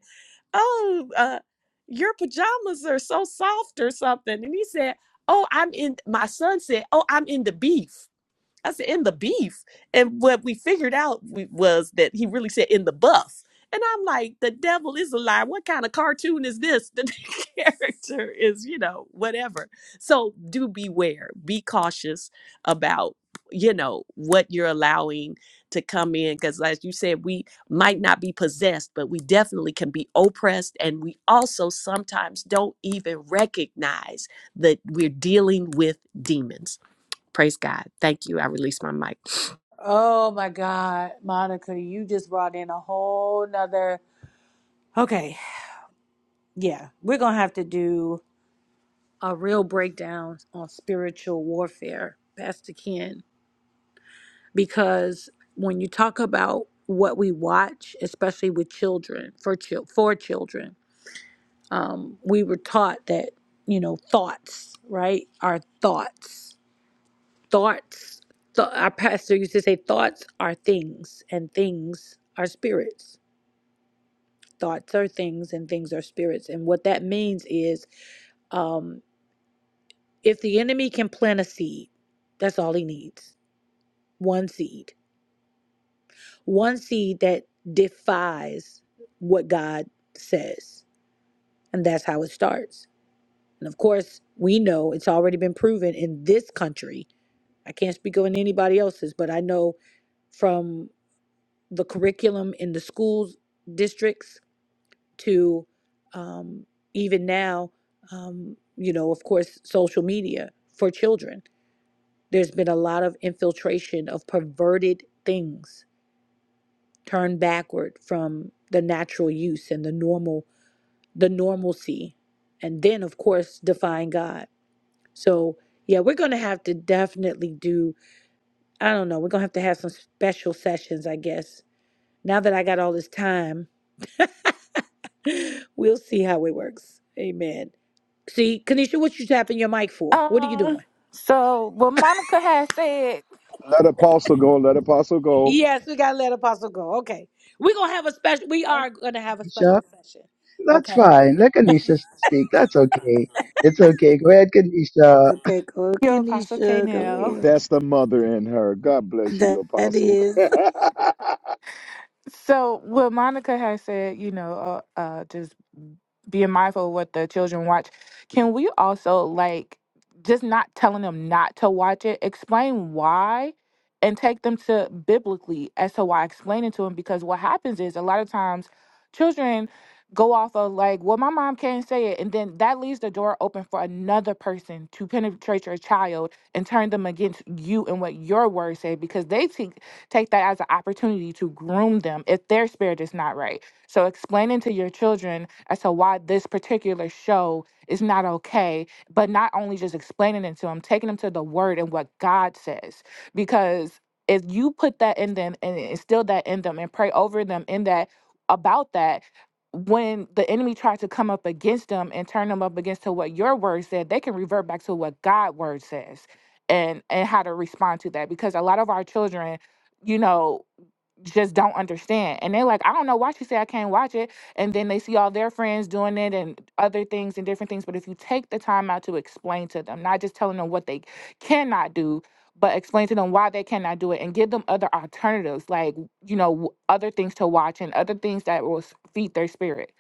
Speaker 3: Oh, uh, your pajamas are so soft or something. And he said, Oh, I'm in, my son said, Oh, I'm in the beef. I said, in the beef. And what we figured out we- was that he really said in the buff. And I'm like, the devil is a lie. What kind of cartoon is this? [LAUGHS] The character is, you know, whatever. So do beware. Be cautious about, you know, what you're allowing to come in. Because as you said, we might not be possessed, but we definitely can be oppressed. And we also sometimes don't even recognize that we're dealing with demons Praise God. Thank you. I release my mic.
Speaker 10: Oh my God, Monica, you just brought in a whole nother. Okay, yeah, we're gonna have to do a real breakdown on spiritual warfare, Pastor Ken, because when you talk about what we watch, especially with children, for chil- for children, um, we were taught that you know thoughts right our thoughts thoughts th- our pastor used to say thoughts are things and things are spirits thoughts are things and things are spirits and what that means is um, if the enemy can plant a seed that's all he needs one seed one seed that defies what god says and that's how it starts and of course we know it's already been proven in this country I can't speak on anybody else's, but I know from the curriculum in the schools districts to um, even now, um, you know, of course, social media for children. There's been a lot of infiltration of perverted things turned backward from the natural use and the normal, the normalcy, and then of course defying God. So yeah, we're gonna have to definitely do. I don't know. We're gonna have to have some special sessions, I guess, Now that I got all this time, [GASPS] [LAUGHS] we'll see how it works. Amen. See, Kanisha, what you tapping your mic for? What are you
Speaker 7: Um.
Speaker 10: doing?
Speaker 7: So what Monica had said
Speaker 1: Let apostle go. Let apostle go.
Speaker 10: Yes, we gotta let Apostle go. Okay, we're gonna have a special. We are gonna have a
Speaker 11: Jesus.
Speaker 10: special session.
Speaker 11: That's
Speaker 10: Okay.
Speaker 11: fine. Let Kanisha speak. That's okay. It's okay. Go ahead, Kanisha.
Speaker 10: Okay, go
Speaker 7: Yo, Apostle K.
Speaker 10: Kanisha, go
Speaker 7: Now,
Speaker 10: ahead. That
Speaker 1: So
Speaker 10: is.
Speaker 7: so what Monica has said, you know, uh, uh, just being mindful of what the children watch. Can we also like just not telling them not to watch it? Explain why, and take them to biblically as to why. Explain it to them because what happens is a lot of times children go off of like, well, my mom can't say it, and then that leaves the door open for another person to penetrate your child and turn them against you and what your words say because they think take that as an opportunity to groom them if their spirit is not right. So explaining to your children as to why this particular show is not okay, but not only just explaining it to them, taking them to the word and what God says. Because if you put that in them and instill that in them and pray over them in that about that, when the enemy tries to come up against them and turn them up against to what your word said, they can revert back to what God word says and and how to respond to that because a lot of our children you know, just don't understand. And they're like, I don't know why she said I can't watch it. And then they see all their friends doing it and other things and different things. But if you take the time out to explain to them, not just telling them what they cannot do, but explain to them why they cannot do it and give them other alternatives, like, you know, w- other things to watch and other things that will s- feed their spirit.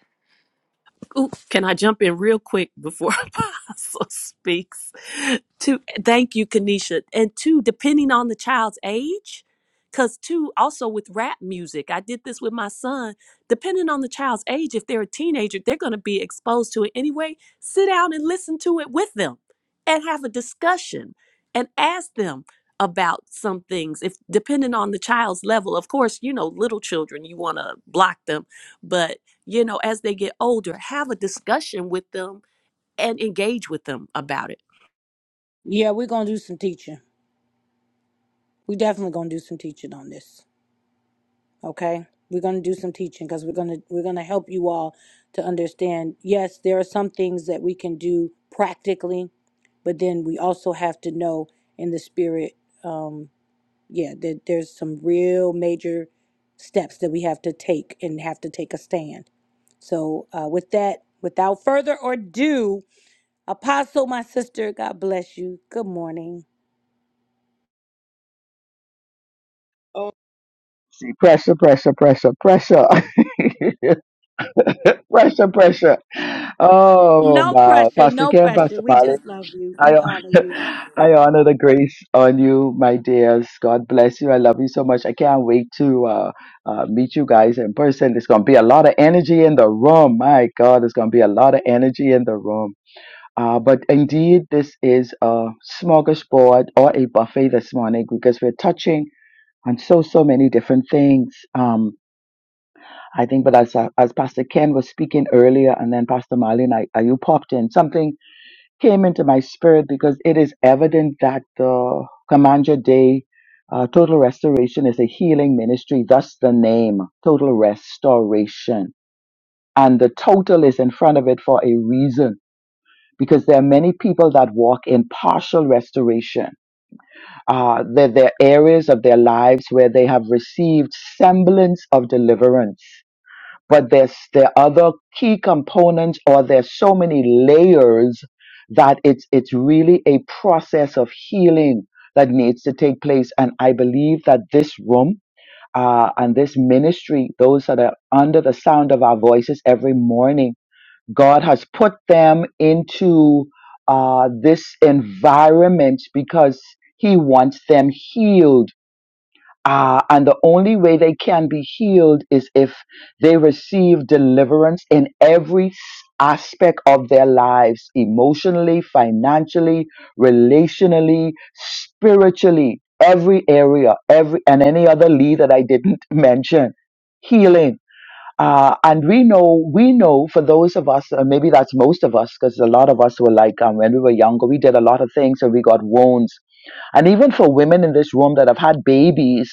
Speaker 3: like, Ooh, can I jump in real quick before [LAUGHS] Apostle speaks? To thank you, Kanisha, and two, depending on the child's age, because two, also with rap music, I did this with my son. Depending on the child's age, if they're a teenager, they're going to be exposed to it anyway. Sit down and listen to it with them, and have a discussion, and ask them about some things. If depending on the child's level, of course, you know, little children, you want to block them, but you know, as they get older, have a discussion with them and engage with them about it.
Speaker 10: Yeah, we're gonna do some teaching. We definitely gonna do some teaching on this. okay we're going to do some teaching because we're going to we're going to help you all to understand yes there are some things that we can do practically but then we also have to know in the spirit um yeah that there's some real major steps that we have to take and have to take a stand so uh with that without further ado apostle my sister god bless you good morning
Speaker 11: See, pressure, pressure, pressure, pressure. [LAUGHS] pressure, pressure. Oh,
Speaker 10: no
Speaker 11: wow.
Speaker 10: pressure
Speaker 11: Pastor
Speaker 10: no
Speaker 11: Ken,
Speaker 10: pressure
Speaker 11: Pastor
Speaker 10: we
Speaker 11: Molly,
Speaker 10: just love you
Speaker 11: I,
Speaker 10: we honor
Speaker 11: hon-
Speaker 10: you
Speaker 11: [LAUGHS] I honor the grace on you, my dears. God bless you. I love you so much. I can't wait to uh, uh, meet you guys in person. There's going to be a lot of energy in the room. My God, there's going to be a lot of energy in the room. Uh, but indeed, this is a smorgasbord or a buffet this morning because we're touching on so, so many different things. Um, I think, but as, uh, as Pastor Ken was speaking earlier and then Pastor Marlene, I, I, you popped in, something came into my spirit because it is evident that the Commander Day uh, Total Restoration is a healing ministry, thus the name, Total Restoration. And the total is in front of it for a reason because there are many people that walk in partial restoration. Uh, there, there are areas of their lives where they have received semblance of deliverance, but there's there are other key components, or there's so many layers that it's it's really a process of healing that needs to take place. And I believe that this room. Uh, and this ministry, those that are under the sound of our voices every morning God has put them into uh, this environment because He wants them healed. Uh, and the only way they can be healed is if they receive deliverance in every aspect of their lives emotionally, financially, relationally, spiritually, every area, every and any other lead that I didn't [LAUGHS] mention. Healing uh, and we know, we know for those of us, uh, maybe that's most of us, because a lot of us were like, um, when we were younger, we did a lot of things and we got wounds. And even for women in this room that have had babies,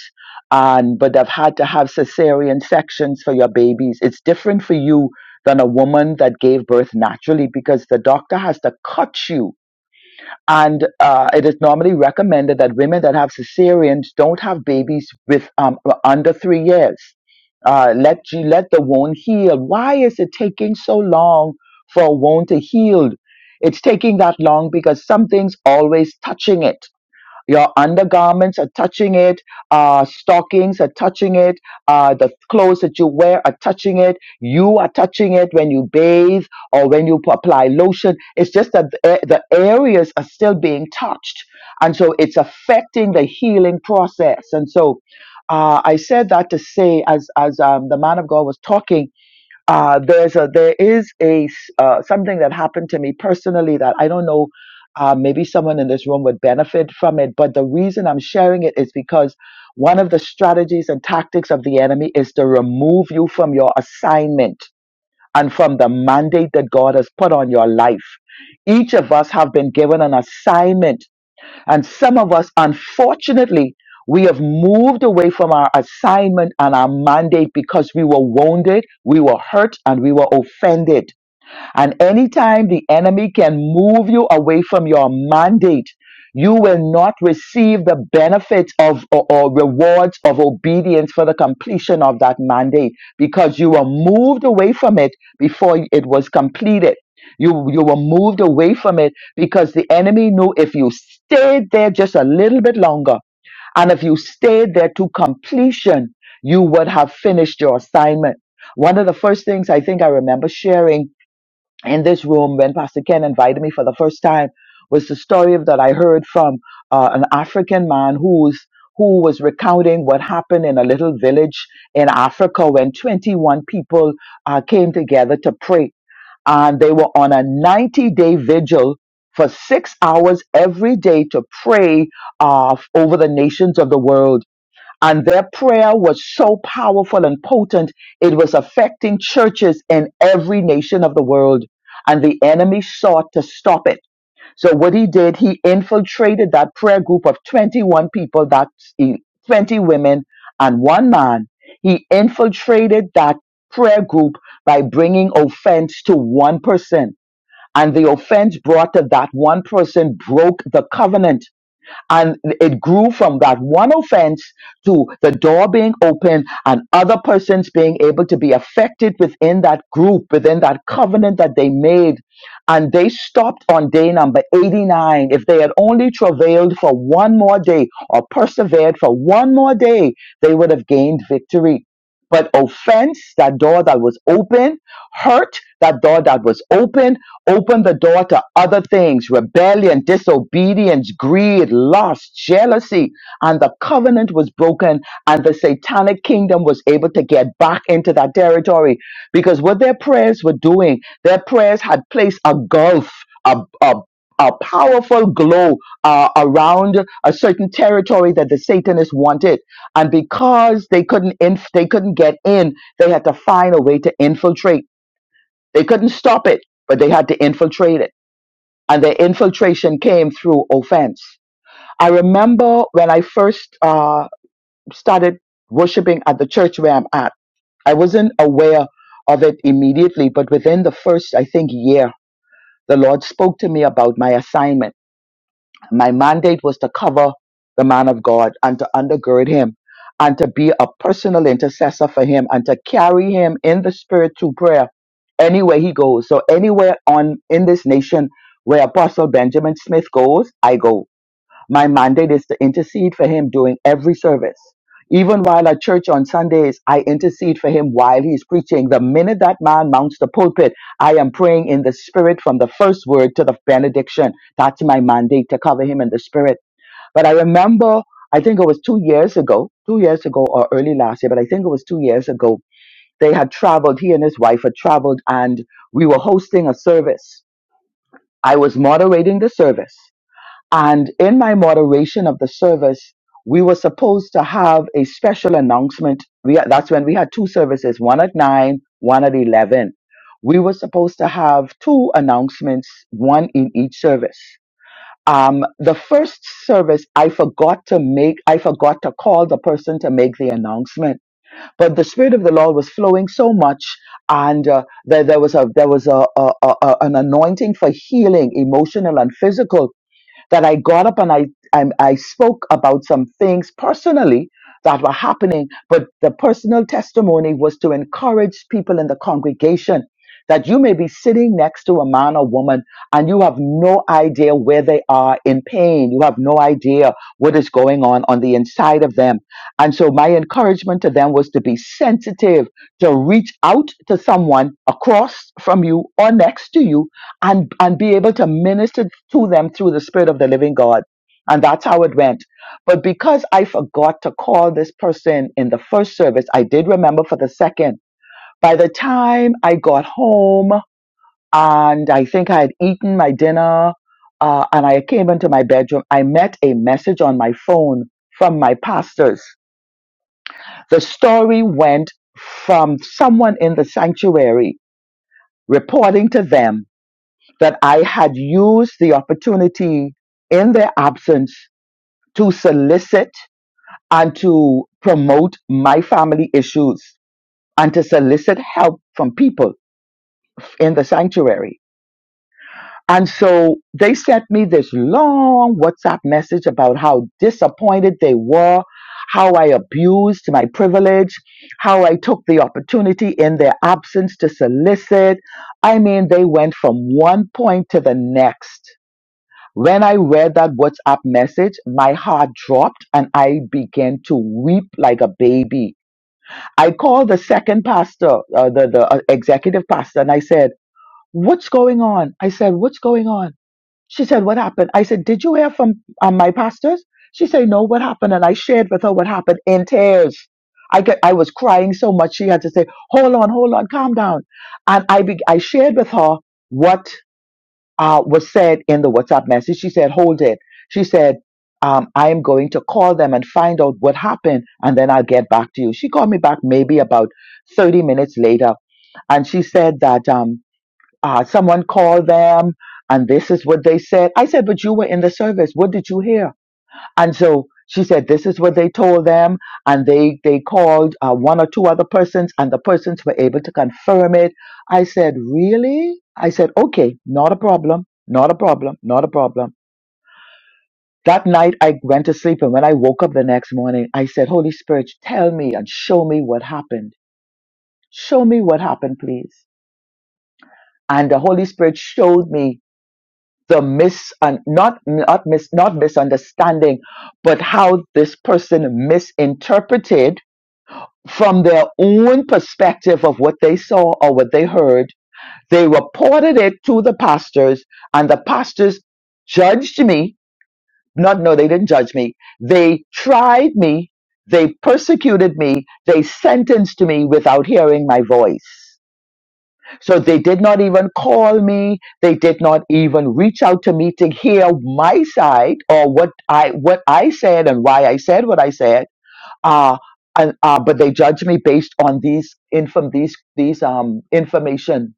Speaker 11: and but they've had to have cesarean sections for your babies, it's different for you than a woman that gave birth naturally because the doctor has to cut you and uh, it is normally recommended that women that have cesareans don't have babies with um, under three years. Uh, let you let the wound heal. Why is it taking so long for a wound to heal? It's taking that long because something's always touching it your undergarments are touching it. Uh, stockings are touching it. Uh, the clothes that you wear are touching it. You are touching it when you bathe or when you apply lotion. It's just that the the areas are still being touched. And so it's affecting the healing process. And so uh, I said that to say, as, as um, the man of God was talking, uh, there's a there is a s- uh, something that happened to me personally that I don't know. Uh, maybe someone in this room would benefit from it, but the reason I'm sharing it is because one of the strategies and tactics of the enemy is to remove you from your assignment and from the mandate that God has put on your life. Each of us have been given an assignment and some of us, unfortunately, we have moved away from our assignment and our mandate because we were wounded, we were hurt, and we were offended. And anytime the enemy can move you away from your mandate, you will not receive the benefits of or, or rewards of obedience for the completion of that mandate because you were moved away from it before it was completed. You, you were moved away from it because the enemy knew if you stayed there just a little bit longer and if you stayed there to completion, you would have finished your assignment. One of the first things I think I remember sharing in this room when Pastor Ken invited me for the first time was the story of, that I heard from uh, an African man who's who was recounting what happened in a little village in Africa when 21 people uh, came together to pray. And they were on a 90 day vigil for six hours every day to pray uh, over the nations of the world and their prayer was so powerful and potent, it was affecting churches in every nation of the world. And the enemy sought to stop it. So what he did, he infiltrated that prayer group of 21 people, that's e- 20 women and one man. He infiltrated that prayer group by bringing offense to one person. And the offense brought to that one person broke the covenant and it grew from that one offense to the door being open and other persons being able to be affected within that group, within that covenant that they made. And they stopped on day number 89. If they had only travailed for one more day or persevered for one more day, they would have gained victory. But offense, that door that was open, hurt, that door that was open, Open the door to other things rebellion, disobedience, greed, lust, jealousy. And the covenant was broken, and the satanic kingdom was able to get back into that territory. Because what their prayers were doing, their prayers had placed a gulf, a, a, a powerful glow uh, around a certain territory that the Satanists wanted. And because they couldn't, inf- they couldn't get in, they had to find a way to infiltrate. They couldn't stop it, but they had to infiltrate it. And their infiltration came through offense. I remember when I first uh, started worshiping at the church where I'm at, I wasn't aware of it immediately, but within the first, I think, year, the Lord spoke to me about my assignment my mandate was to cover the man of God and to undergird him and to be a personal intercessor for him and to carry him in the spirit to prayer anywhere he goes. So anywhere on in this nation where Apostle Benjamin Smith goes, I go. My mandate is to intercede for him during every service. Even while at church on Sundays, I intercede for him while he's preaching. The minute that man mounts the pulpit, I am praying in the spirit from the first word to the benediction. That's my mandate to cover him in the spirit. But I remember, I think it was two years ago, two years ago or early last year, but I think it was two years ago, they had traveled, he and his wife had traveled, and we were hosting a service. I was moderating the service. And in my moderation of the service, we were supposed to have a special announcement. We, that's when we had two services, one at 9, one at 11. We were supposed to have two announcements, one in each service. Um, the first service, I forgot to make, I forgot to call the person to make the announcement. But the Spirit of the Lord was flowing so much, and uh, there, there was, a, there was a, a, a, a- an anointing for healing, emotional and physical that I got up and I, I I spoke about some things personally that were happening, but the personal testimony was to encourage people in the congregation that you may be sitting next to a man or woman and you have no idea where they are in pain. You have no idea what is going on on the inside of them. And so my encouragement to them was to be sensitive, to reach out to someone across from you or next to you and and be able to minister to them through the spirit of the living god and that's how it went but because i forgot to call this person in the first service i did remember for the second by the time i got home and i think i had eaten my dinner uh, and i came into my bedroom i met a message on my phone from my pastors the story went from someone in the sanctuary reporting to them that I had used the opportunity in their absence to solicit and to promote my family issues and to solicit help from people in the sanctuary. And so they sent me this long WhatsApp message about how disappointed they were, how I abused my privilege, how I took the opportunity in their absence to solicit. I mean, they went from one point to the next When I read that WhatsApp message, my heart dropped and I began to weep like a baby. I called the second pastor, uh, the, the uh, executive pastor, and I said, What's going on? I said, What's going on? She said, What happened? I said, Did you hear from um, my pastors? She said, No, what happened? And I shared with her what happened in tears. I, get, I was crying so much, she had to say, Hold on, hold on, calm down. And I, be- I shared with her what uh, was said in the WhatsApp message. She said, hold it. She said, um, I am going to call them and find out what happened and then I'll get back to you. She called me back maybe about 30 minutes later and she said that um, uh, someone called them and this is what they said. I said, but you were in the service. What did you hear? And so she said, this is what they told them. And they, they called uh, one or two other persons and the persons were able to confirm it. I said, really? I said, okay, not a problem, not a problem, not a problem. That night I went to sleep and when I woke up the next morning, I said, Holy Spirit, tell me and show me what happened. Show me what happened, please. And the Holy Spirit showed me the mis, and not, not mis, not misunderstanding, but how this person misinterpreted from their own perspective of what they saw or what they heard. They reported it to the pastors, and the pastors judged me. Not, no, they didn't judge me. They tried me. They persecuted me. They sentenced me without hearing my voice. So they did not even call me. They did not even reach out to me to hear my side or what I, what I said and why I said what I said uh, and, uh, but they judge me based on these inform these these um information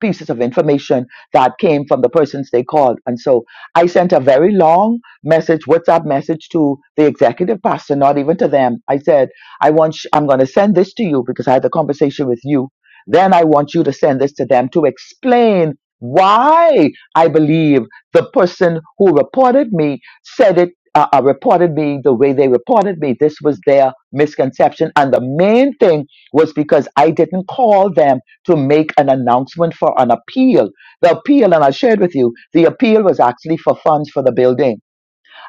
Speaker 11: pieces of information that came from the persons they called and so i sent a very long message whatsapp message to the executive pastor not even to them i said i want sh- i'm going to send this to you because i had the conversation with you then i want you to send this to them to explain why i believe the person who reported me said it uh, uh, reported me the way they reported me. This was their misconception. And the main thing was because I didn't call them to make an announcement for an appeal. The appeal, and I shared with you, the appeal was actually for funds for the building.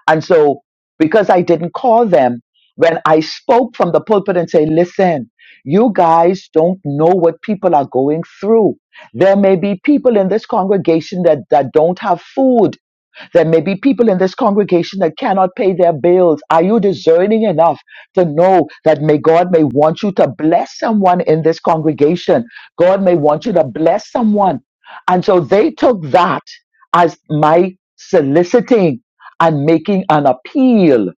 Speaker 11: And so because I didn't call them, when I spoke from the pulpit and say, listen, you guys don't know what people are going through. There may be people in this congregation that, that don't have food there may be people in this congregation that cannot pay their bills. Are you discerning enough to know that may God may want you to bless someone in this congregation? God may want you to bless someone. And so they took that as my soliciting and making an appeal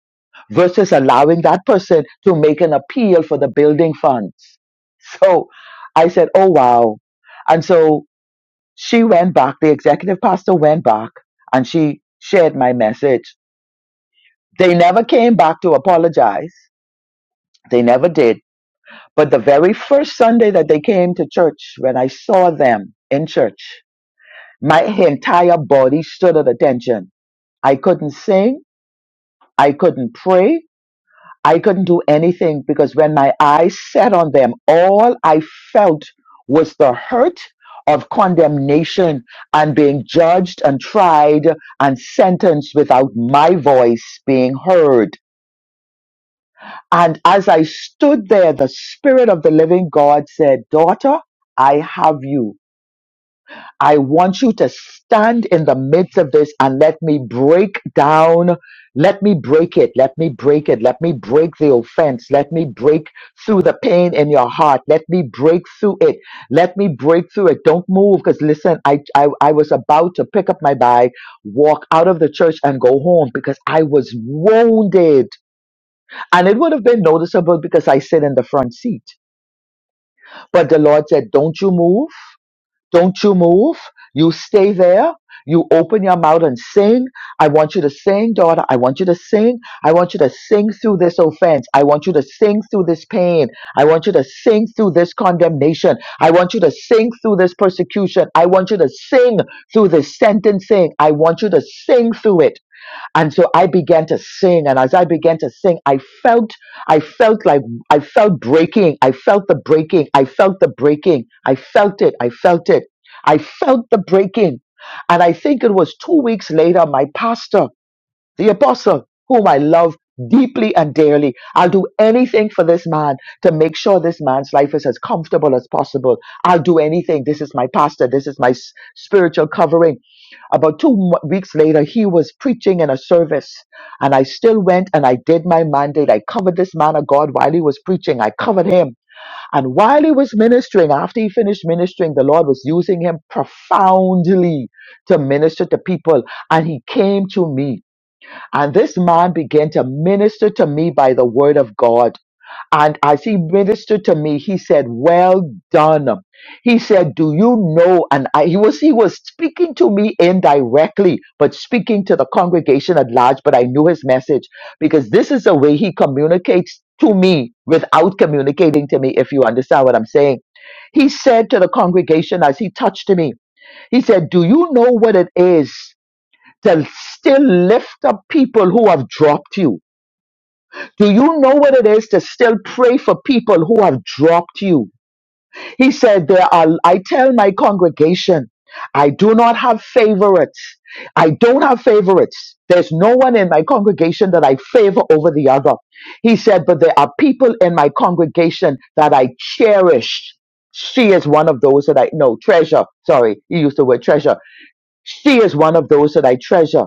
Speaker 11: versus allowing that person to make an appeal for the building funds. So I said, oh, wow. And so she went back, the executive pastor went back, and she shared my message. They never came back to apologize. They never did. But the very first Sunday that they came to church, when I saw them in church, my entire body stood at attention. I couldn't sing. I couldn't pray. I couldn't do anything because when my eyes set on them, all I felt was the hurt of condemnation and being judged and tried and sentenced without my voice being heard. And as I stood there, the Spirit of the Living God said, Daughter, I have you. I want you to stand in the midst of this and let me break down. Let me break it. Let me break it. Let me break the offense. Let me break through the pain in your heart. Let me break through it. Let me break through it. Don't move because listen, I, I, I was about to pick up my bag, walk out of the church and go home because I was wounded. And it would have been noticeable because I sit in the front seat. But the Lord said, don't you move. Don't you move. You stay there. You open your mouth and sing. I want you to sing, daughter. I want you to sing. I want you to sing through this offense. I want you to sing through this pain. I want you to sing through this condemnation. I want you to sing through this persecution. I want you to sing through this sentencing. I want you to sing through it and so i began to sing and as i began to sing i felt i felt like i felt breaking i felt the breaking i felt the breaking i felt it i felt it i felt the breaking and i think it was two weeks later my pastor the apostle whom i love deeply and dearly i'll do anything for this man to make sure this man's life is as comfortable as possible i'll do anything this is my pastor this is my s- spiritual covering about two mo- weeks later, he was preaching in a service, and I still went and I did my mandate. I covered this man of God while he was preaching. I covered him. And while he was ministering, after he finished ministering, the Lord was using him profoundly to minister to people. And he came to me. And this man began to minister to me by the word of God. And as he ministered to me, he said, Well done. He said, Do you know? And I, he was he was speaking to me indirectly, but speaking to the congregation at large, but I knew his message because this is the way he communicates to me without communicating to me, if you understand what I'm saying. He said to the congregation as he touched me, he said, Do you know what it is to still lift up people who have dropped you? Do you know what it is to still pray for people who have dropped you? He said, There are, I tell my congregation, I do not have favorites. I don't have favorites. There's no one in my congregation that I favor over the other. He said, But there are people in my congregation that I cherish. She is one of those that I, no, treasure. Sorry, he used the word treasure. She is one of those that I treasure.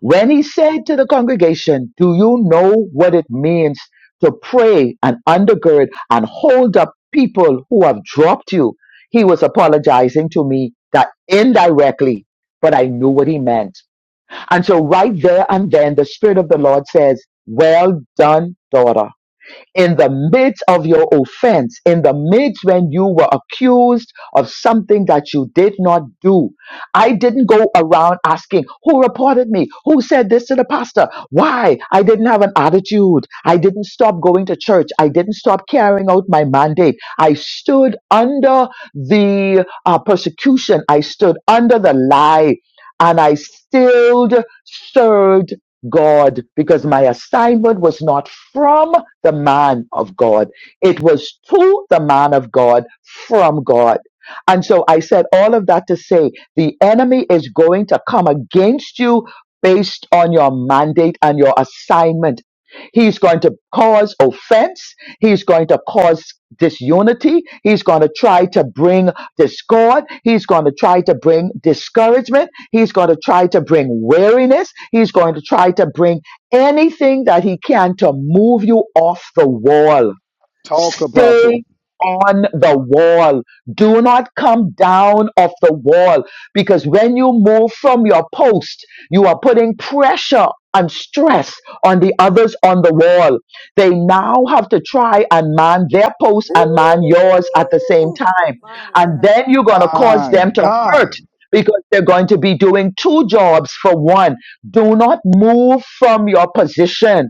Speaker 11: When he said to the congregation, Do you know what it means to pray and undergird and hold up people who have dropped you? He was apologizing to me that indirectly, but I knew what he meant. And so right there and then the Spirit of the Lord says, Well done, daughter in the midst of your offense, in the midst when you were accused of something that you did not do. I didn't go around asking, who reported me? Who said this to the pastor? Why? I didn't have an attitude. I didn't stop going to church. I didn't stop carrying out my mandate. I stood under the uh, persecution. I stood under the lie and I still served God because my assignment was not from the man of God. It was to the man of God from God. And so I said all of that to say the enemy is going to come against you based on your mandate and your assignment. He's going to cause offense. He's going to cause disunity. He's going to try to bring discord. He's going to try to bring discouragement. He's going to try to bring weariness. He's going to try to bring anything that he can to move you off the wall
Speaker 1: talk apostle.
Speaker 11: Stay on the wall. Do not come down off the wall because when you move from your post, you are putting pressure and stress on the others on the wall. They now have to try and man their post and man yours at the same
Speaker 10: Ooh,
Speaker 11: time.
Speaker 10: my God.
Speaker 11: And then you're going to cause
Speaker 1: My
Speaker 11: them to hurt
Speaker 1: God,
Speaker 11: because they're going to be doing two jobs for one. Do not move from your position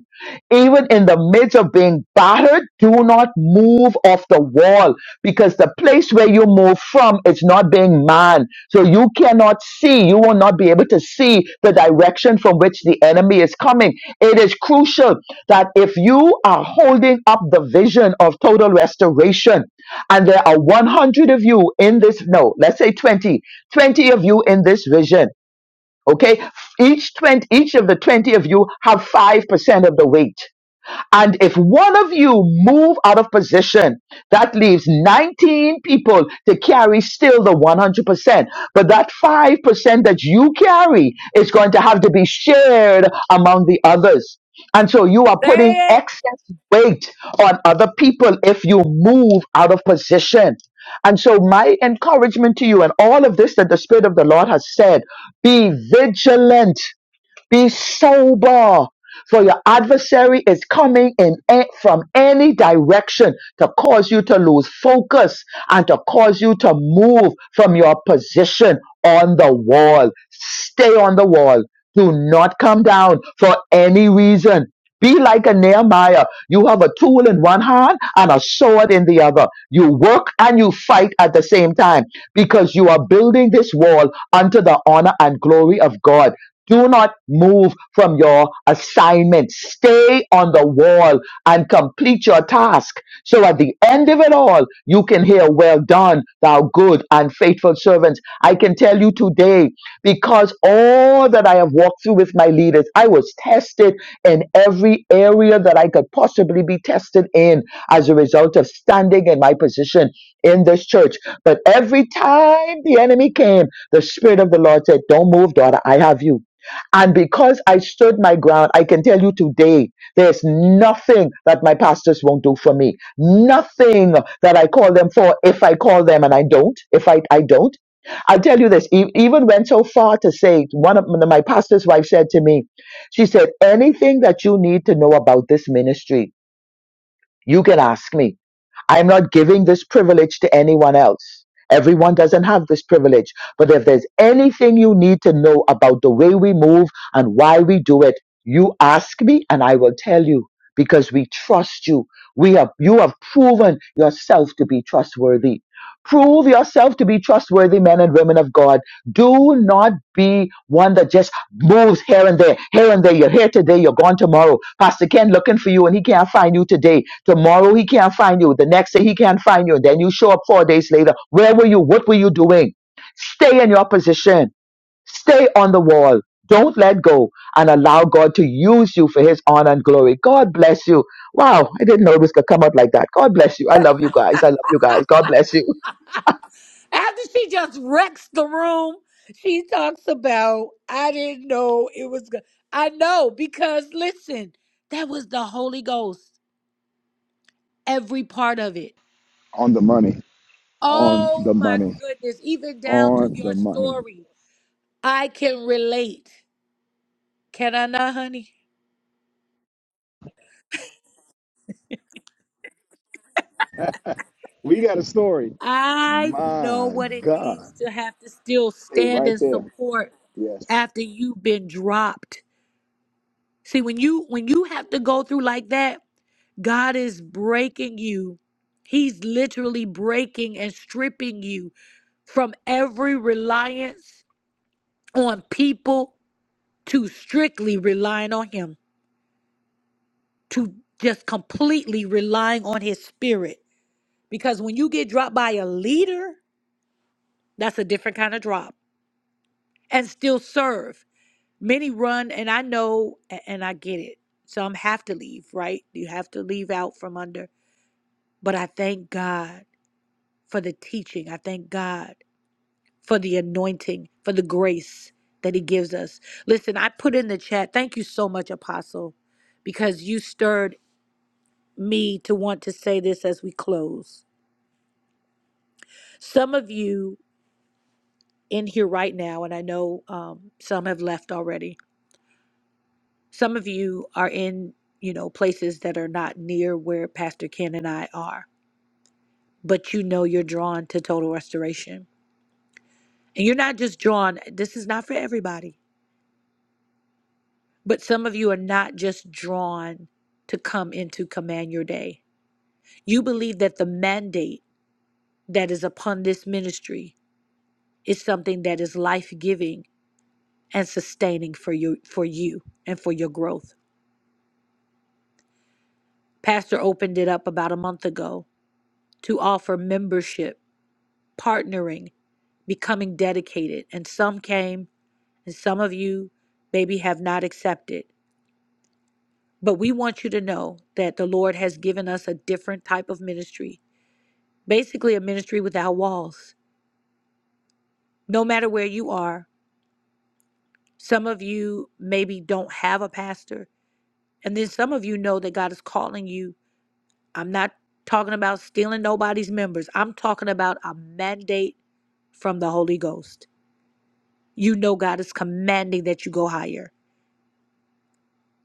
Speaker 11: even in the midst of being battered, do not move off the wall because the place where you move from is not being manned. So you cannot see, you will not be able to see the direction from which the enemy is coming. It is crucial that if you are holding up the vision of total restoration and there are 100 of you in this, no, let's say 20, 20 of you in this vision. Okay, each 20, each of the 20 of you have 5% of the weight and if one of you move out of position, that leaves 19 people to carry still the 100%. But that 5% that you carry is going to have to be shared among the others. And so you are putting
Speaker 10: Say it.
Speaker 11: excess weight on other people if you move out of position. And so my encouragement to you and all of this that the Spirit of the Lord has said, be vigilant be sober, for your adversary is coming in a- from any direction to cause you to lose focus and to cause you to move from your position on the wall. Stay on the wall. Do not come down for any reason. Be like a Nehemiah. You have a tool in one hand and a sword in the other. You work and you fight at the same time because you are building this wall unto the honor and glory of God. Do not move from your assignment. Stay on the wall and complete your task. So at the end of it all, you can hear, Well done, thou good and faithful servant. I can tell you today, because all that I have walked through with my leaders, I was tested in every area that I could possibly be tested in as a result of standing in my position in this church. But every time the enemy came, the Spirit of the Lord said, Don't move, daughter, I have you. And because I stood my ground, I can tell you today, there's nothing that my pastors won't do for me. Nothing that I call them for if I call them and I don't, if I, I don't. I'll tell you this, e- even went so far to say, one of my pastor's wife said to me, she said, anything that you need to know about this ministry, you can ask me. I'm not giving this privilege to anyone else. Everyone doesn't have this privilege. But if there's anything you need to know about the way we move and why we do it, you ask me and I will tell you because we trust you. We have, you have proven yourself to be trustworthy. Prove yourself to be trustworthy men and women of God. Do not be one that just moves here and there, here and there. You're here today, you're gone tomorrow. Pastor Ken looking for you and he can't find you today. Tomorrow he can't find you. The next day he can't find you. And then you show up four days later. Where were you? What were you doing? Stay in your position. Stay on the wall. Don't let go and allow God to use you for his honor and glory. God bless you. Wow, I didn't know this could come up like that. God bless you. I love you guys. I love you
Speaker 10: Ah,
Speaker 11: guys. God bless you.
Speaker 10: After she just wrecks the room, she talks about, I didn't know it was good. I know because listen, that was the Holy Ghost, every part of it.
Speaker 1: on the money. on
Speaker 10: Oh
Speaker 1: the
Speaker 10: my
Speaker 1: money,
Speaker 10: goodness, even down to
Speaker 1: on
Speaker 10: your
Speaker 1: the money.
Speaker 10: story. I can relate. Can I not, honey?
Speaker 1: We got a story.
Speaker 10: I know
Speaker 1: My
Speaker 10: what it means
Speaker 1: God,
Speaker 10: to have to still
Speaker 1: stay
Speaker 10: stand
Speaker 1: right
Speaker 10: and
Speaker 1: there.
Speaker 10: support
Speaker 1: Yes.
Speaker 10: after you've been dropped. See, when you when you have to go through like that, God is breaking you. He's literally breaking and stripping you from every reliance on people to strictly relying on him, to just completely relying on his spirit. Because when you get dropped by a leader, that's a different kind of drop and still serve. Many run and I know a- and I get it. Some have to leave, right? You have to leave out from under But I thank God for the teaching. I thank God for the anointing, for the grace that He gives us. Listen, I put in the chat, thank you so much, Apostle, because you stirred me to want to say this as we close. Some of you in here right now, and I know um, some have left already, some of you are in, you know, places that are not near where Pastor Ken and I are, but you know you're drawn to total restoration. And you're not just drawn, this is not for everybody But some of you are not just drawn to come into command your day. You believe that the mandate that is upon this ministry is something that is life-giving and sustaining for you for you and for your growth. Pastor opened it up about a month ago to offer membership, partnering, becoming dedicated, and some came and some of you maybe have not accepted. But we want you to know that the Lord has given us a different type of ministry basically a ministry without walls. No matter where you are, some of you maybe don't have a pastor, and then some of you know that God is calling you. I'm not talking about stealing nobody's members, I'm talking about a mandate from the Holy Ghost. You know, God is commanding that you go higher.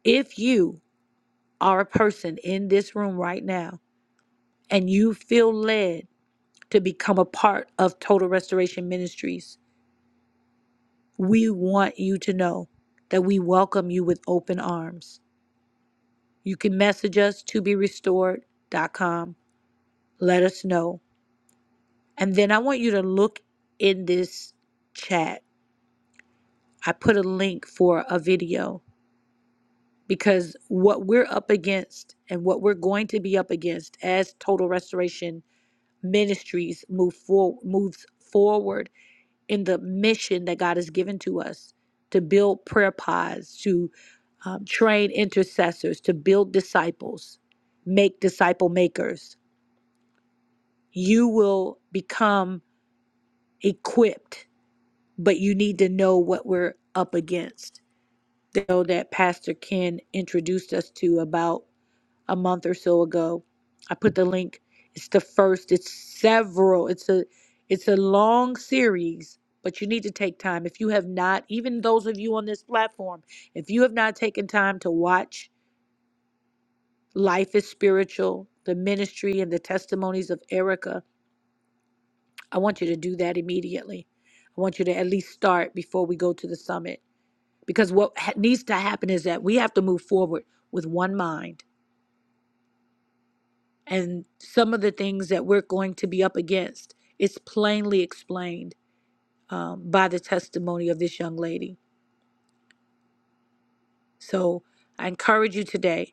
Speaker 10: If you are a person in this room right now and you feel led to become a part of Total Restoration Ministries, We want you to know that we welcome you with open arms. You can message us to be restored dot com. Let us know. And then I want you to look in this chat. I put a link for a video because what we're up against and what we're going to be up against as Total Restoration Ministries move for, moves forward in the mission that God has given to us to build prayer pods, to. um, train intercessors to build disciples, make disciple makers. You will become equipped, but you need to know what we're up against. Though that Pastor Ken introduced us to about a month or so ago, I put the link. It's the first. It's several. It's a it's a long series, but you need to take time. If you have not, even those of you on this platform, if you have not taken time to watch Life is spiritual, the ministry and the testimonies of Erica. I want you to do that immediately. I want you to at least start before we go to the summit because what ha- needs to happen is that we have to move forward with one mind. And some of the things that we're going to be up against is plainly explained um, by the testimony of this young lady. So I encourage you today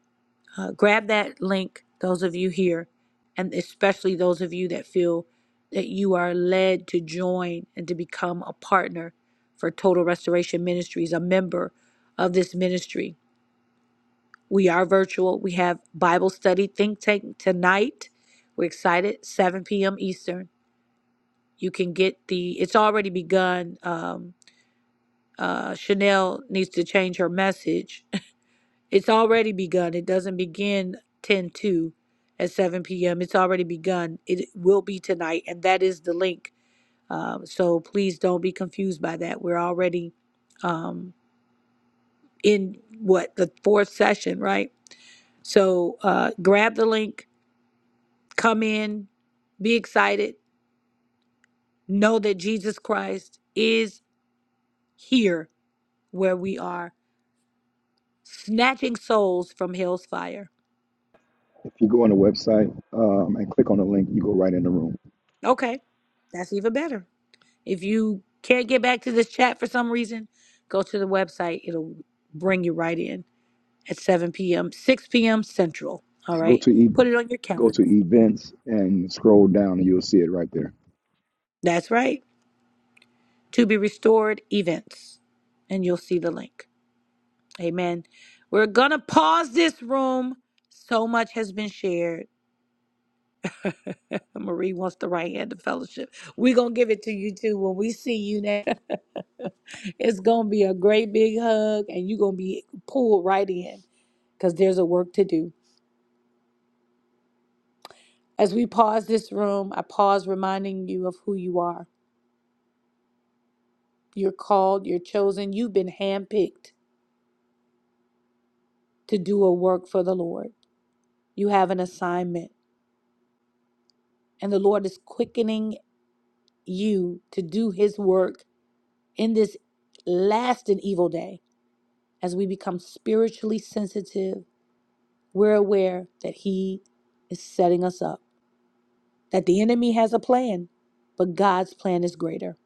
Speaker 10: uh, grab that link, those of you here, and especially those of you that feel that you are led to join and to become a partner for Total Restoration Ministries, a member of this ministry. We are virtual. We have Bible study think tank tonight. We're excited. 7 p.m. Eastern. You can get the. It's already begun. Um, uh, Chanel needs to change her message It's already begun. It doesn't begin 10:2 at 7 p.m. It's already begun. It will be tonight, and that is the link. Um, so please don't be confused by that. We're already um, in what the fourth session, right? So uh, grab the link, come in, be excited, know that Jesus Christ is here where we are, snatching souls from hell's fire.
Speaker 1: If you go on the website um, and click on the link, you go right in the room.
Speaker 10: Okay, that's even better. If you can't get back to this chat for some reason, go to the website. It'll bring you right in at 7 p.m., 6 p.m. Central. All
Speaker 1: You go
Speaker 10: right.
Speaker 1: to
Speaker 10: Put
Speaker 1: e-
Speaker 10: it on your
Speaker 1: go to
Speaker 10: calendar.
Speaker 1: events and scroll down, and you'll see it right there.
Speaker 10: That's right. To be restored events. And you'll see the link. Amen. We're going to pause this room. So much has been shared. [LAUGHS] Marie wants the right hand of fellowship. We're going to give it to you too when we see you next. [LAUGHS] it's going to be a great big hug, and you're going to be pulled right in. because there's a work to do. As we pause this room, I pause reminding you of who you are. You're called, you're chosen, you've been handpicked to do a work for the Lord. You have an assignment, and the Lord is quickening you to do his work in this last and evil day. As we become spiritually sensitive, we're aware that he is setting us up, that the enemy has a plan, but God's plan is greater.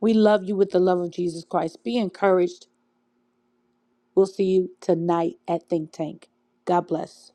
Speaker 10: We love you with the love of Jesus Christ. Be encouraged We'll see you tonight at Think Tank. God bless.